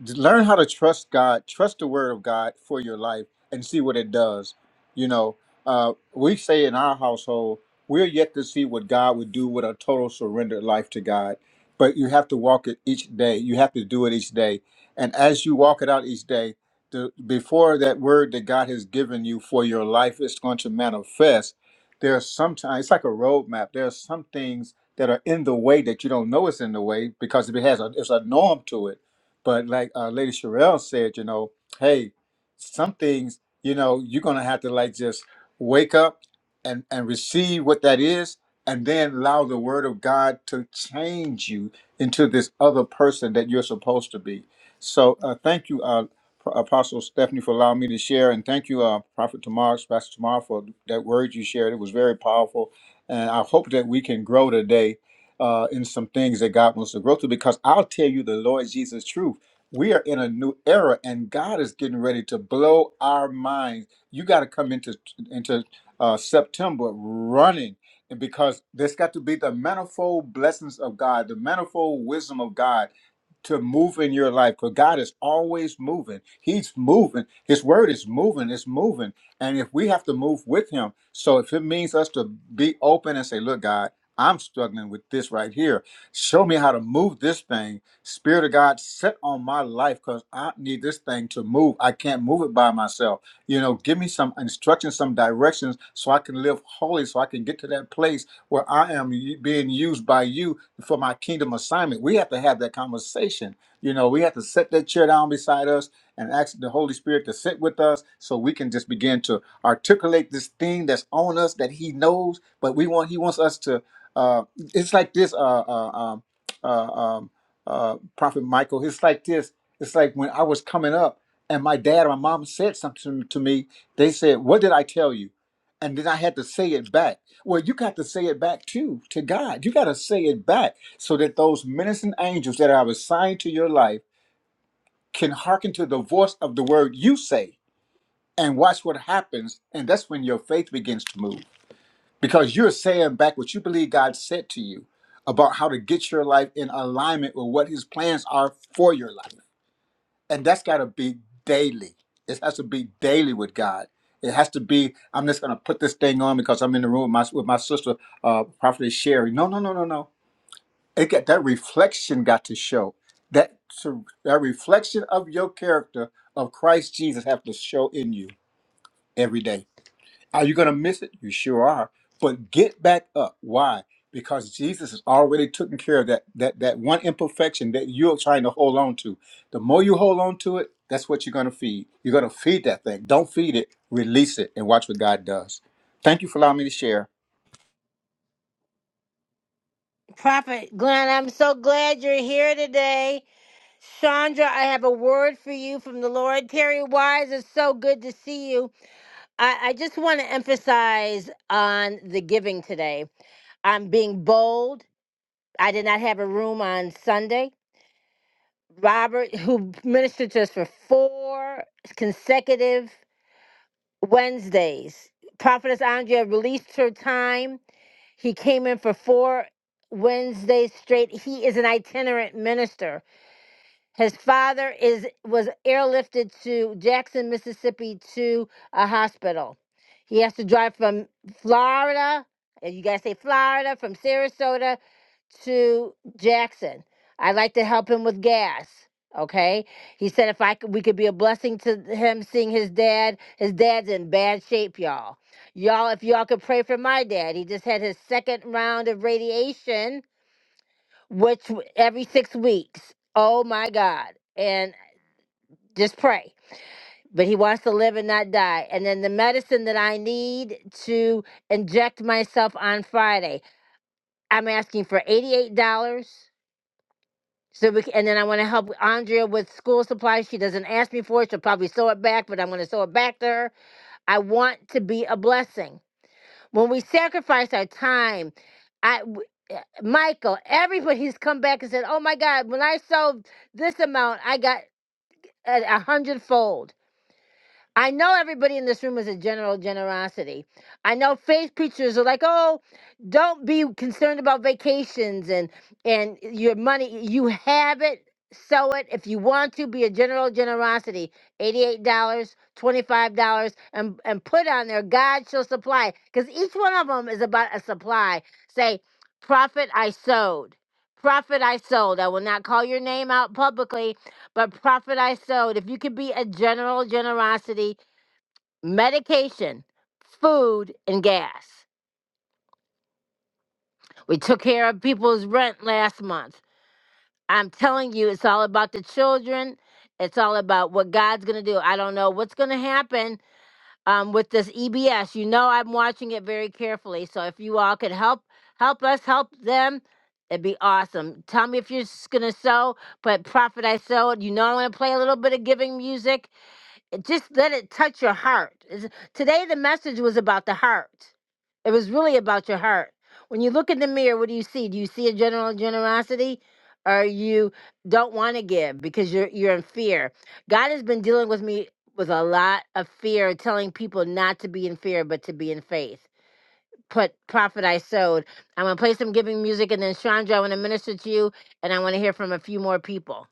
learn how to trust God, trust the word of God for your life and see what it does. You know, uh, we say in our household, we're yet to see what God would do with a total surrendered life to God. But you have to walk it each day. You have to do it each day. And as you walk it out each day, the, before that word that God has given you for your life is going to manifest, there are sometimes, it's like a roadmap. There are some things that are in the way that you don't know is in the way because if it has a, it's a norm to it but like uh, Lady Sherelle said, you know, hey, some things, you know, you're gonna have to like just wake up and and receive what that is, and then allow the Word of God to change you into this other person that you're supposed to be. So uh, thank you, uh, Pro- Apostle Stephanie, for allowing me to share, and thank you, uh, Prophet Tamar, Pastor Tamar, for that word you shared. It was very powerful, and I hope that we can grow today uh, in some things that God wants to grow through. Because I'll tell you the Lord Jesus truth. We are in a new era, and God is getting ready to blow our minds. You got to come into into uh, September running, and because there's got to be the manifold blessings of God, the manifold wisdom of God to move in your life because God is always moving. He's moving. His word is moving. It's moving. And if we have to move with him, so if it means us to be open and say, look, God. I'm struggling with this right here. Show me how to move this thing. Spirit of God, set on my life because I need this thing to move. I can't move it by myself. You know, give me some instructions, some directions so I can live holy, so I can get to that place where I am y- being used by you for my kingdom assignment. We have to have that conversation. You know, we have to set that chair down beside us and ask the Holy Spirit to sit with us so we can just begin to articulate this thing that's on us that He knows, but we want He wants us to uh, it's like this, uh, uh, um, uh, um, uh, Prophet Michael. It's like this. It's like when I was coming up, and my dad or my mom said something to me. They said, "What did I tell you?" And then I had to say it back. Well, you got to say it back too to God. You got to say it back so that those ministering angels that are assigned to your life can hearken to the voice of the word you say and watch what happens. And that's when your faith begins to move because you're saying back what you believe God said to you about how to get your life in alignment with what His plans are for your life. And that's got to be daily. It has to be daily with God. It has to be. I'm just going to put this thing on because I'm in the room with my with my sister, uh, Prophetess Sherry. No, no, no, no, no. It got that reflection got to show that that reflection of your character of Christ Jesus have to show in you every day are you going to miss it? You sure are. But get back up. Why? Because Jesus has already taken care of that that that one imperfection that you're trying to hold on to. The more you hold on to it, that's what you're going to feed. You're going to feed that thing. Don't feed it. Release it and watch what God does. Thank you for allowing me to share.
Prophet Glenn, I'm so glad you're here today. Chandra, I have a word for you from the Lord. Terry Wise, it's so good to see you. I, I just want to emphasize on the giving today. I'm being bold. I did not have a room on Sunday. Robert, who ministered to us for four consecutive Wednesdays, Prophetess Andrea released her time. He came in for four Wednesdays straight. He is an itinerant minister His father is was airlifted to Jackson, Mississippi, to a hospital. He has to drive from Florida, and you guys say Florida, from Sarasota to Jackson. I'd like to help him with gas. Okay, he said if I could, we could be a blessing to him seeing his dad. His dad's in bad shape, y'all. Y'all, if y'all could pray for my dad, he just had his second round of radiation which w- every six weeks. Oh my God. And just pray. But he wants to live and not die. And then the medicine that I need to inject myself on Friday, I'm asking for $88. So we can, and then I want to help Andrea with school supplies. She doesn't ask me for it. She'll probably sew it back, but I'm going to sew it back to her. I want to be a blessing. When we sacrifice our time, I w- eh, Michael, everybody's come back and said, "Oh my God, when I sold this amount, I got a, a hundredfold." I know everybody in this room is a general generosity. I know faith preachers are like, "Oh, don't be concerned about vacations and and your money. You have it. Sow it if you want to. Be a general generosity. Eighty-eight dollars, twenty-five dollars, and and put on there. God shall supply, because each one of them is about a supply. Say, prophet, I sowed. Prophet, I sold. I will not call your name out publicly, but prophet, I sowed. If you could be a general generosity medication, food, and gas. We took care of people's rent last month. I'm telling you, it's all about the children. It's all about what God's going to do. I don't know what's going to happen um, with this EBS. You know, I'm watching it very carefully. So if you all could help, help us, help them, it'd be awesome. Tell me if you're going to sew, but Prophet I Sowed, you know I'm going to play a little bit of giving music. It just let it touch your heart. It's- today, the message was about the heart. It was really about your heart. When you look in the mirror, what do you see? Do you see a general generosity, or you don't want to give because you're you're in fear? God has been dealing with me with a lot of fear, telling people not to be in fear but to be in faith. Put prophet I sowed. I'm gonna play some giving music, and then Chandra, I want to minister to you, and I want to hear from a few more people.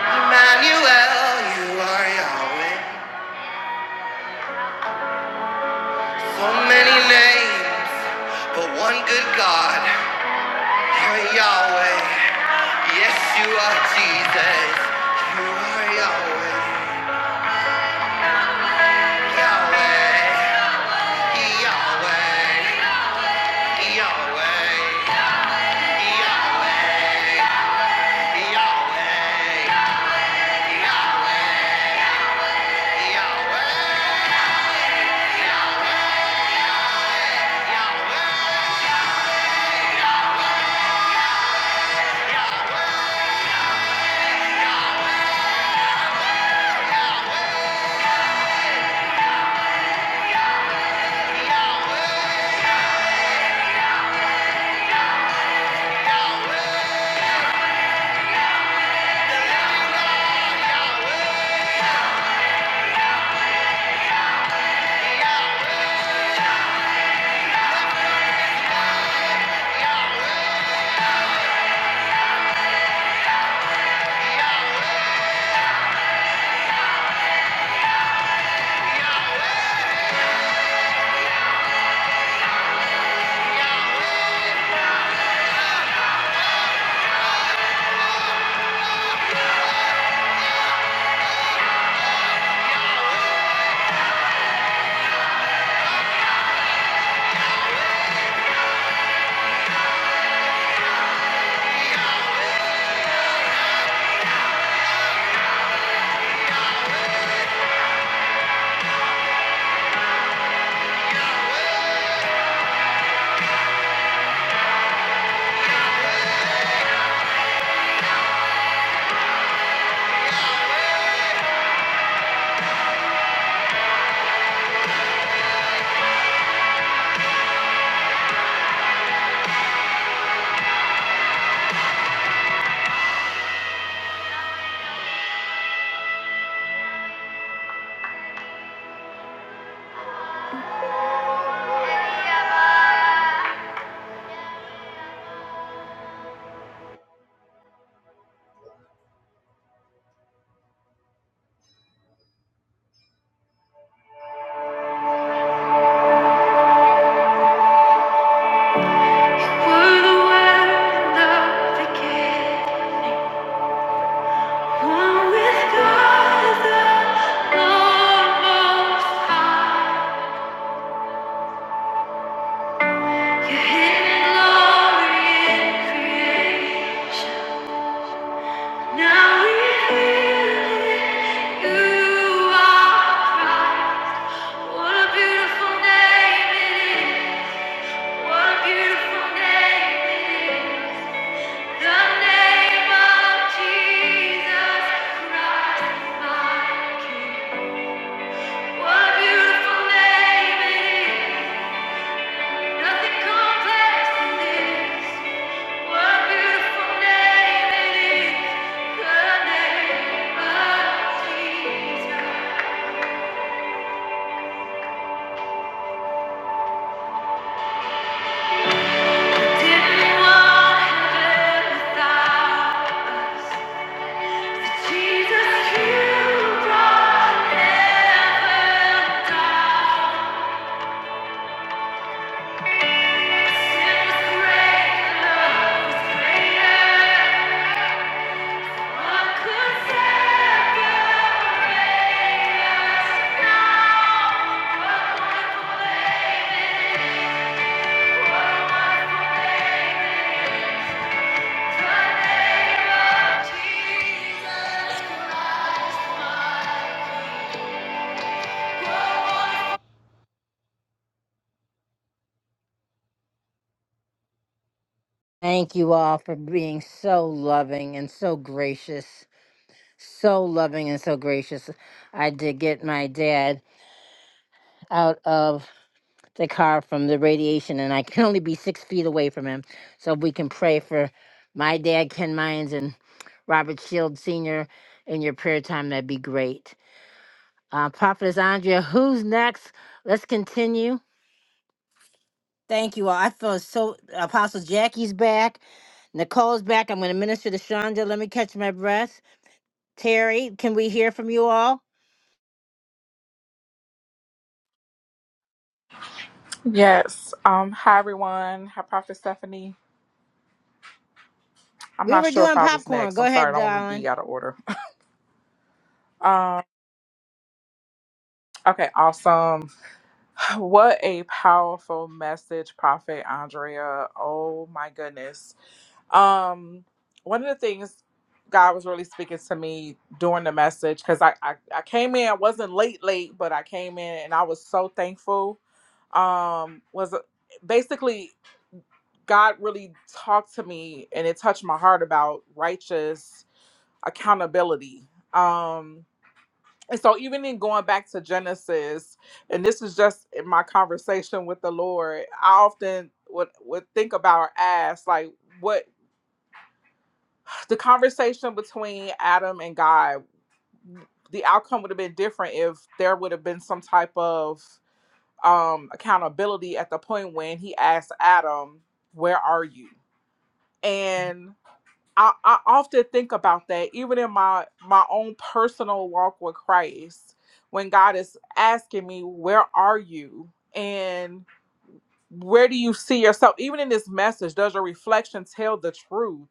Emmanuel, you are Yahweh. So many names, but one good God. You're Yahweh. Yes, you are Jesus. You are Yahweh. Yahweh. Yahweh, Yahweh, Yahweh, Yahweh, Yahweh, Yahweh. We're the wind of the gate, one with God the Most High. Your hidden glory in creation, now revealed. You are Christ. What a beautiful name it is. What a beautiful name it is. The name of Jesus Christ, my King. What a beautiful name it is. Nothing complex than this. What a beautiful name it is. The name of Jesus. Didn't want heaven without. Thank you all for being so loving and so gracious. So loving and so gracious. I did get my dad out of the car from the radiation, and I can only be six feet away from him. So we can pray for my dad, Ken Mines, and Robert Shield Sr. in your prayer time, that'd be great. Uh, Prophetess Andrea, who's next? Let's continue. Thank you all. I feel so. Apostle Jackie's back. Nicole's back. I'm going to minister to Shonda. Let me catch my breath. Terry, can we hear from you all?
Yes. Um, hi everyone. Hi Prophet Stephanie. I'm
We
not
were
sure if
doing
I was
popcorn.
next.
Go
I'm sorry, I
ahead,
don't want to
darling.
be out of order. Um, okay, awesome. What a powerful message, Prophet Andrea. Oh my goodness. Um, one of the things God was really speaking to me during the message because I, I I came in I wasn't late late but I came in and I was so thankful. Um, was uh, basically God really talked to me and it touched my heart about righteous accountability. Um, and so even in going back to Genesis, and this is just in my conversation with the Lord, I often would would think about or ask like what the conversation between Adam and God, the outcome would have been different if there would have been some type of um, accountability at the point when he asked Adam, "Where are you?" And I, I often think about that, even in my my own personal walk with Christ, when God is asking me, "Where are you?" and where do you see yourself? Even in this message, does your reflection tell the truth?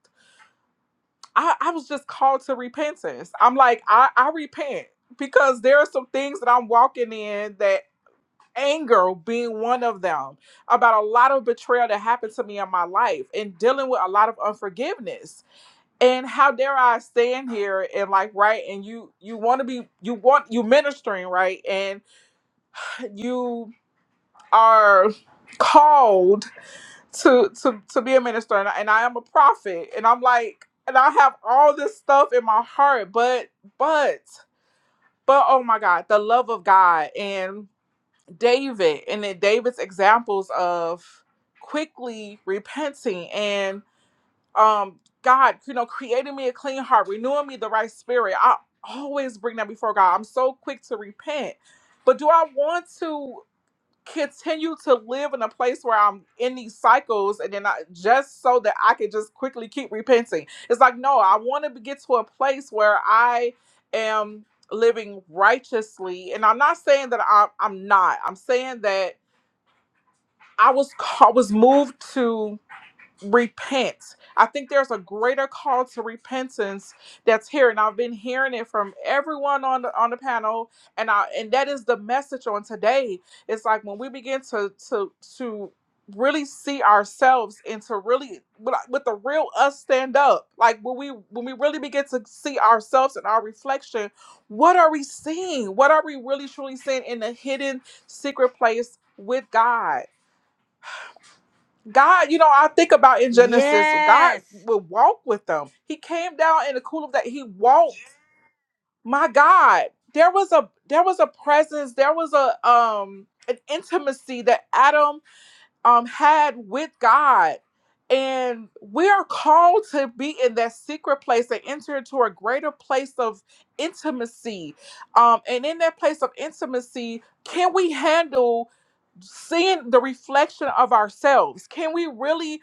I, I was just called to repentance. I'm like, I, I repent because there are some things that I'm walking in that anger being one of them about a lot of betrayal that happened to me in my life and dealing with a lot of unforgiveness. And how dare I stand here and like right and you you want to be you want you ministering right and you are called to to to be a minister and I, and I am a prophet and I'm like and I have all this stuff in my heart but but but oh my god the love of God and David and then David's examples of quickly repenting and um God you know creating me a clean heart renewing me the right spirit I always bring that before God I'm so quick to repent but do I want to continue to live in a place where I'm in these cycles and then I just so that I could just quickly keep repenting. It's like, no, I want to get to a place where I am living righteously. And I'm not saying that I'm, I'm not, I'm saying that I was, I was moved to repent. I think there's a greater call to repentance that's here, and I've been hearing it from everyone on the on the panel, and I and that is the message on today. It's like when we begin to to to really see ourselves and to really with with the real us stand up like when we when we really begin to see ourselves and our reflection what are we seeing what are we really truly seeing in the hidden secret place with god God, you know, I think about in Genesis, God
Yes.
would walk with them. He came down in the cool of that. He walked. My God, there was a there was a presence. There was a um an intimacy that Adam um had with God. And we are called to be in that secret place and enter into a greater place of intimacy. Um, and in that place of intimacy, can we handle? seeing the reflection of ourselves can we really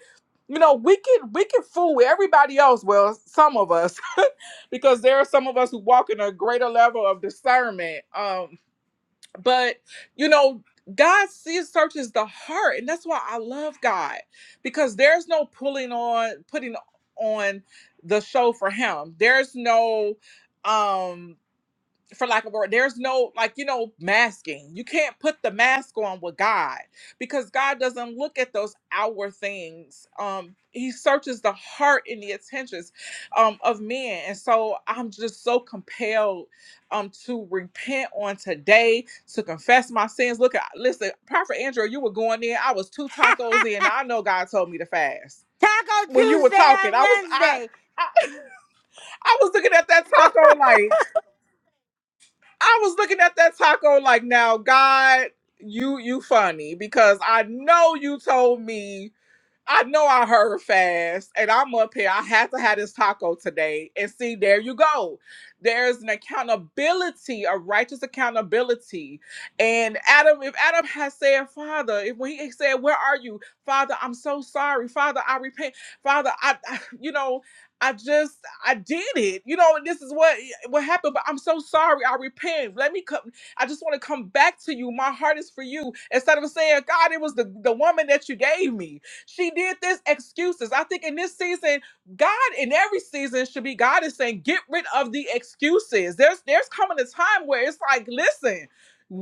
you know we can we can fool everybody else well some of us because there are some of us who walk in a greater level of discernment um but you know god sees searches the heart and that's why i love god because there's no pulling on putting on the show for him there's no um for lack of a word, there's no like you know masking. You can't put the mask on with God because God doesn't look at those outward things. Um, He searches the heart and the intentions um, of men, and so I'm just so compelled um to repent on today to confess my sins. Look, at listen, Prophet Andrew, you were going in. I was two tacos in. I know God told me to fast
Taco
when you were
Tuesday
talking.
on
I was I
Wednesday.
I, I was looking at that taco like. I was looking at that taco like, now God, you you funny because I know you told me I know I heard fast, and I'm up here. I had to have this taco today. And see, there you go. There's an accountability, a righteous accountability. And Adam, if Adam has said, Father, if when he said, Where are you? Father, I'm so sorry. Father, I repent. Father, I, I- you know, I just I did it. You know, and this is what eh, what happened, but I'm so sorry. I repent. Let me come. I just want to come back to you. My heart is for you. Instead of saying, God, it was the, the woman that you gave me. She did this excuses. I think in this season, God in every season should be God is saying, get rid of the excuses. There's there's coming a time where it's like, listen,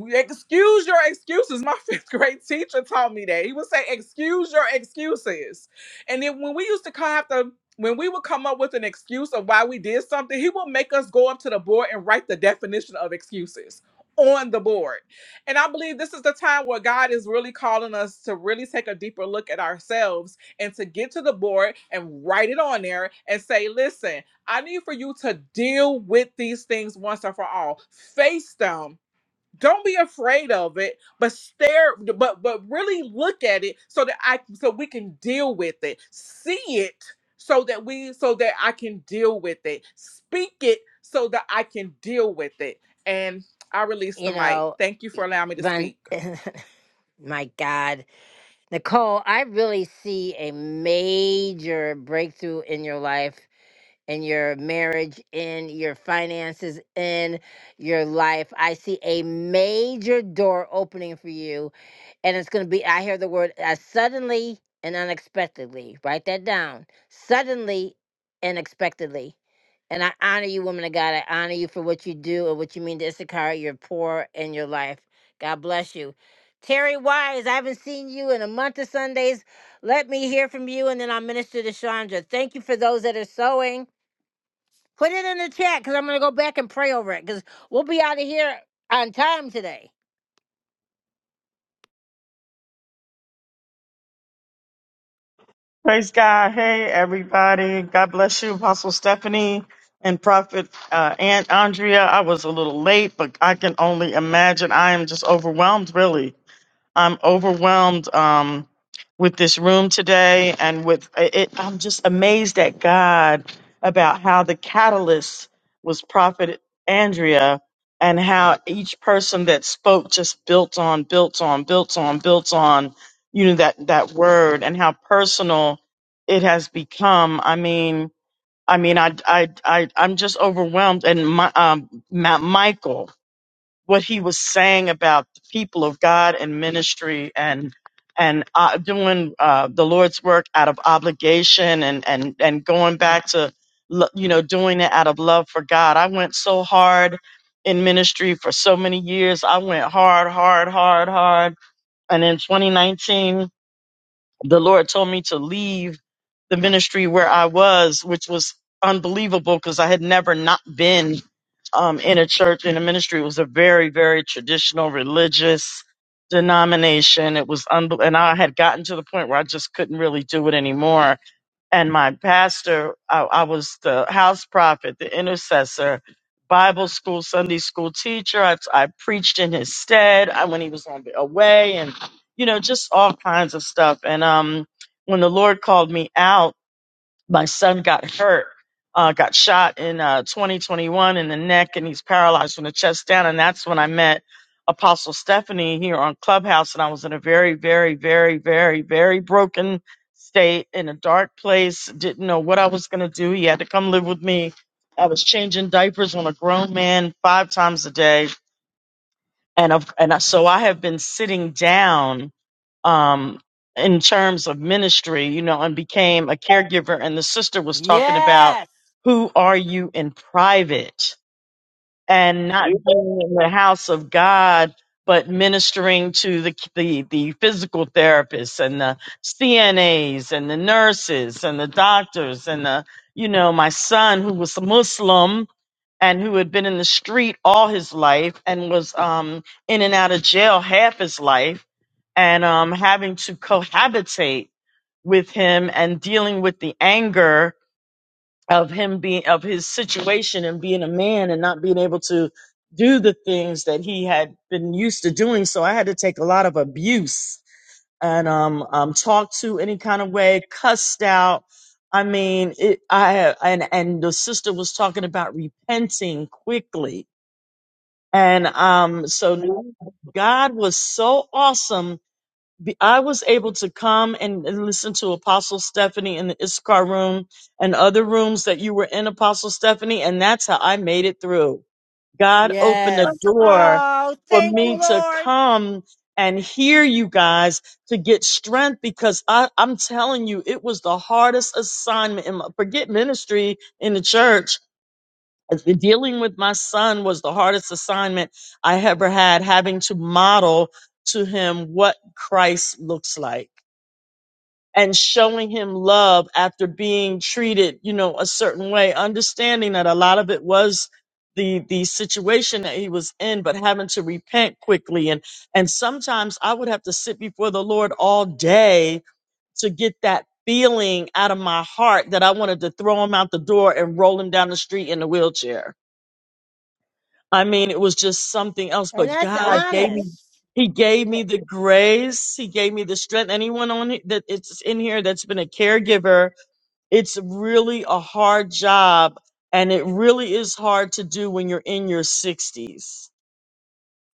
excuse your excuses. My fifth grade teacher taught me that. He would say, excuse your excuses. And then when we used to kind of have to when we would come up with an excuse of why we did something, he would make us go up to the board and write the definition of excuses on the board. And I believe this is the time where God is really calling us to really take a deeper look at ourselves and to get to the board and write it on there and say, listen, I need for you to deal with these things once and for all. Face them don't be afraid of it but stare but but really look at it so that i so we can deal with it see it so that we so that i can deal with it speak it so that i can deal with it and i release the
you
mic
know,
thank you for allowing me to
Von,
speak
my God, Nicole, I really see a major breakthrough in your life, in your marriage, in your finances, in your life. I see a major door opening for you and it's going to be i hear the word uh, suddenly and unexpectedly write that down suddenly and unexpectedly and i honor you woman of god i honor you for what you do and what you mean to issachar your poor and your life god bless you terry wise i haven't seen you in a month of sundays let me hear from you and then i'll minister to chandra thank you for those that are sewing put it in the chat because i'm going to go back and pray over it because we'll be out of here on time today
Praise God. Hey, everybody. God bless you, Apostle Stephanie and Prophet uh, Aunt Andrea. I was a little late, but I can only imagine. I am just overwhelmed, really. I'm overwhelmed um, with this room today, and with it, I'm just amazed at God about how the catalyst was Prophet Andrea, and how each person that spoke just built on, built on, built on, built on, you know that that word, and how personal it has become. I mean, I mean, I I I I'm just overwhelmed, and my, um, Ma- Michael what he was saying about the people of God and ministry and and uh, doing uh, the Lord's work out of obligation and and and going back to lo- you know doing it out of love for God. I went so hard in ministry for so many years. I went hard, hard, hard, hard, and in 2019 the Lord told me to leave the ministry where I was, which was unbelievable because I had never not been um, in a church in a ministry. It was a very, very traditional religious denomination. It was, unbe- and I had gotten to the point where I just couldn't really do it anymore and my pastor, I, I was the house prophet, the intercessor, Bible school, Sunday school teacher. I, I preached in his stead I, when he was on away, and you know, just all kinds of stuff. And um, when the Lord called me out my son got hurt, uh, got shot in uh, 2021 in the neck, and he's paralyzed from the chest down. And that's when I met Apostle Stephanie here on Clubhouse, and I was in a very, very, very, very, very broken state in a dark place. Didn't know what I was going to do. He had to come live with me. I was changing diapers on a grown man five times a day, and of and I, so I have been sitting down um, in terms of ministry, you know, and became a caregiver. And the sister was talking about
yes
who are you in private and not being in the house of God, but ministering to the, the, the physical therapists and the CNAs and the nurses and the doctors and the, you know, my son who was Muslim and who had been in the street all his life and was um, in and out of jail half his life and um, having to cohabitate with him and dealing with the anger of him being of his situation and being a man and not being able to do the things that he had been used to doing so i had to take a lot of abuse and um, um talked to any kind of way cussed out i mean it i and and the sister was talking about repenting quickly and um, so God was so awesome. Be- I was able to come and, and listen to Apostle Stephanie in the Issachar room and other rooms that you were in, Apostle Stephanie, and that's how I made it through. God opened
Yes.
a door
Oh,
for
thank
me
you,
to
Lord.
come and hear you guys to get strength because I, I'm telling you, it was the hardest assignment in my, forget ministry in the church as- the- dealing with my son was the hardest assignment I ever had, having to model to him what Christ looks like and showing him love after being treated, you know, a certain way, understanding that a lot of it was the, the situation that he was in, but having to repent quickly. And, and sometimes I would have to sit before the Lord all day to get that feeling out of my heart that I wanted to throw him out the door and roll him down the street in a wheelchair I mean, it was just something else,
And
but
that's
God gave me,
honest.
He gave me
That
the grace. He gave me the strength. Anyone on it that it's in here that's been a caregiver, it's really a hard job and it really is hard to do when you're in your sixties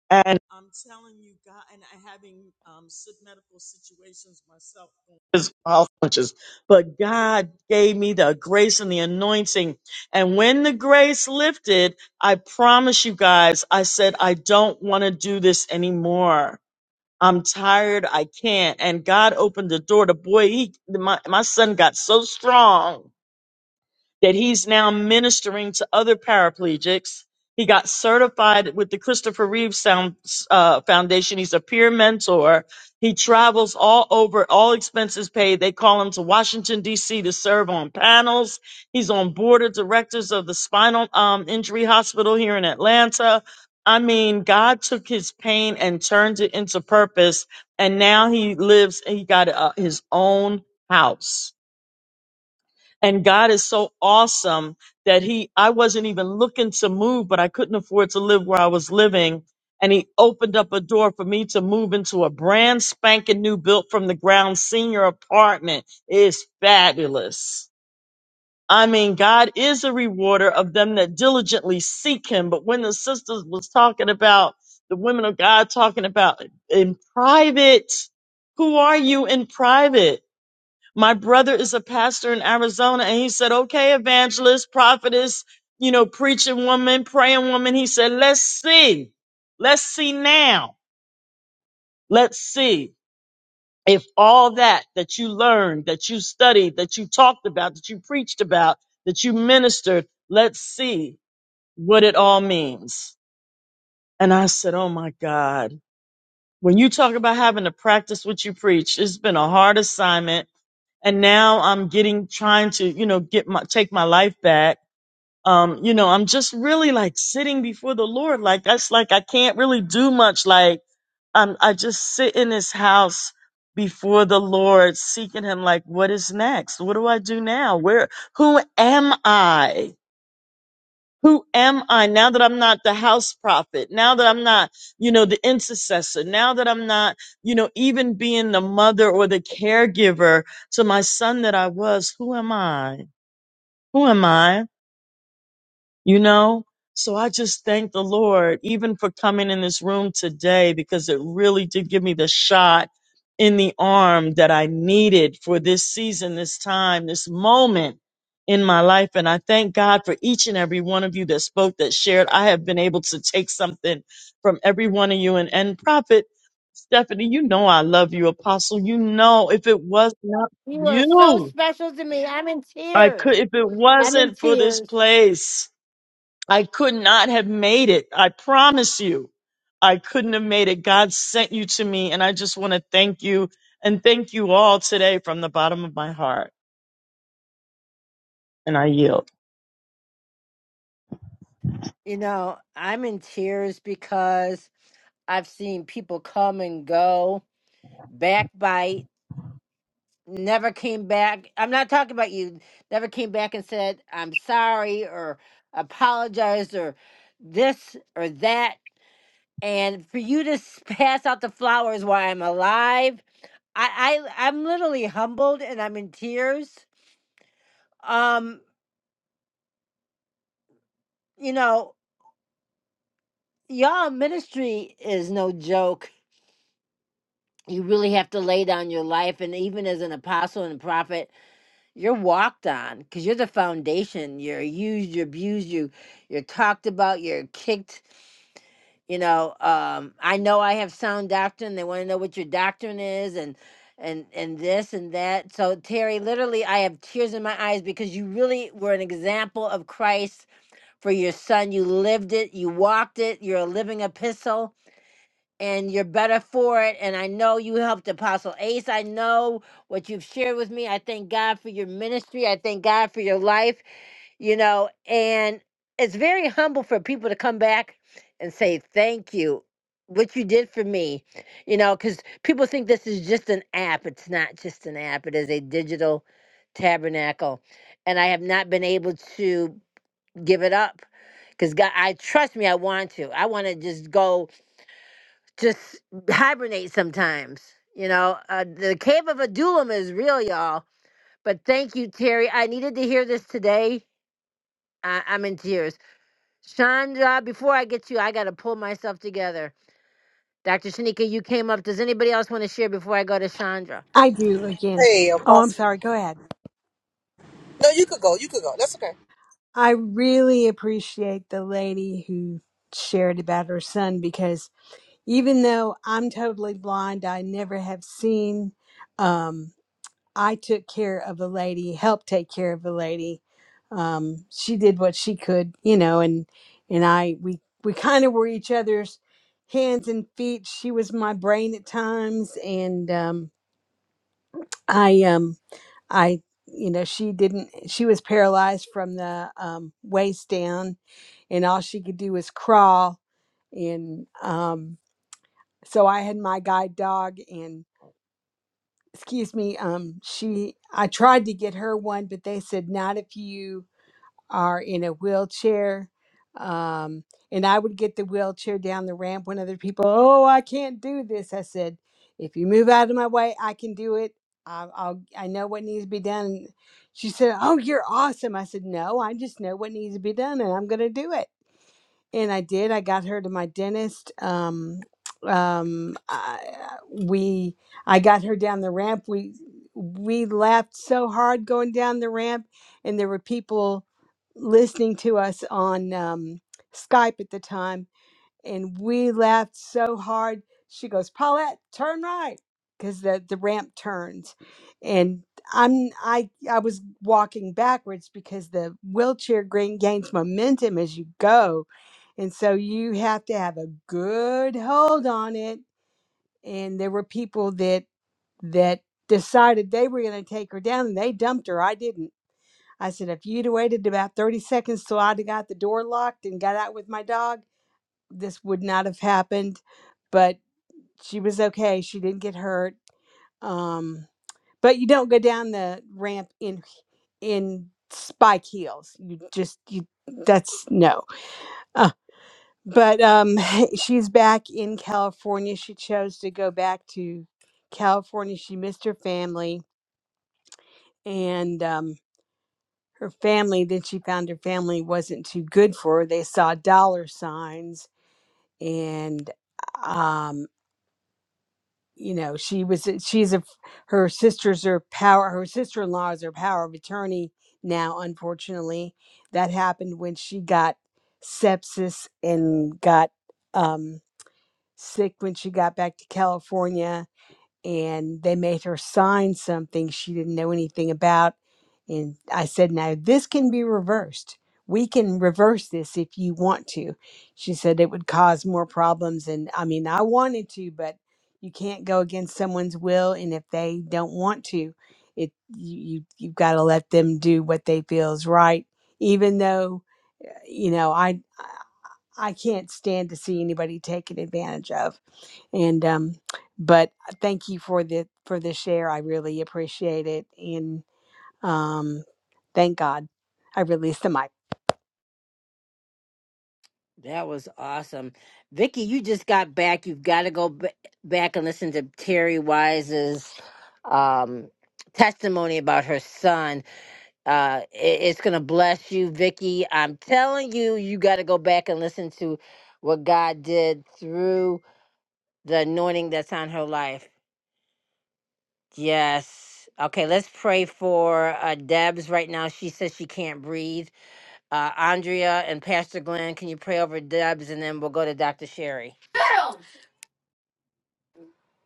and I'm telling you, God, and I having um, sick medical situations myself, physical health punches, but God gave me the grace and the anointing. And when the grace lifted, I promise you guys, I said, I don't want to do this anymore. I'm tired. I can't. And God opened the door. The boy, he, my, my son got so strong that he's now ministering to other paraplegics. He got certified with the Christopher Reeve Sound, uh, Foundation. He's a peer mentor. He travels all over, all expenses paid. They call him to Washington, D.C. to serve on panels. He's on board of directors of the Spinal um, Injury Hospital here in Atlanta. I mean, God took his pain and turned it into purpose. And now he lives, he got uh, his own house and God is so awesome that he I wasn't even looking to move but I couldn't afford to live where I was living and he opened up a door for me to move into a brand spanking new built from the ground senior apartment It's fabulous I mean God is a rewarder of them that diligently seek him but when the sisters was talking about the women of God talking about in private who are you in private my brother is a pastor in Arizona, and he said, "Okay, evangelist, prophetess, you know, preaching woman, praying woman." He said, "Let's see, let's see now, let's see if all that that you learned, that you studied, that you talked about, that you preached about, that you ministered, let's see what it all means." And I said, "Oh my God." When you talk about having to practice what you preach, it's been a hard assignment and now I'm getting trying to, you know, get my take my life back. Um, you know, I'm just really like sitting before the Lord. Like that's like I can't really do much. Like I'm I just sit in his house before the Lord, seeking him like what is next? What do I do now? Where who am I? Who am I now that I'm not the house prophet? Now that I'm not, you know, the intercessor. Now that I'm not, you know, even being the mother or the caregiver to my son that I was, who am I? Who am I? you know? So I just thank the Lord even for coming in this room today because it really did give me the shot in the arm that I needed for this season, this time, this moment in my life. And I thank God for each and every one of you that spoke, that shared. I have been able to take something from every one of you and, and prophet Stephanie, you know I love you, Apostle. You know if it was not for
You are so
you,
special to me. I'm in
I
tears.
could if it
I'm in
wasn't for this
tears.
place. I could not have made it. I promise you, I couldn't have made it. God sent you to me, and I just want to thank you and thank you all today from the bottom of my heart. And I yield.
You know, I'm in tears because I've seen people come and go, backbite, never came back. I'm not talking about you, never came back and said, I'm sorry or apologized or this or that. And for you to s- pass out the flowers while I'm alive I, I I'm literally humbled and I'm in tears. Um, you know, y'all ministry is no joke. You really have to lay down your life, and even as an apostle and a prophet, you're walked on because you're the foundation. You're used, you're abused, you you're talked about, you're kicked. you know um i know i have sound doctrine they want to know what your doctrine is and and and this and that so terry literally i have tears in my eyes because you really were an example of christ for your son you lived it you walked it you're a living epistle and you're better for it. And I know you helped Apostle Ace. I know what you've shared with me. I thank God for your ministry. I thank God for your life, you know, and it's very humble for people to come back and say, Thank you. What you did for me, you know, because people think this is just an app. It's not just an app, it is a digital tabernacle. And I have not been able to give it up because God, I trust me, I want to. I want to just go just hibernate sometimes. You know, uh, the cave of Adullam is real, y'all. But thank you, Terry. I needed to hear this today. I- I'm in tears. Chandra, before I get you, I got to pull myself together. Dr. Shanika, you came up. Does anybody else want to share before I go to Chandra?
I do again.
Hey,
Oh, I'm
Apostle.
sorry. Go ahead.
No, you could go. You could go. That's okay.
I really appreciate the lady who shared about her son because even though I'm totally blind, I never have seen. Um, I took care of a lady, helped take care of a lady. Um, she did what she could, you know, and and I we we kind of were each other's hands and feet. She was my brain at times, and um, I um I you know she didn't she was paralyzed from the um, waist down, and all she could do was crawl, and um, so I had my guide dog, and. excuse me um she i tried to get her one but they said not if you are in a wheelchair um and i would get the wheelchair down the ramp when other people oh i can't do this i said if you move out of my way i can do it i'll, I'll i know what needs to be done she said oh you're awesome i said no i just know what needs to be done and i'm going to do it and I did. I got her to my dentist. Um, um, I, we, I got her down the ramp. We, we laughed so hard going down the ramp, and there were people listening to us on um, Skype at the time and we laughed so hard. She goes, Paulette, turn right, because the the ramp turns, and I'm I I was walking backwards because the wheelchair gain- gains momentum as you go, and so you have to have a good hold on it. And there were people that that decided they were going to take her down, and they dumped her. I didn't. I said, if you'd waited about 30 seconds till I'd have got the door locked and got out with my dog, this would not have happened, but she was okay. She didn't get hurt. Um, but you don't go down the ramp in in spike heels. You just you that's no. Uh, but um, she's back in California. She chose to go back to California. She missed her family and um, her family. Then she found her family wasn't too good for her. They saw dollar signs and um, you know she was eh, she's a her sisters are power her sister-in-law is her power of attorney now unfortunately that happened when she got sepsis and got um sick when she got back to california and they made her sign something she didn't know anything about. And I said, Now, this can be reversed. We can reverse this if you want to. She said it would cause more problems. And I mean, I wanted to, but you can't go against someone's will. And if they don't want to, it you, you you've got to let them do what they feel is right, even though uh, you know I I I can't stand to see anybody taken advantage of and um but thank you for the for the share i really appreciate it and um thank god i released the mic
That was awesome. Vicky, you just got back. You've got to go b- back and listen to Terry Wise's um, testimony about her son. uh it, it's gonna bless you vicky i'm telling you you got to go back and listen to what god did through the anointing that's on her life yes okay let's pray for uh deb's right now she says she can't breathe uh andrea and pastor glenn can you pray over deb's and then we'll go to dr sherry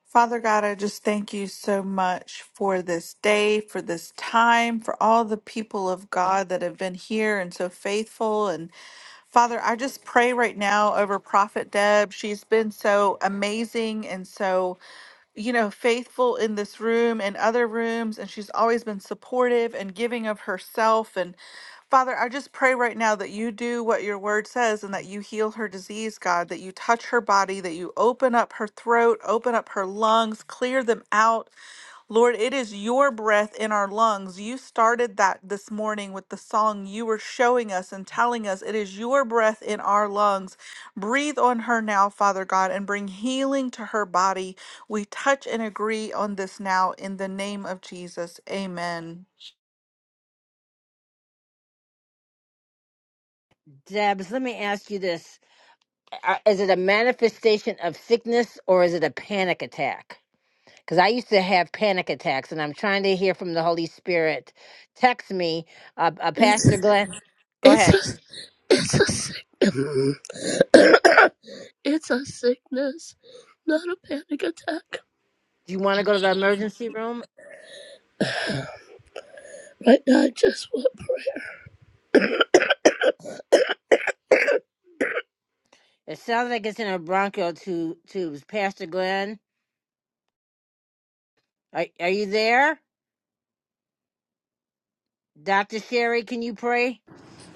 Father God, I just thank you so much for this day, for this time, for all the people of God that have been here and so faithful. And Father, I just pray right now over Prophet Deb. She's been so amazing and so you know, faithful in this room and other rooms, and she's always been supportive and giving of herself. And Father, I just pray right now that you do what your word says and that you heal her disease, God, that you touch her body, that you open up her throat, open up her lungs, clear them out. Lord, it is your breath in our lungs. You started that this morning with the song you were showing us and telling us it is your breath in our lungs. Breathe on her now, Father God, and bring healing to her body. We touch and agree on this now in the name of Jesus. Amen.
deb's let me ask you this Uh, is it a manifestation of sickness or is it a panic attack because I used to have panic attacks, and I'm trying to hear from the Holy Spirit. Text me, uh, uh,
It's,
Pastor Glenn. Go
it's
ahead.
a, it's a sick, it's a sickness, not a panic attack.
Do you want to go to the emergency room?
Right now, I just want
It sounds like it's in a bronchial tu- tubes. Pastor Glenn, are, are you there? Dr. Sherry, can you pray?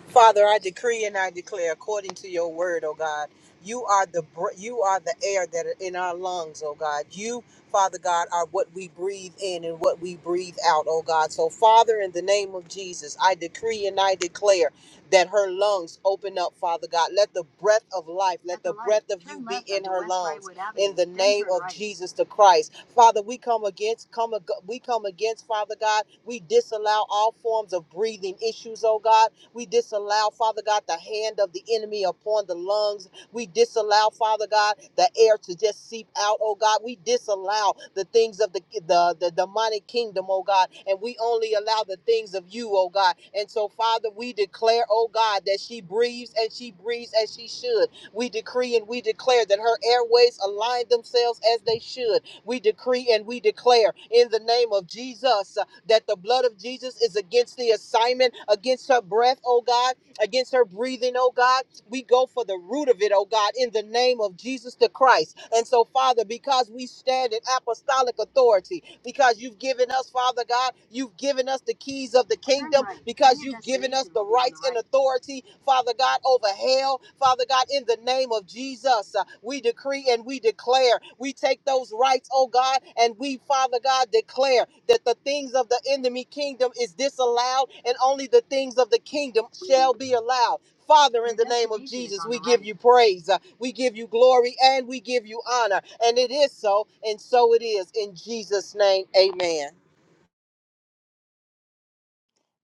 Father, I decree and I declare according to your word, oh God. You are the br- you are the air that are in our lungs, oh God. You, Father God, are what we breathe in and what we breathe out, oh God. So Father, in the name of Jesus, I decree and I declare that her lungs open up, Father God. Let the breath of life, let At the the light, breath of turn you be left in onto her West lungs. Brightwood Avenue, In the then name turn of right. Jesus the Christ, Father, we come against, come ag- we come against, Father God. We disallow all forms of breathing issues, oh God we disallow, Father God, the hand of the enemy upon the lungs. We disallow, Father God, the air to just seep out, oh God. We disallow the things of the, the, the demonic kingdom, oh God, and we only allow the things of you, oh God. And so, Father, we declare, oh God, that she breathes and she breathes as she should. We decree and we declare that her airways align themselves as they should. We decree and we declare in the name of Jesus that the blood of Jesus is against the assignment, against her breath, oh God, against her breathing, oh God. We go for the root of it, oh God, in the name of Jesus the Christ. And so, Father, because we stand in apostolic authority, because you've given us, Father God, you've given us the keys of the kingdom, because you've given us the rights and authority, Father God, over hell, Father God, in the name of Jesus, uh, we decree and we declare, we take those rights, oh God, and we, Father God, declare that the things of the enemy kingdom is disallowed, and only the things of the kingdom shall be allowed. Father, in the name of Jesus, we give you praise, uh, we give you glory, and we give you honor. And it is so, and so it is. In Jesus' name, amen.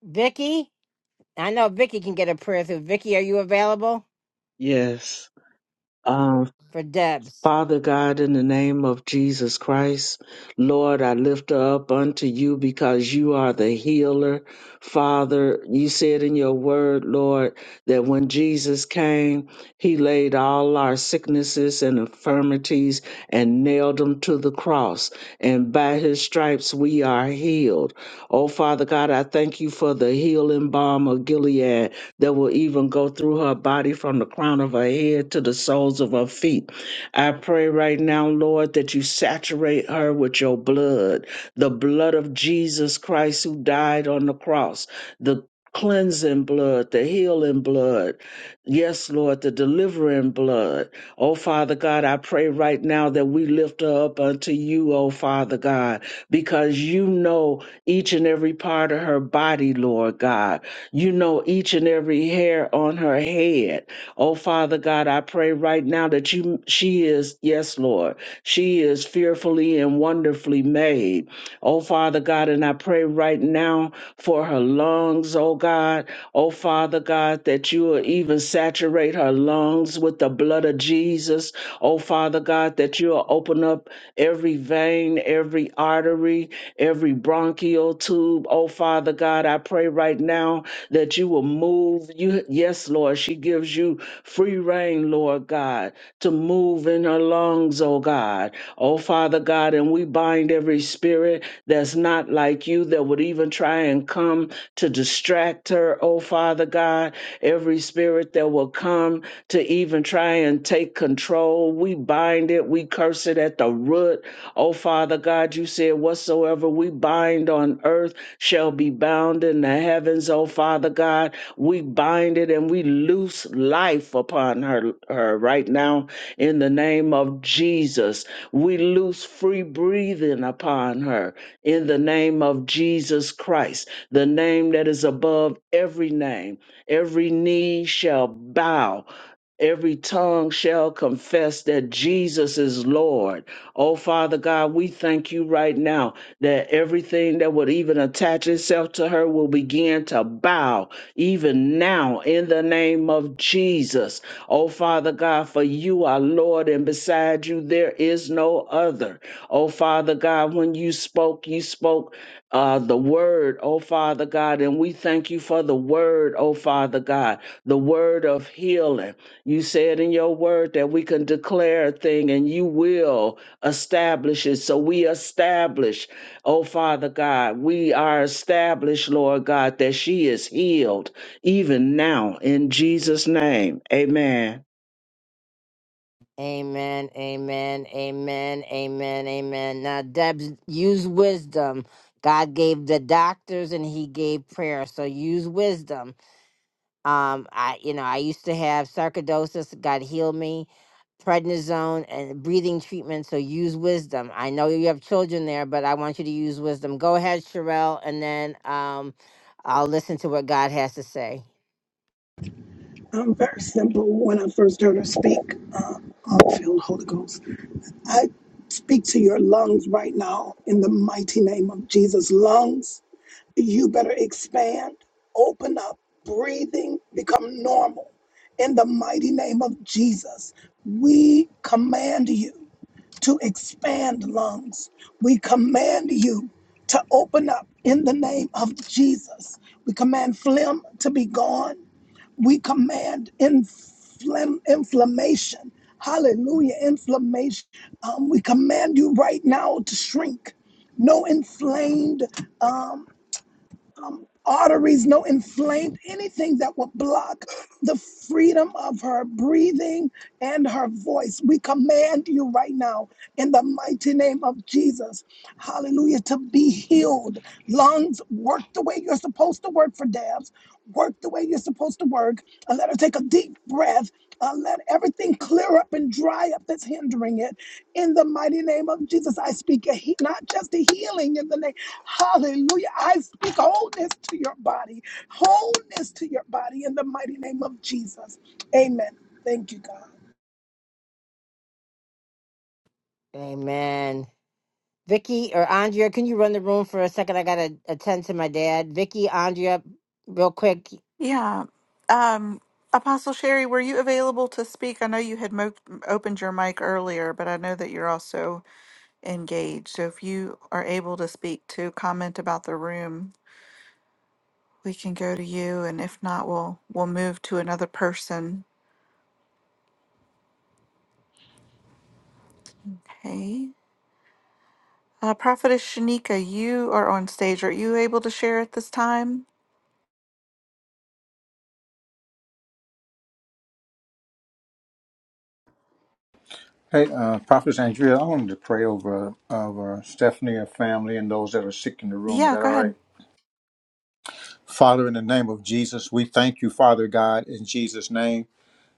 Vicky? I know Vicky can get a prayer through. Vicky, are you available
Yes. Um,
for Debs?
Father God, in the name of Jesus Christ, Lord, I lift her up unto you because you are the healer. Father, you said in your word, Lord, that when Jesus came, he laid all our sicknesses and infirmities and nailed them to the cross. And by his stripes, we are healed. Oh, Father God, I thank you for the healing balm of Gilead that will even go through her body from the crown of her head to the soles of her feet. I pray right now, Lord, that you saturate her with your blood, the blood of Jesus Christ who died on the cross, the cleansing blood, the healing blood. Yes, Lord, the delivering blood. Oh, Father God, I pray right now that we lift her up unto you, oh, Father God, because you know each and every part of her body, Lord God. You know each and every hair on her head. Oh, Father God, I pray right now that you, she is, yes, Lord, she is fearfully and wonderfully made. Oh, Father God, and I pray right now for her lungs, oh God. Oh, Father God, that you will even saturate her lungs with the blood of Jesus. Oh, Father God, that you will open up every vein, every artery, every bronchial tube. Oh, Father God, I pray right now that you will move. You, yes, Lord, she gives you free reign, Lord God, to move in her lungs, oh God. Oh, Father God, and we bind every spirit that's not like you that would even try and come to distract her, oh Father God. Every spirit that will come to even try and take control, we bind it, we curse it at the root. Oh Father God, you said, whatsoever we bind on earth shall be bound in the heavens, oh Father God. We bind it and we loose life upon her, her right now in the name of Jesus. We loose free breathing upon her in the name of Jesus Christ, the name that is above every name. Every knee shall bow Every tongue shall confess that Jesus is Lord. Oh, Father God, we thank you right now that everything that would even attach itself to her will begin to bow, even now, in the name of Jesus. Oh, Father God, for you are Lord, and beside you there is no other. Oh, Father God, when you spoke, you spoke uh, the word, oh, Father God, and we thank you for the word, oh, Father God, the word of healing you said in your word that we can declare a thing and you will establish it. So we establish, oh Father God, we are established, Lord God, that she is healed even now in Jesus' name. Amen.
Amen, amen, amen, amen, amen. Now, Debs, use wisdom. God gave the doctors and he gave prayer. So use wisdom. Um, I, you know, I used to have sarcoidosis. God healed me. Prednisone and breathing treatment. So use wisdom. I know you have children there, but I want you to use wisdom. Go ahead, Sherelle, and then um, I'll listen to what God has to say.
I'm very simple. When I first heard her speak, um, I'm filled Holy Ghost. I speak to your lungs right now in the mighty name of Jesus. Lungs. you better expand, open up, breathing, become normal. In the mighty name of Jesus, we command you to expand lungs. We command you to open up in the name of Jesus. We command phlegm to be gone. We command inflam- inflammation. Hallelujah, inflammation. Um, we command you right now to shrink. No inflamed. um, um, arteries, no inflamed anything that will block the freedom of her breathing and her voice. We command you right now in the mighty name of Jesus, hallelujah, to be healed. Lungs work the way you're supposed to work for Dabs, work the way you're supposed to work. Uh, let her take a deep breath. Uh, let everything clear up and dry up that's hindering it. In the mighty name of Jesus, I speak a he- not just a healing in the name. Hallelujah. I speak wholeness to your body, wholeness to your body in the mighty name of Jesus. Amen. Thank you, God.
Amen. Vicky or Andrea, can you run the room for a second? I gotta attend to my dad. Vicky, Andrea, real quick.
Yeah. Um, Apostle Sherry, were you available to speak? I know you had mo- opened your mic earlier, but I know that you're also engaged. So if you are able to speak to comment about the room. We can go to you, and if not, we'll we'll move to another person. Okay. Uh, Prophetess Shanika, you are on stage. Are you able to share at this time?
Hey, uh, Prophet Andrea, I wanted to pray over over Stephanie, her family, and those that are sick in the room. Is
Yeah,
that all
go ahead.
right? Father, in the name of Jesus, we thank you, Father God, in Jesus' name.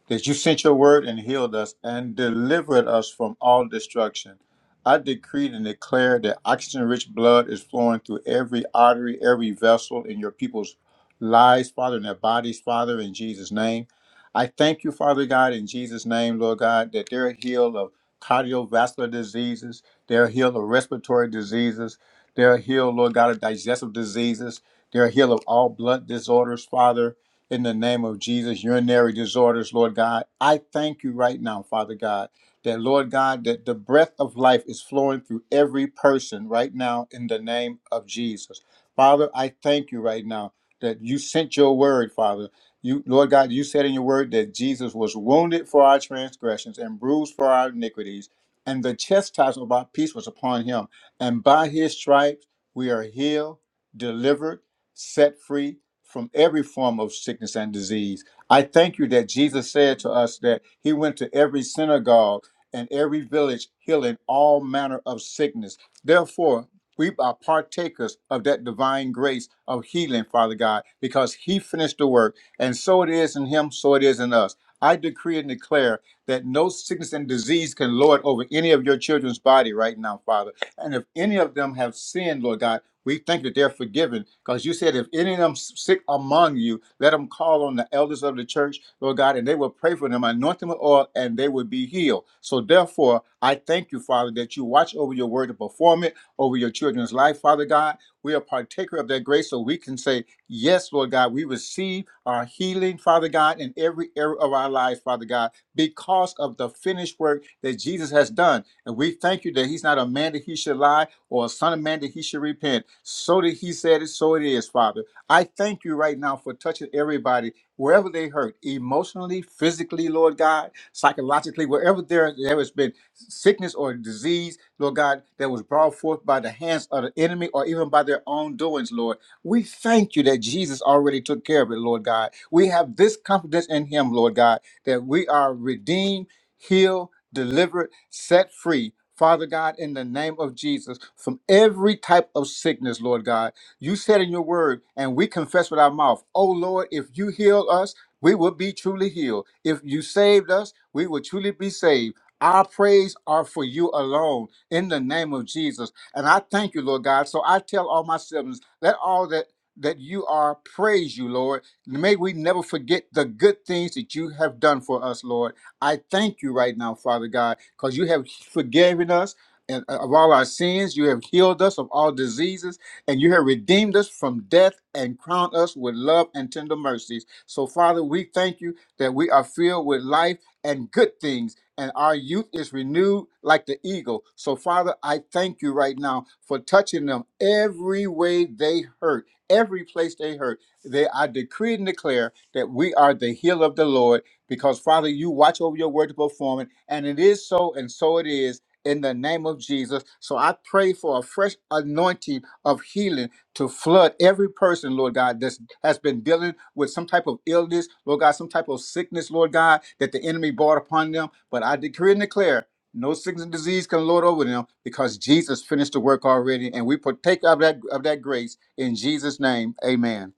that you sent your word and healed us and delivered us from all destruction. I decreed and declare that oxygen rich blood is flowing through every artery, every vessel in your people's lives, Father, in their bodies, Father, in Jesus' name. I thank you, Father God, in Jesus' name, Lord God, that they're healed of cardiovascular diseases, they're healed of respiratory diseases, they're healed, Lord God, of digestive diseases, they're healed of all blood disorders, Father in the name of Jesus, urinary disorders, Lord God. I thank you right now, Father God, that, Lord God, that the breath of life is flowing through every person right now in the name of Jesus. Father, I thank you right now that you sent your word, Father. You, Lord God, you said in your word that Jesus was wounded for our transgressions and bruised for our iniquities, and the chastisement of our peace was upon him. And by his stripes we are healed, delivered, set free, from every form of sickness and disease. I thank you that Jesus said to us that he went to every synagogue and every village healing all manner of sickness. Therefore, we are partakers of that divine grace of healing, Father God, because he finished the work. And so it is in him, so it is in us. I decree and declare that no sickness and disease can lord over any of your children's body right now, Father. And if any of them have sinned, Lord God, we think that they're forgiven because you said, if any of them sick among you, let them call on the elders of the church, Lord God, and they will pray for them, anoint them with oil, and they will be healed. So, therefore, I thank you, Father, that you watch over your word to perform it over your children's life, Father God. We are partaker of that grace so we can say, Yes, Lord God, we receive our healing, Father God, in every area of our lives, Father God, because of the finished work that Jesus has done. And we thank you that He's not a man that He should lie or a son of man that he should repent. So that he said it, so it is, Father. I thank you right now for touching everybody wherever they hurt, emotionally, physically, Lord God, psychologically, wherever there, there has been sickness or disease, Lord God, that was brought forth by the hands of the enemy or even by their own doings, Lord. We thank you that Jesus already took care of it, Lord God. We have this confidence in him, Lord God, that we are redeemed, healed, delivered, set free, Father God, in the name of Jesus, from every type of sickness, Lord God. You said in your word, and we confess with our mouth, Oh Lord, if you heal us, we will be truly healed. If you saved us, we will truly be saved. Our praise are for you alone in the name of Jesus. And I thank you, Lord God. So I tell all my siblings, let all that that you are praise you, Lord. May we never forget the good things that you have done for us, Lord. I thank you right now, Father God, because you have forgiven us. And uh, of all our sins, you have healed us of all diseases, and you have redeemed us from death and crowned us with love and tender mercies. So, Father, we thank you that we are filled with life and good things, and our youth is renewed like the eagle. So, Father, I thank you right now for touching them every way they hurt, every place they hurt. They I decree and declare that we are the heel of the Lord because Father, you watch over your word to perform it, and it is so, and so it is. In the name of Jesus. So I pray for a fresh anointing of healing to flood every person, Lord God, that has been dealing with some type of illness, Lord God, some type of sickness, Lord God, that the enemy brought upon them. But I decree and declare no sickness and disease can lord over them because Jesus finished the work already, and we partake of that of that grace in Jesus' name. Amen.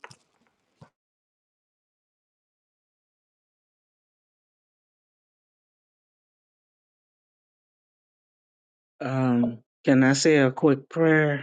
Um, can I say a quick prayer?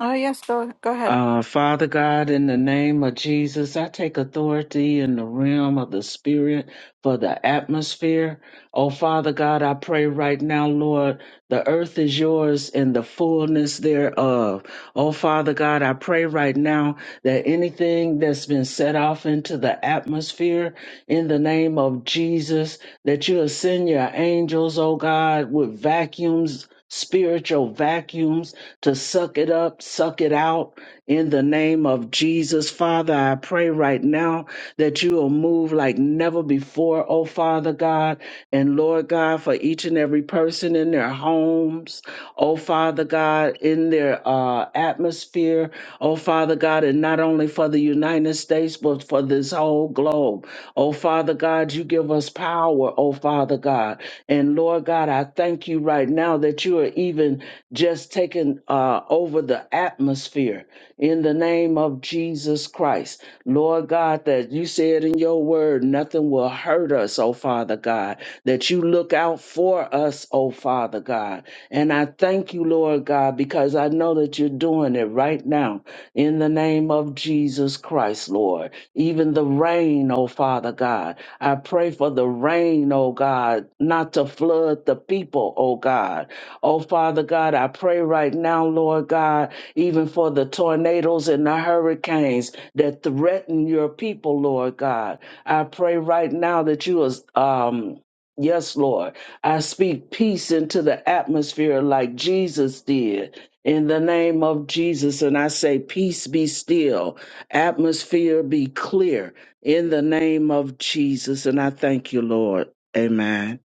Oh yes, go go ahead.
Uh, Father God, in the name of Jesus, I take authority in the realm of the spirit for the atmosphere. Oh, Father God, I pray right now, Lord, the earth is yours and the fullness thereof. Oh, Father God, I pray right now that anything that's been set off into the atmosphere in the name of Jesus, that you'll send your angels, oh God, with vacuums. Spiritual vacuums to suck it up, suck it out, in the name of Jesus, Father, I pray right now that you will move like never before, oh Father God, and Lord God, for each and every person in their homes, oh Father God, in their uh, atmosphere, oh Father God, and not only for the United States, but for this whole globe. Oh Father God, you give us power, oh Father God. And Lord God, I thank you right now that you are even just taking uh, over the atmosphere in the name of Jesus Christ. Lord God, that you said in your word, nothing will hurt us, oh Father God, that you look out for us, oh Father God. And I thank you, Lord God, because I know that you're doing it right now in the name of Jesus Christ, Lord. Even the rain, oh Father God. I pray for the rain, oh God, not to flood the people, oh God. Oh Father God, I pray right now, Lord God, even for the tornadoes and the hurricanes that threaten your people, Lord God. I pray right now that you is um yes, Lord. I speak peace into the atmosphere like Jesus did. In the name of Jesus, and I say, Peace be still, atmosphere be clear. In the name of Jesus, and I thank you, Lord. Amen.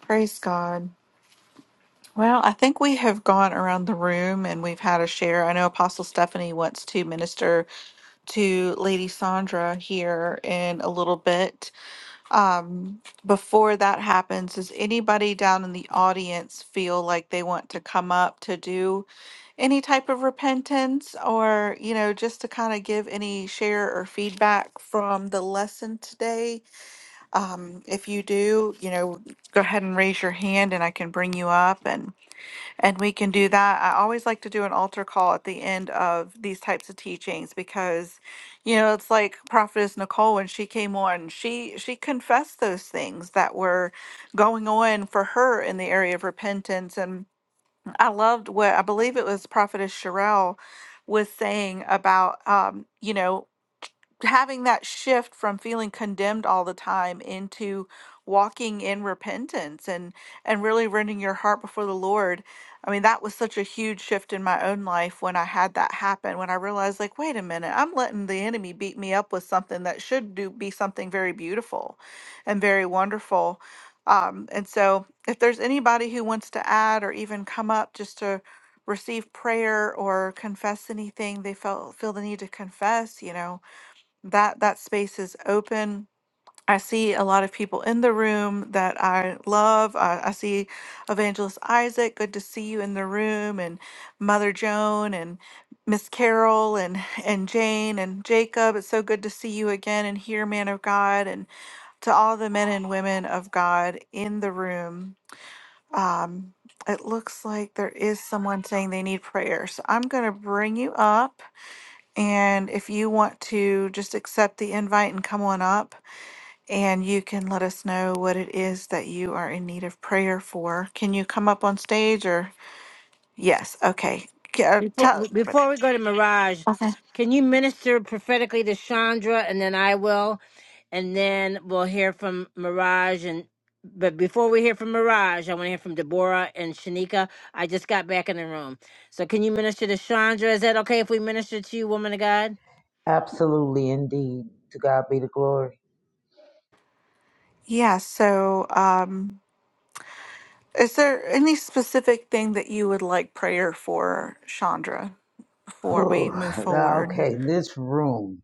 Praise God. Well, I think we have gone around the room and we've had a share. I know Apostle Stephanie wants to minister to Lady Sandra here in a little bit. Um, before that happens, does anybody down in the audience feel like they want to come up to do any type of repentance or, you know, just to kind of give any share or feedback from the lesson today? Um, if you do, you know, go ahead and raise your hand and I can bring you up and. And we can do that. I always like to do an altar call at the end of these types of teachings because, you know, it's like Prophetess Nicole when she came on, she she confessed those things that were going on for her in the area of repentance. and. I loved what I believe it was Prophetess Sherelle was saying about, um, you know, having that shift from feeling condemned all the time into walking in repentance and and really rending your heart before the Lord. I mean, that was such a huge shift in my own life when I had that happen, when I realized like, wait a minute, I'm letting the enemy beat me up with something that should do be something very beautiful and very wonderful. Um, and so if there's anybody who wants to add or even come up just to receive prayer or confess anything they felt feel the need to confess you know that that space is open i see a lot of people in the room that i love uh, i see evangelist isaac good to see you in the room and mother joan and miss carol and and jane and jacob it's so good to see you again and here man of god and to all the men and women of god in the room um, it looks like there is someone saying they need prayer. So I'm going to bring you up. And if you want to just accept the invite and come on up, and you can let us know what it is that you are in need of prayer for. Can you come up on stage or? Yes. Okay. K- uh, Tell,
Before
but-
before we go to Mirage,
okay.
can you minister prophetically to Chandra and then I will, and then we'll hear from Mirage and. But before we hear from Mirage, I want to hear from Deborah and Shanika. I just got back in the room. So, can you minister to Chandra? Is that okay if we minister to you, woman of God?
Absolutely, indeed. To God be the glory.
Yeah. So, um, is there any specific thing that you would like prayer for, Chandra, before we
Whew.
move
Now,
forward?
okay, this room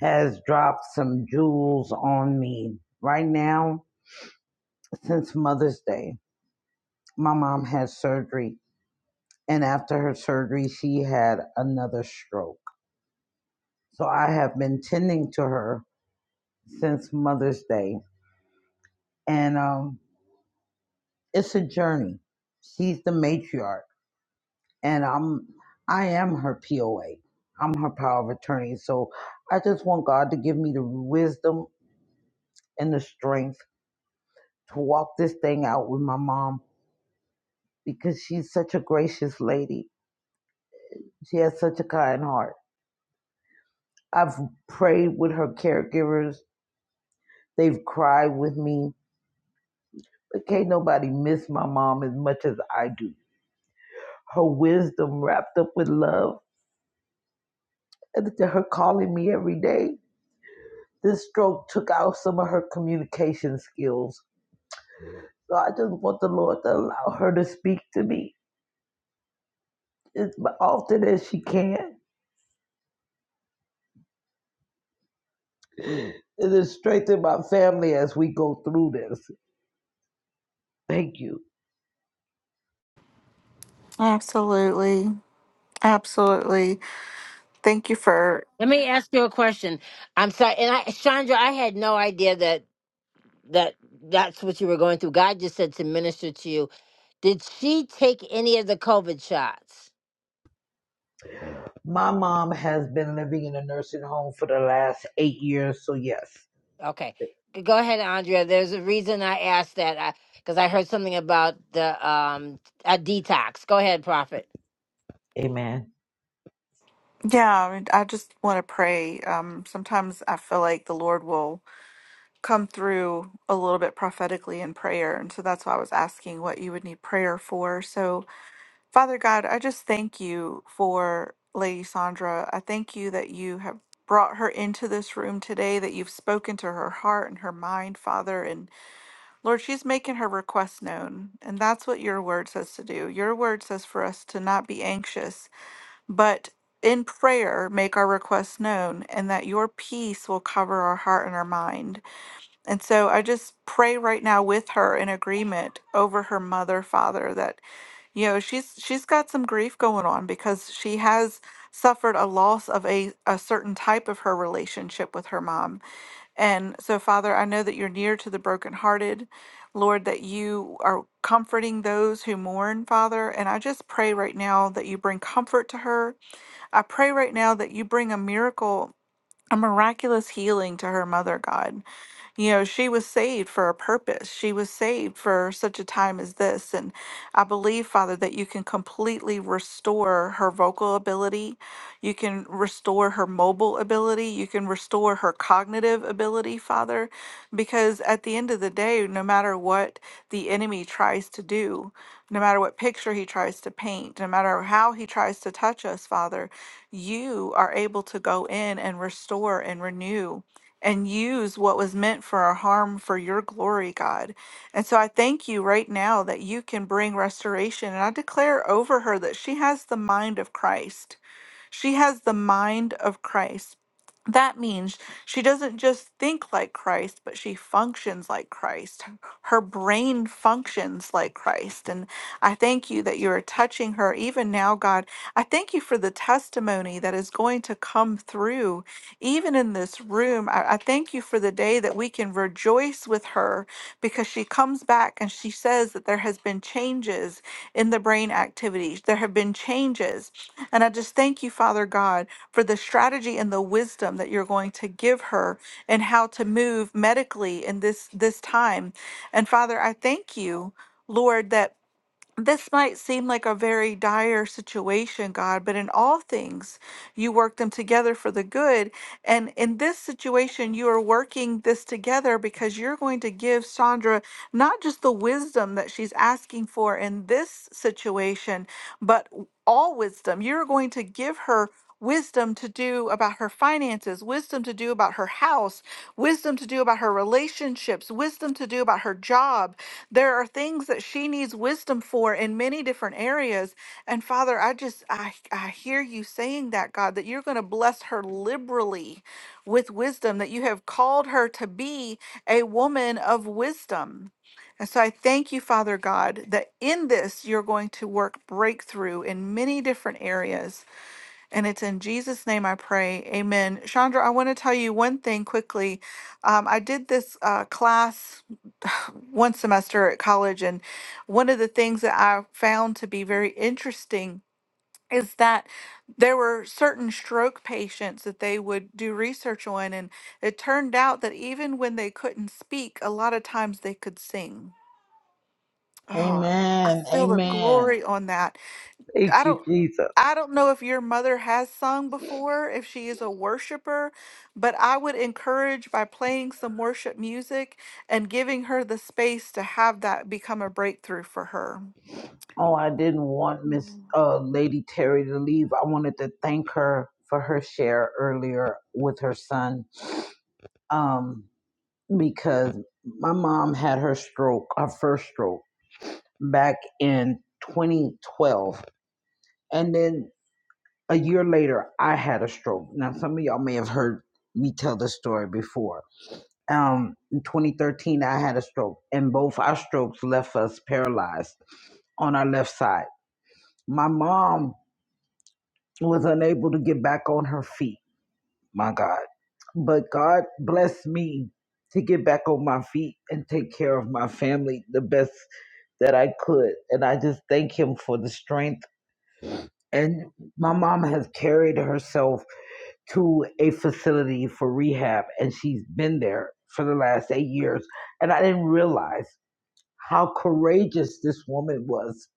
has dropped some jewels on me. Right now, since Mother's Day, my mom had surgery, and after her surgery, she had another stroke. So I have been tending to her since Mother's Day, and um, it's a journey. She's the matriarch. and I'm I am her POA. I'm her power of attorney. So I just want God to give me the wisdom and the strength to walk this thing out with my mom because she's such a gracious lady. She has such a kind heart. I've prayed with her caregivers. They've cried with me. But can't nobody miss my mom as much as I do. Her wisdom wrapped up with love and to her calling me every day. This stroke took out some of her communication skills So I just want the Lord to allow her to speak to me as often as she can. It is strengthen my family as we go through this. Thank you.
Absolutely. Absolutely. Thank you for,
Let me ask you a question. I'm sorry. And I, Chandra, I had no idea that that that's what you were going through. God just said to minister to you. Did she take any of the COVID shots?
My mom has been living in a nursing home for the last eight years, so yes.
Okay, G- go ahead, Andrea. There's a reason I asked that because I, 'cause I heard something about the um a detox. Go ahead, Prophet.
Amen.
yeah, I mean, I just want to pray. Um, sometimes I feel like the Lord will come through a little bit prophetically in prayer. And so that's why I was asking what you would need prayer for. So, Father God, I just thank you for Lady Sandra. I thank you that you have brought her into this room today, that you've spoken to her heart and her mind, Father. And Lord, she's making her request known. And that's what your word says to do. Your word says for us to not be anxious But in prayer, make our requests known, and that your peace will cover our heart and our mind. And so I just pray right now with her in agreement over her mother, father, that you know she's she's got some grief going on because she has suffered a loss of a, a certain type of her relationship with her mom. And so, Father, I know that you're near to the brokenhearted. Lord, that you are comforting those who mourn, Father. And I just pray right now that you bring comfort to her I pray right now that you bring a miracle, a miraculous healing to her mother, God. You know, she was saved for a purpose. She was saved for such a time as this. And I believe, Father, that you can completely restore her vocal ability. You can restore her mobile ability. You can restore her cognitive ability, Father. Because at the end of the day, no matter what the enemy tries to do, no matter what picture he tries to paint, no matter how he tries to touch us, Father, you are able to go in and restore and renew and use what was meant for our harm for your glory, God. And so I thank you right now that you can bring restoration. And I declare over her that she has the mind of Christ. She has the mind of Christ. That means she doesn't just think like Christ, but she functions like Christ. Her brain functions like Christ. And I thank you that you are touching her even now, God. I thank you for the testimony that is going to come through, even in this room. I, I thank you for the day that we can rejoice with her because she comes back and she says that there has been changes in the brain activities. There have been changes. And I just thank you, Father God for the strategy and the wisdom that you're going to give her and how to move medically in this this time. And Father, I thank you, Lord, that this might seem like a very dire situation, God, but in all things, you work them together for the good. And in this situation, you are working this together because you're going to give Sandra not just the wisdom that she's asking for in this situation, but w- all wisdom. You're going to give her. Wisdom to do about her finances, wisdom to do about her house, wisdom to do about her relationships, wisdom to do about her job, there are things that she needs wisdom for in many different areas and father i just i i hear you saying that god that you're going to bless her liberally with wisdom that you have called her to be a woman of wisdom and so I thank you, Father God, that in this you're going to work breakthrough in many different areas. And it's in Jesus' name I pray. Amen. Chandra, I want to tell you one thing quickly. Um, I did this uh, class one semester at college. And one of the things that I found to be very interesting is that there were certain stroke patients that they would do research on. And it turned out that even when they couldn't speak, a lot of times they could sing. Oh, I
Amen.
feel the
Amen.
glory on that
Thank
I
you,
don't
Jesus.
I don't know if your mother has sung before, if she is a worshiper, but I would encourage by playing some worship music and giving her the space to have that become a breakthrough for her.
Oh, I didn't want Miss uh, Lady Terry to leave. I wanted to thank her for her share earlier with her son. Um, because my mom had her stroke, her first stroke, back in 2012. And then a year later, I had a stroke. Now, some of y'all may have heard me tell this story before. Um, in 2013, I had a stroke, and both our strokes left us paralyzed on our left side. My mom was unable to get back on her feet my God. But God blessed me to get back on my feet and take care of my family the best that I could. And I just thank Him for the strength. And my mom has carried herself to a facility for rehab, and she's been there for the last eight years. And I didn't realize how courageous this woman was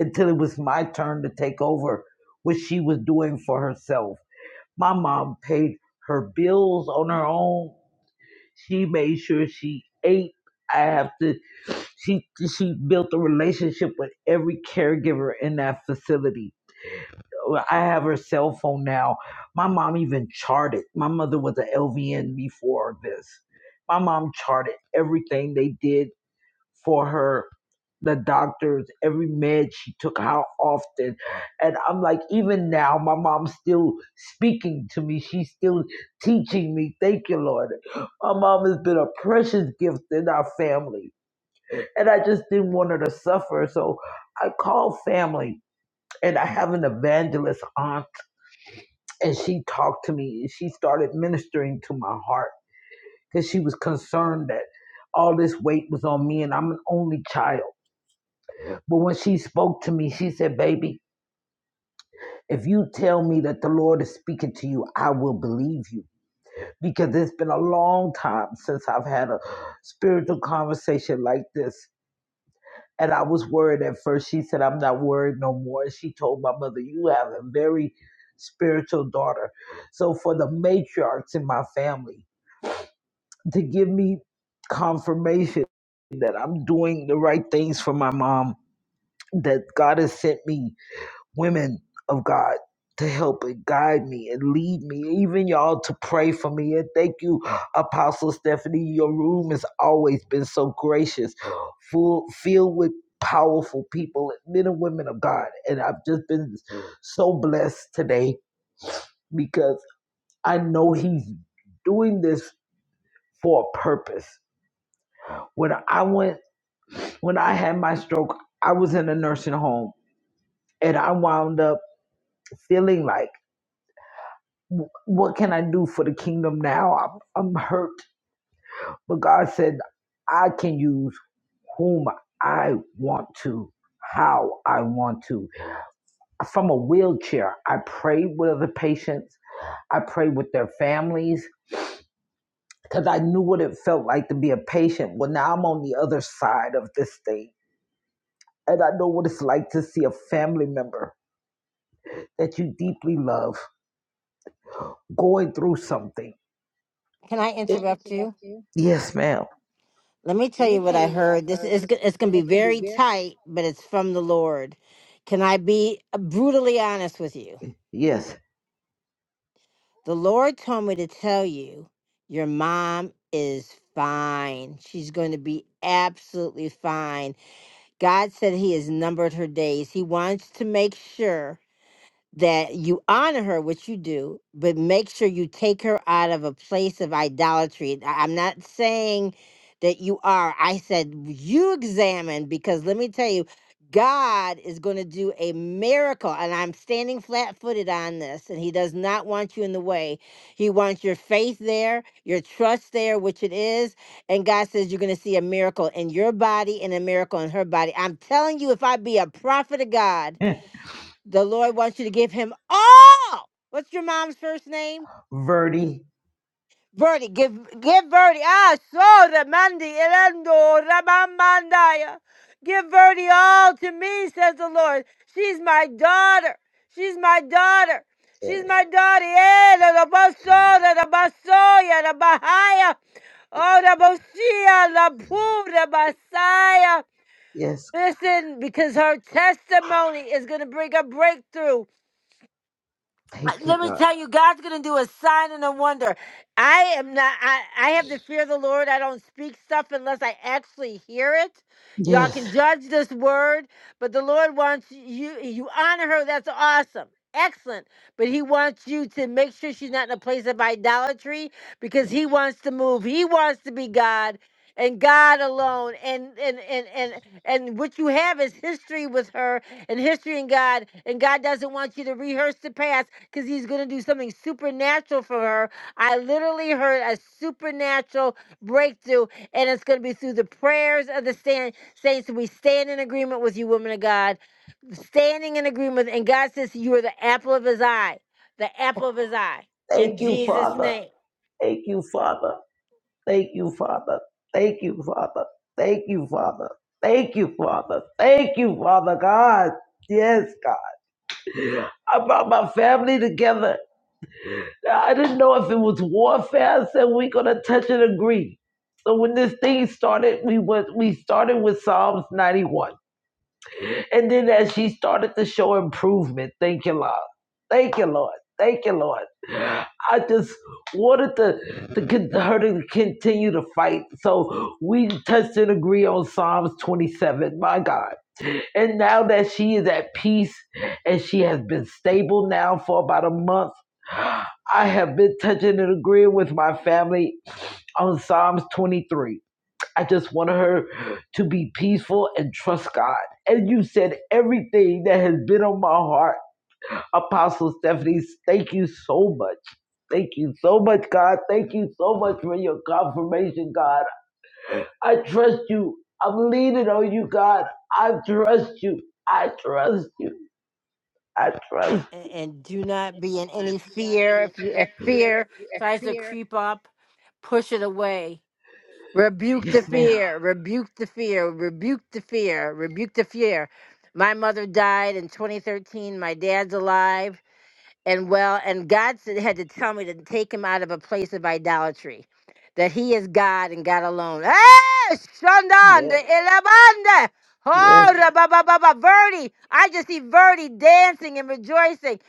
until it was my turn to take over what she was doing for herself. My mom paid her bills on her own she made sure she ate. I have to. She she built a relationship with every caregiver in that facility. Well, I have her cell phone now. My mom even charted. My mother was an LVN before this. My mom charted everything they did for her the doctors, every med she took, how often. And I'm like, even now, my mom's still speaking to me. She's still teaching me. Thank you, Lord. My mom has been a precious gift in our family. And I just didn't want her to suffer. So I called family and I have an evangelist aunt, and she talked to me and she started ministering to my heart because she was concerned that all this weight was on me and I'm an only child. But when she spoke to me, she said, Baby, If you tell me that the Lord is speaking to you, I will believe you because it's been a long time since I've had a spiritual conversation like this. And I was worried at first. She said, I'm not worried no more. And she told my mother, You have a very spiritual daughter. So, for the matriarchs in my family to give me confirmation that I'm doing the right things for my mom, that God has sent me women of God to help and guide me and lead me, even y'all to pray for me. And thank you, Apostle Stephanie. Your room has always been so gracious, full filled with powerful people, men and women of God. And I've just been so blessed today because I know he's doing this for a purpose. When I went when I had my stroke, I was in a nursing home and I wound up feeling like what can I do for the kingdom now? I'm, I'm hurt. But God said, I can use whom I want to, how I want to. From a wheelchair, I prayed with other patients, I prayed with their families, because I knew what it felt like to be a patient. Well, now I'm on the other side of this thing. And I know what it's like to see a family member that you deeply love going through something.
Can I interrupt you?
yes, ma'am.
Let me tell you what I heard. This is g- it's going to be very tight, but it's from the Lord. Can I be uh, brutally honest with you?
Yes.
The Lord told me to tell you, your mom is fine. She's going to be absolutely fine. God said He has numbered her days. He wants to make sure that you honor her, which you do, but make sure you take her out of a place of idolatry. I- I'm not saying that you are. I said you examine because let me tell you, God is going to do a miracle. And I'm standing flat footed on this, and He does not want you in the way. He wants your faith there, your trust there, which it is. And God says you're going to see a miracle in your body and a miracle in her body. I'm telling you, if I be a prophet of God, the Lord wants you to give him all. What's your mom's first name?
Verdi,
Verdi. Give give Verdi. Ah, so the Mandi Elendo Rabamandaya. Give Verdi all to me, says the Lord. She's my daughter. She's my daughter. She's my
Yes.
daughter. Yeah, the Baso, the Basoya, the Bahaya. Oh, the Bosia, the Poo, the Messiah.
Yes.
Listen, because her testimony is going to bring a breakthrough Uh,
Thank you,
Let me
God.
tell you, God's going to do a sign and a wonder. I am not, I, I have the fear of the Lord. I don't speak stuff unless I actually hear it. Y'all can
Yes.
judge this word, but the Lord wants you, you honor her. That's awesome. Excellent. But he wants you to make sure she's not in a place of idolatry because he wants to move. He wants to be God and God alone. And, and, and, and and what you have is history with her and history in God. And God doesn't want you to rehearse the past because He's going to do something supernatural for her. I literally heard a supernatural breakthrough, and it's going to be through the prayers of the stand, saints. We stand in agreement with you, woman of God, standing in agreement. And God says, You are the apple of His eye, the apple of His eye. In
Thank you,
Jesus'
Father.
name.
Thank you, Father. Thank you, Father. Thank you, Father. Thank you, Father. Thank you, Father. Thank you, Father God. Yes, God. I brought my family together. I didn't know if it was warfare. I said we're gonna touch and agree. So when this thing started, we was we started with Psalms 91. And then as she started to show improvement, thank you, Lord. Thank you, Lord. Thank you, Lord. I just wanted to, to con- her to continue to fight. So we touched and agree on Psalms 27. My God. And now that she is at peace and she has been stable now for about a month, I have been touching and agreeing with my family on Psalms 23. I just want her to be peaceful and trust God. And you said everything that has been on my heart. Apostle Stephanie, thank you so much. Thank you so much, God. Thank you so much for your confirmation, God. I trust you. I'm leaning on you, God. I trust you. I trust you. I
and,
trust.
and do not be in any fear. If you if fear tries to creep up, push it away. Rebuke the
Yes, ma'am.
fear. Rebuke the fear. Rebuke the fear. Rebuke the fear. My mother died in 2013. My dad's alive and well and god said, had to tell me to take him out of a place of idolatry that he is god and god alone Eh,
Yes.
Shandanda, Elabanda.
Yes.
Oh, da ba ba ba ba, Verdi. I just see Verdi dancing and rejoicing.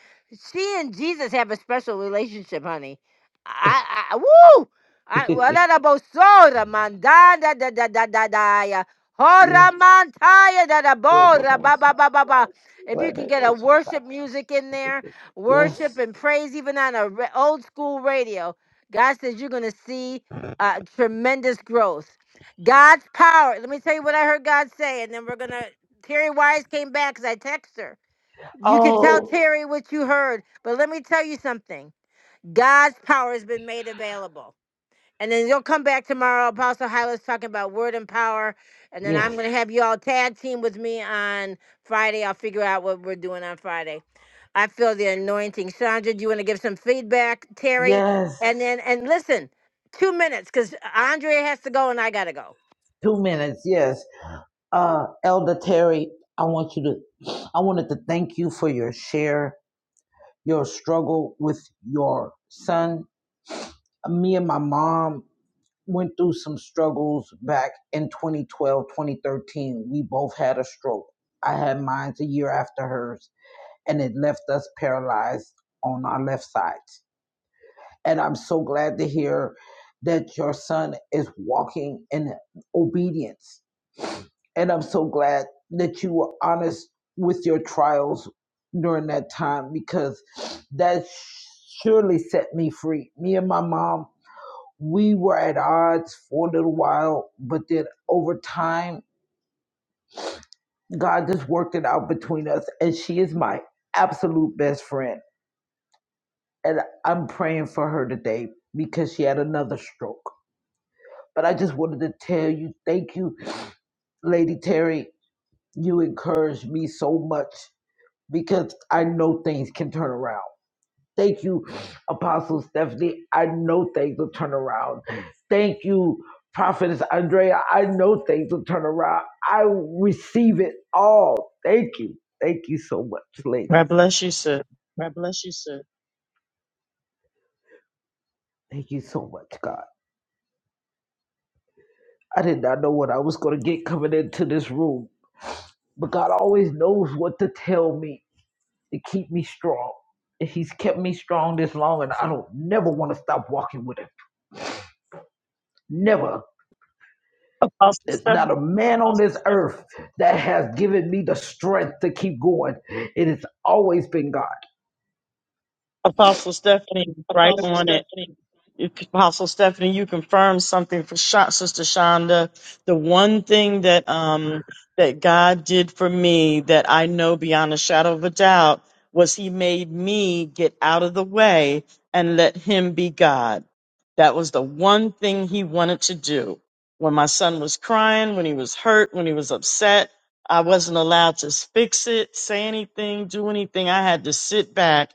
She and Jesus have a special relationship, honey. I, I woo! I,
yes.
wala na bo so, da man, da da da da da da da ya. Ho, ra
Yes.
man, ta ya, da da bo, ra ba ba ba ba ba. If you can get a worship music in there, worship
Yes.
and praise, even on a re- old school radio. God says you're going to see uh, tremendous growth. God's power. Let me tell you what I heard God say, and then we're going to. Terry Wise came back because I text her. You can tell
Oh,
Terry what you heard, but let me tell you something. God's power has been made available. And then you'll come back tomorrow, Apostle Hyla's talking about word and power. And then I'm
yes,
going to have you all tag team with me on Friday. I'll figure out what we're doing on Friday. I feel the anointing. Sandra, do you want to give some feedback? Terry?
yes.
And then, and listen, two minutes because Andrea has to go and I got to go.
Two minutes, yes. Uh, Elder Terry, I want you to, I wanted to thank you for your share, your struggle with your son. Me and my mom went through some struggles back in 2012, 2013. We both had a stroke. I had mine a year after hers, and it left us paralyzed on our left side. And I'm so glad to hear that your son is walking in obedience. And I'm so glad that you were honest with your trials during that time because that surely set me free. Me and my mom, we were at odds for a little while, but then over time, God just worked it out between us. And she is my absolute best friend. And I'm praying for her today because she had another stroke But I just wanted to tell you, thank you, Lady Terry. You encouraged me so much because I know things can turn around. Thank you, Apostle Stephanie. I know things will turn around. Thank you, Prophetess Andrea. I know things will turn around. I receive it all. Thank you. Thank you so much,
God
ladies.
bless you, sir.
Thank you so much, God. I did not know what I was going to get coming into this room, but God always knows what to tell me to keep me strong. And he's kept me strong this long, and I don't never want to stop walking with him. Never.
Apostle,
It's
Steph-
not a man on this earth that has given me the strength to keep going. It has always been God.
Apostle Stephanie, is right on it. Apostle Stephanie, you confirmed something for Sha Sister Shonda. The one thing that um that God did for me that I know beyond a shadow of a doubt was He made me get out of the way and let Him be God. That was the one thing He wanted to do. When my son was crying, when he was hurt, when he was upset, I wasn't allowed to fix it, say anything, do anything. I had to sit back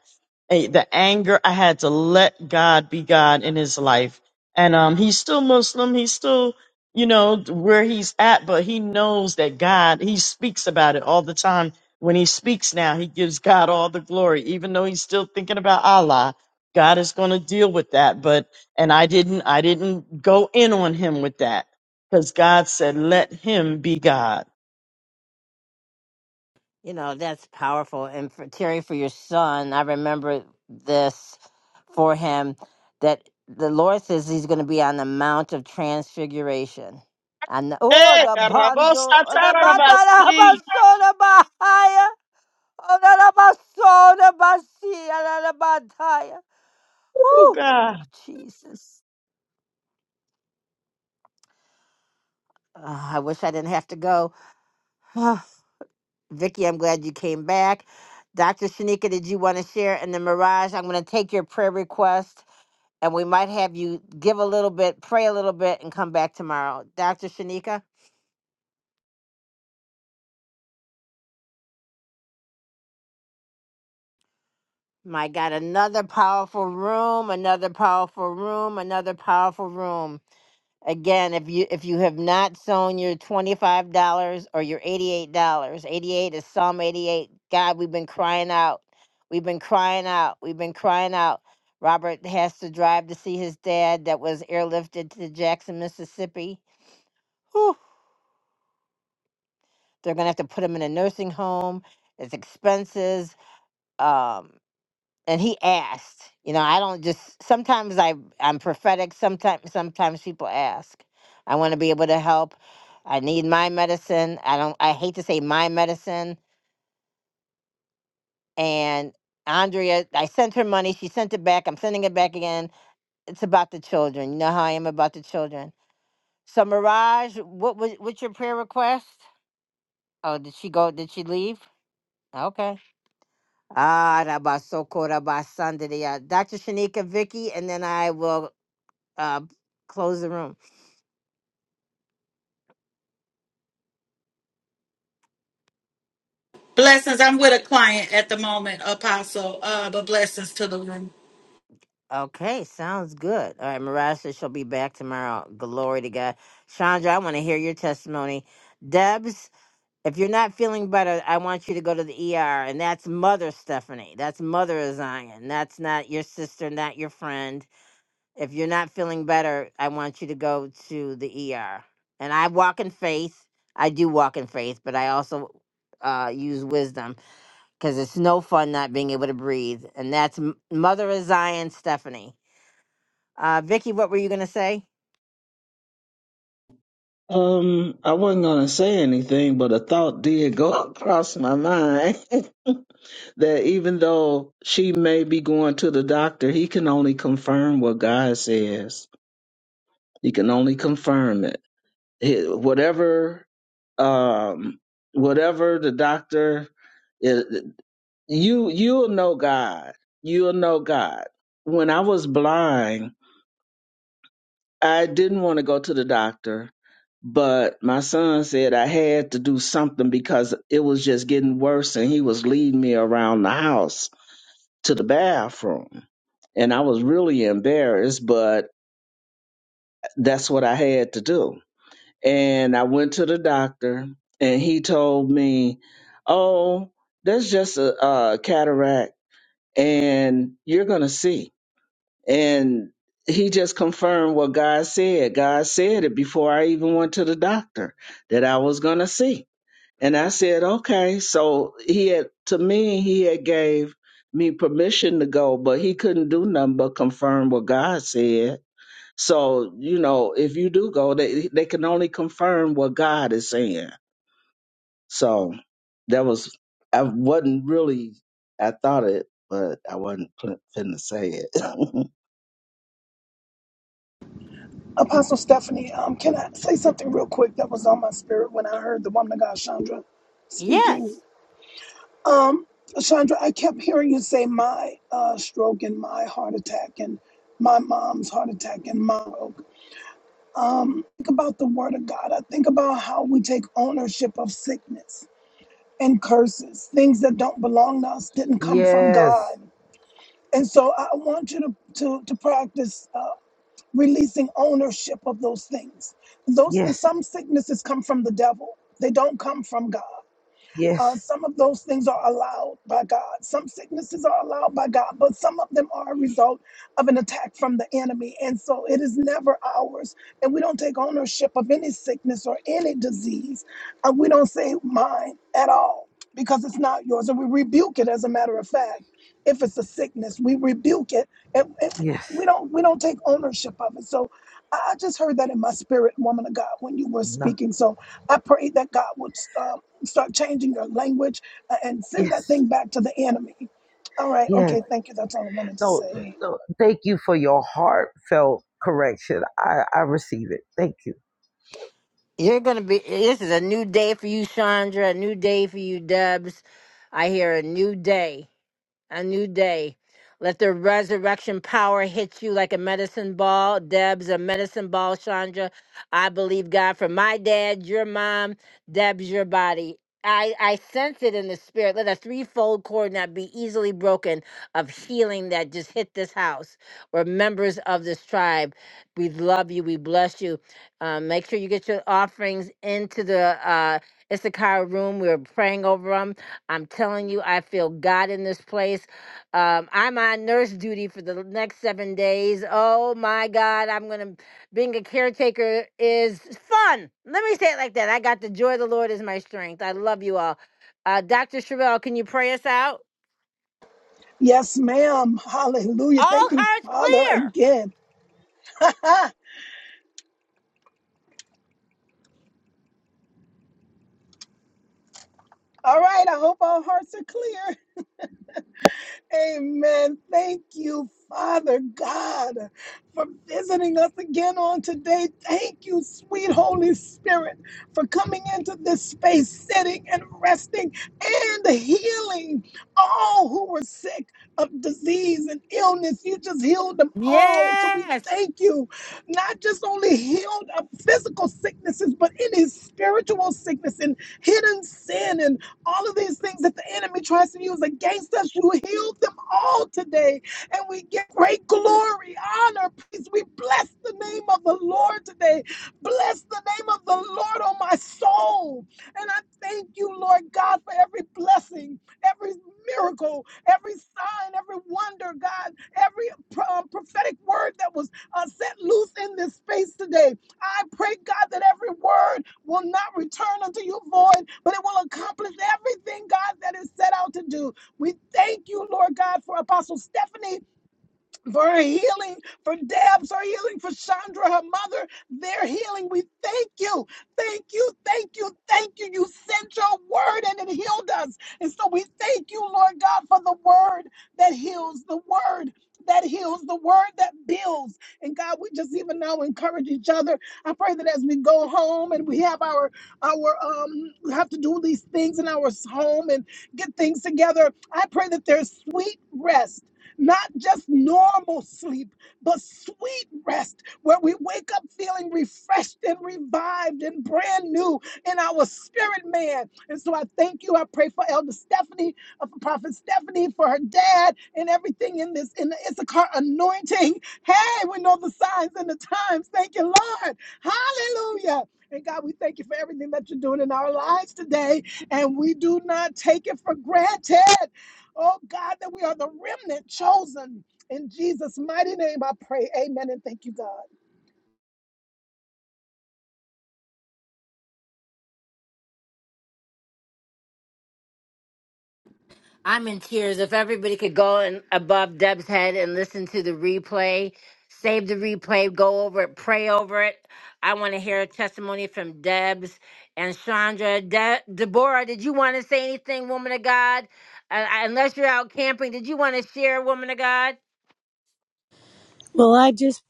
eh, the anger i had to let god be god in his life and um he's still muslim he's still you know where he's at but he knows that god he speaks about it all the time when he speaks now he gives god all the glory even though he's still thinking about allah god is going to deal with that but and i didn't i didn't go in on him with that because god said let him be god
You know, that's powerful. And for Terry, for your son, I remember this for him that the Lord says he's going to be on the Mount of Transfiguration. And oh,
Eh,
the
carabos,
bundle, oh, the batara
atarabasti.
basoda bahaya, oh, the basoda basia, the bataya.
Oh,
Whew,
God.
Jesus. Ah, I wish I didn't have to go. Vicky, I'm glad you came back. Dr. Shanika, did you want to share? And then Mirage, I'm going to take your prayer request and we might have you give a little bit, pray a little bit, and come back tomorrow. Dr. Shanika, my God, another powerful room, another powerful room, another powerful room. Again, if you if you have not sown your $25 or your $88, dollars, 88 is Psalm 88. God, we've been crying out. We've been crying out. We've been crying out. Robert has to drive to see his dad that was airlifted to Jackson, Mississippi. Whew. They're going to have to put him in a nursing home. It's expenses. Um, and he asked you know i don't just sometimes i i'm prophetic sometimes sometimes people ask i want to be able to help i need my medicine i don't i hate to say my medicine and andrea i sent her money she sent it back i'm sending it back again it's about the children you know how i am about the children so mirage what was what's your prayer request oh did she go did she leave okay ah rabasoko rabasandria dr shanika vicky and then i will uh, close the room.
Blessings. I'm with a client at the moment, Apostle. Uh, but blessings to the room.
Okay, sounds good. All right, Mirage says she'll be back tomorrow. Glory to God. Chandra, I want to hear your testimony. Debs, if you're not feeling better, I want you to go to the ER. And that's Mother Stephanie. That's Mother of Zion. That's not your sister, not your friend. If you're not feeling better, I want you to go to the ER. And I walk in faith. I do walk in faith, but I also uh, use wisdom. because it's no fun not being able to breathe. And that's M- Mother of Zion, Stephanie. Uh, Vicky, what were you going to say?
Um, I wasn't gonna say anything, but a thought did go across my mind. that even though she may be going to the doctor, he can only confirm what God says. He can only confirm it. He- whatever, um, whatever the doctor, is, you you'll know God. You'll know God. When I was blind, I didn't want to go to the doctor, but my son said I had to do something because it was just getting worse, and he was leading me around the house to the bathroom. And I was really embarrassed, but that's what I had to do. And I went to the doctor, and he told me, Oh, that's just a, a cataract, and you're going to see. And he just confirmed what God said. God said it before I even went to the doctor that I was going to see and I said, okay. So he had, to me, he had gave me permission to go, but he couldn't do nothing but confirm what God said. So, you know, if you do go, they, they can only confirm what God is saying. So that was, I wasn't really, I thought it, but I wasn't pl- finna say it.
Apostle Stephanie, um, can I say something real quick that was on my spirit when I heard the woman of God, Chandra, speaking?
Yes.
Um, Chandra, I kept hearing you say my uh, stroke and my heart attack and my mom's heart attack and my stroke. Um, think about the word of God. I think about how we take ownership of sickness. and curses, things that don't belong to us, didn't come from
Yes,
God. And so I want you to to, to practice uh, releasing ownership of those things. Those
yes,
some sicknesses come from the devil; they don't come from God.
yes,
Uh, some of those things are allowed by God. Some sicknesses are allowed by God, but some of them are a result of an attack from the enemy. And so it is never ours. And we don't take ownership of any sickness or any disease. And we don't say mine at all because it's not yours. And we rebuke it as a matter of fact. If it's a sickness, we rebuke it. And, and
yes,
we don't we don't take ownership of it. So I I just heard that in my spirit, woman of God, when you were
no,
speaking. So I pray that God would uh, Start changing your language uh, and send that
yes,
thing back to the enemy. All right.
yes.
Okay. Thank you. That's all I wanted to
No,
say.
no. Thank you for your heartfelt correction. I, I receive it. Thank you.
You're going to be, this is a new day for you, Chandra, a new day for you, Debs. I hear a new day. a new day. Let the resurrection power hit you like a medicine ball. Deb's a medicine ball, Chandra. I believe God for my dad, your mom, Deb's your body. I, I sense it in the spirit. Let a threefold cord not be easily broken of healing that just hit this house We're members of this tribe. We love you. We bless you. Um, make sure you get your offerings into the uh, Issachar room. We're praying over them I'm telling you, I feel God in this place. Um, I'm on nurse duty for the next seven days. Oh my God, I'm gonna being a caretaker is fun. Let me say it like that. I got the joy of the Lord is my strength. I love you all. Uh, Dr. Chevelle, can you pray us out?
Yes, ma'am. Hallelujah.
All
Thank you,
hearts
Father,
clear.
again. All right. I hope our hearts are clear. Amen. Thank you, Father God, for visiting us again on today. Thank you, sweet Holy Spirit, for coming into this space, sitting and resting and healing all who were sick of disease and illness. You just healed them all. So we
Yes.
thank you, not just only healed of physical sicknesses, but any spiritual sickness and hidden sin and. All of these things that the enemy tries to use against us, you healed them all today. And we give great glory, honor, peace. We bless the name of the Lord today. Bless the name of the Lord on my soul. And I thank you, Lord God, for every blessing, every miracle, every sign, every wonder, God, every um, prophetic word that was uh, set loose in this space today. I pray, God, that every word will not return unto you void, but it will accomplish everything, God, that is set out to do. We thank you, Lord God, for Apostle Stephanie for her healing, for Deb's, her healing, for Chandra, her mother, their healing. We thank you, thank you, thank you, thank you. You sent your word and it healed us. And so we thank you, Lord God, for the word that heals, the word that heals, the word that builds. And God, we just even now encourage each other. I pray that as we go home and we have our, our, um, we have to do these things in our home and get things together, I pray that there's sweet rest not just normal sleep, but sweet rest where we wake up feeling refreshed and revived and brand new in our spirit, man. And so I thank you. I pray for Elder Stephanie, uh, for Prophet Stephanie, for her dad, and everything in this, in the Issachar anointing. Hey, we know the signs and the times. Thank you, Lord. Hallelujah. And God, we thank you for everything that you're doing in our lives today. And we do not take it for granted. Oh God, that we are the remnant chosen. In Jesus' mighty name, I pray. Amen. And thank you, God.
I'm in tears. If everybody could go and above Deb's head and listen to the replay, save the replay, go over it, pray over it. I want to hear a testimony from Deb's and Chandra. De- Deborah, did you want to say anything, woman of God? Uh, uh, unless you're out camping, did you want to share, woman of God?
Well, I just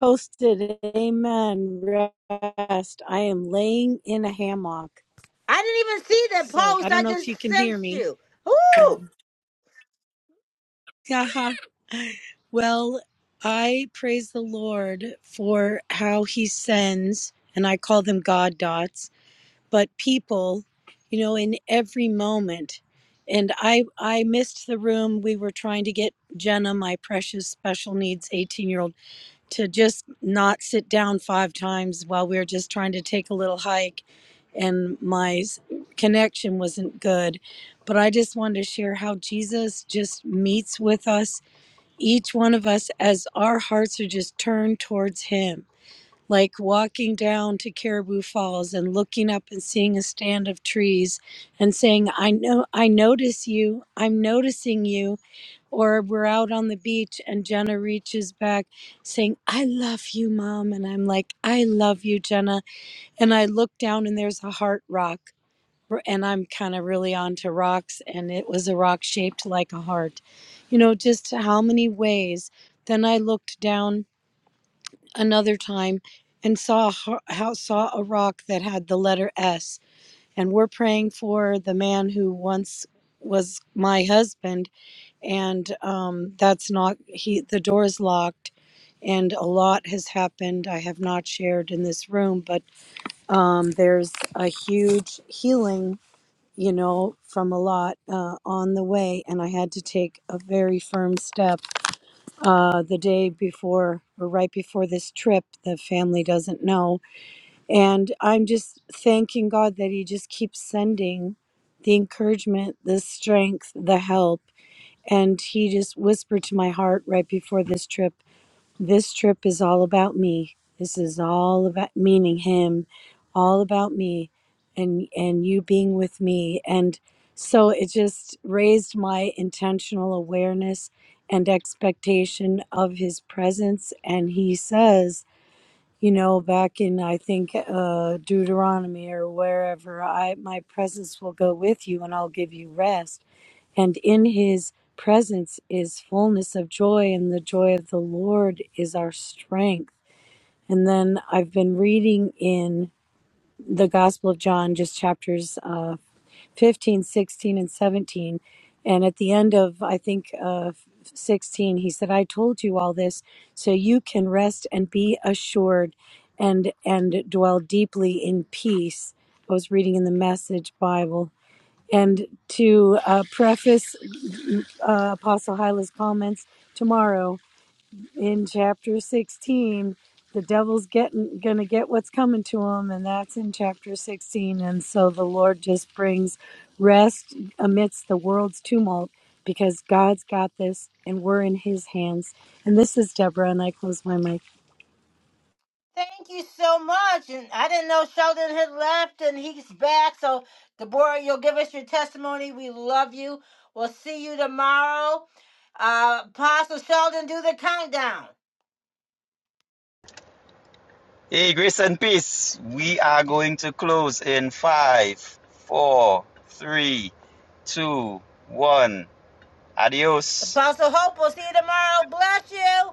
posted Amen Rest. I am laying in a hammock.
I didn't even see that
So I
post.
don't
I
know if
just
you can hear
sensed
me.
you.
Um,
Woo!
haha. well, I praise the Lord for how he sends, and I call them God dots, but people, you know, in every moment. And I, I missed the room. We were trying to get Jenna, my precious special needs 18 year old to just not sit down five times while we were just trying to take a little hike and my s- connection wasn't good but i just wanted to share how jesus just meets with us each one of us as our hearts are just turned towards him like walking down to Caribou Falls and looking up and seeing a stand of trees and saying, I know, I notice you, I'm noticing you. Or we're out on the beach and Jenna reaches back saying, I love you, mom. And I'm like, I love you, Jenna. And I look down and there's a heart rock. And I'm kind of really onto rocks. And it was a rock shaped like a heart. You know, just how many ways. Then I looked down another time and saw a ho- how saw a rock that had the letter S and we're praying for the man who once was my husband and um, that's not he the door is locked and a lot has happened I have not shared in this room but um, there's a huge healing you know from a lot uh, on the way and I had to take a very firm step uh, the day before or right before this trip. The family doesn't know. And I'm just thanking God that He just keeps sending the encouragement, the strength, the help. And He just whispered to my heart right before this trip this trip is all about me. This is all about meaning him, all about me and and you being with me and so it just raised my intentional awareness and expectation of his presence and he says you know back in i think uh deuteronomy or wherever i my presence will go with you and i'll give you rest and in his presence is fullness of joy and the joy of the lord is our strength and then i've been reading in the Gospel of John, just chapters uh, 15, sixteen, and 17. And at the end of, I think, uh, 16, he said, I told you all this so you can rest and be assured and, and dwell deeply in peace. I was reading in the Message Bible. And to uh, preface uh, Apostle Hyla's comments tomorrow, in chapter 16 the devil's getting going to get what's coming to him and that's in chapter 16 and so the lord just brings rest amidst the world's tumult because god's got this and we're in his hands and this is deborah and i close my mic
Thank you so much. And I didn't know Sheldon had left and he's back. So, Deborah, you'll give us your testimony. We love you. We'll see you tomorrow. Uh, Apostle Sheldon, do the countdown.
Hey, grace and peace. We are going to close in five, four, three, two, one. Adios.
Apostle Hope, we'll see you tomorrow. Bless you.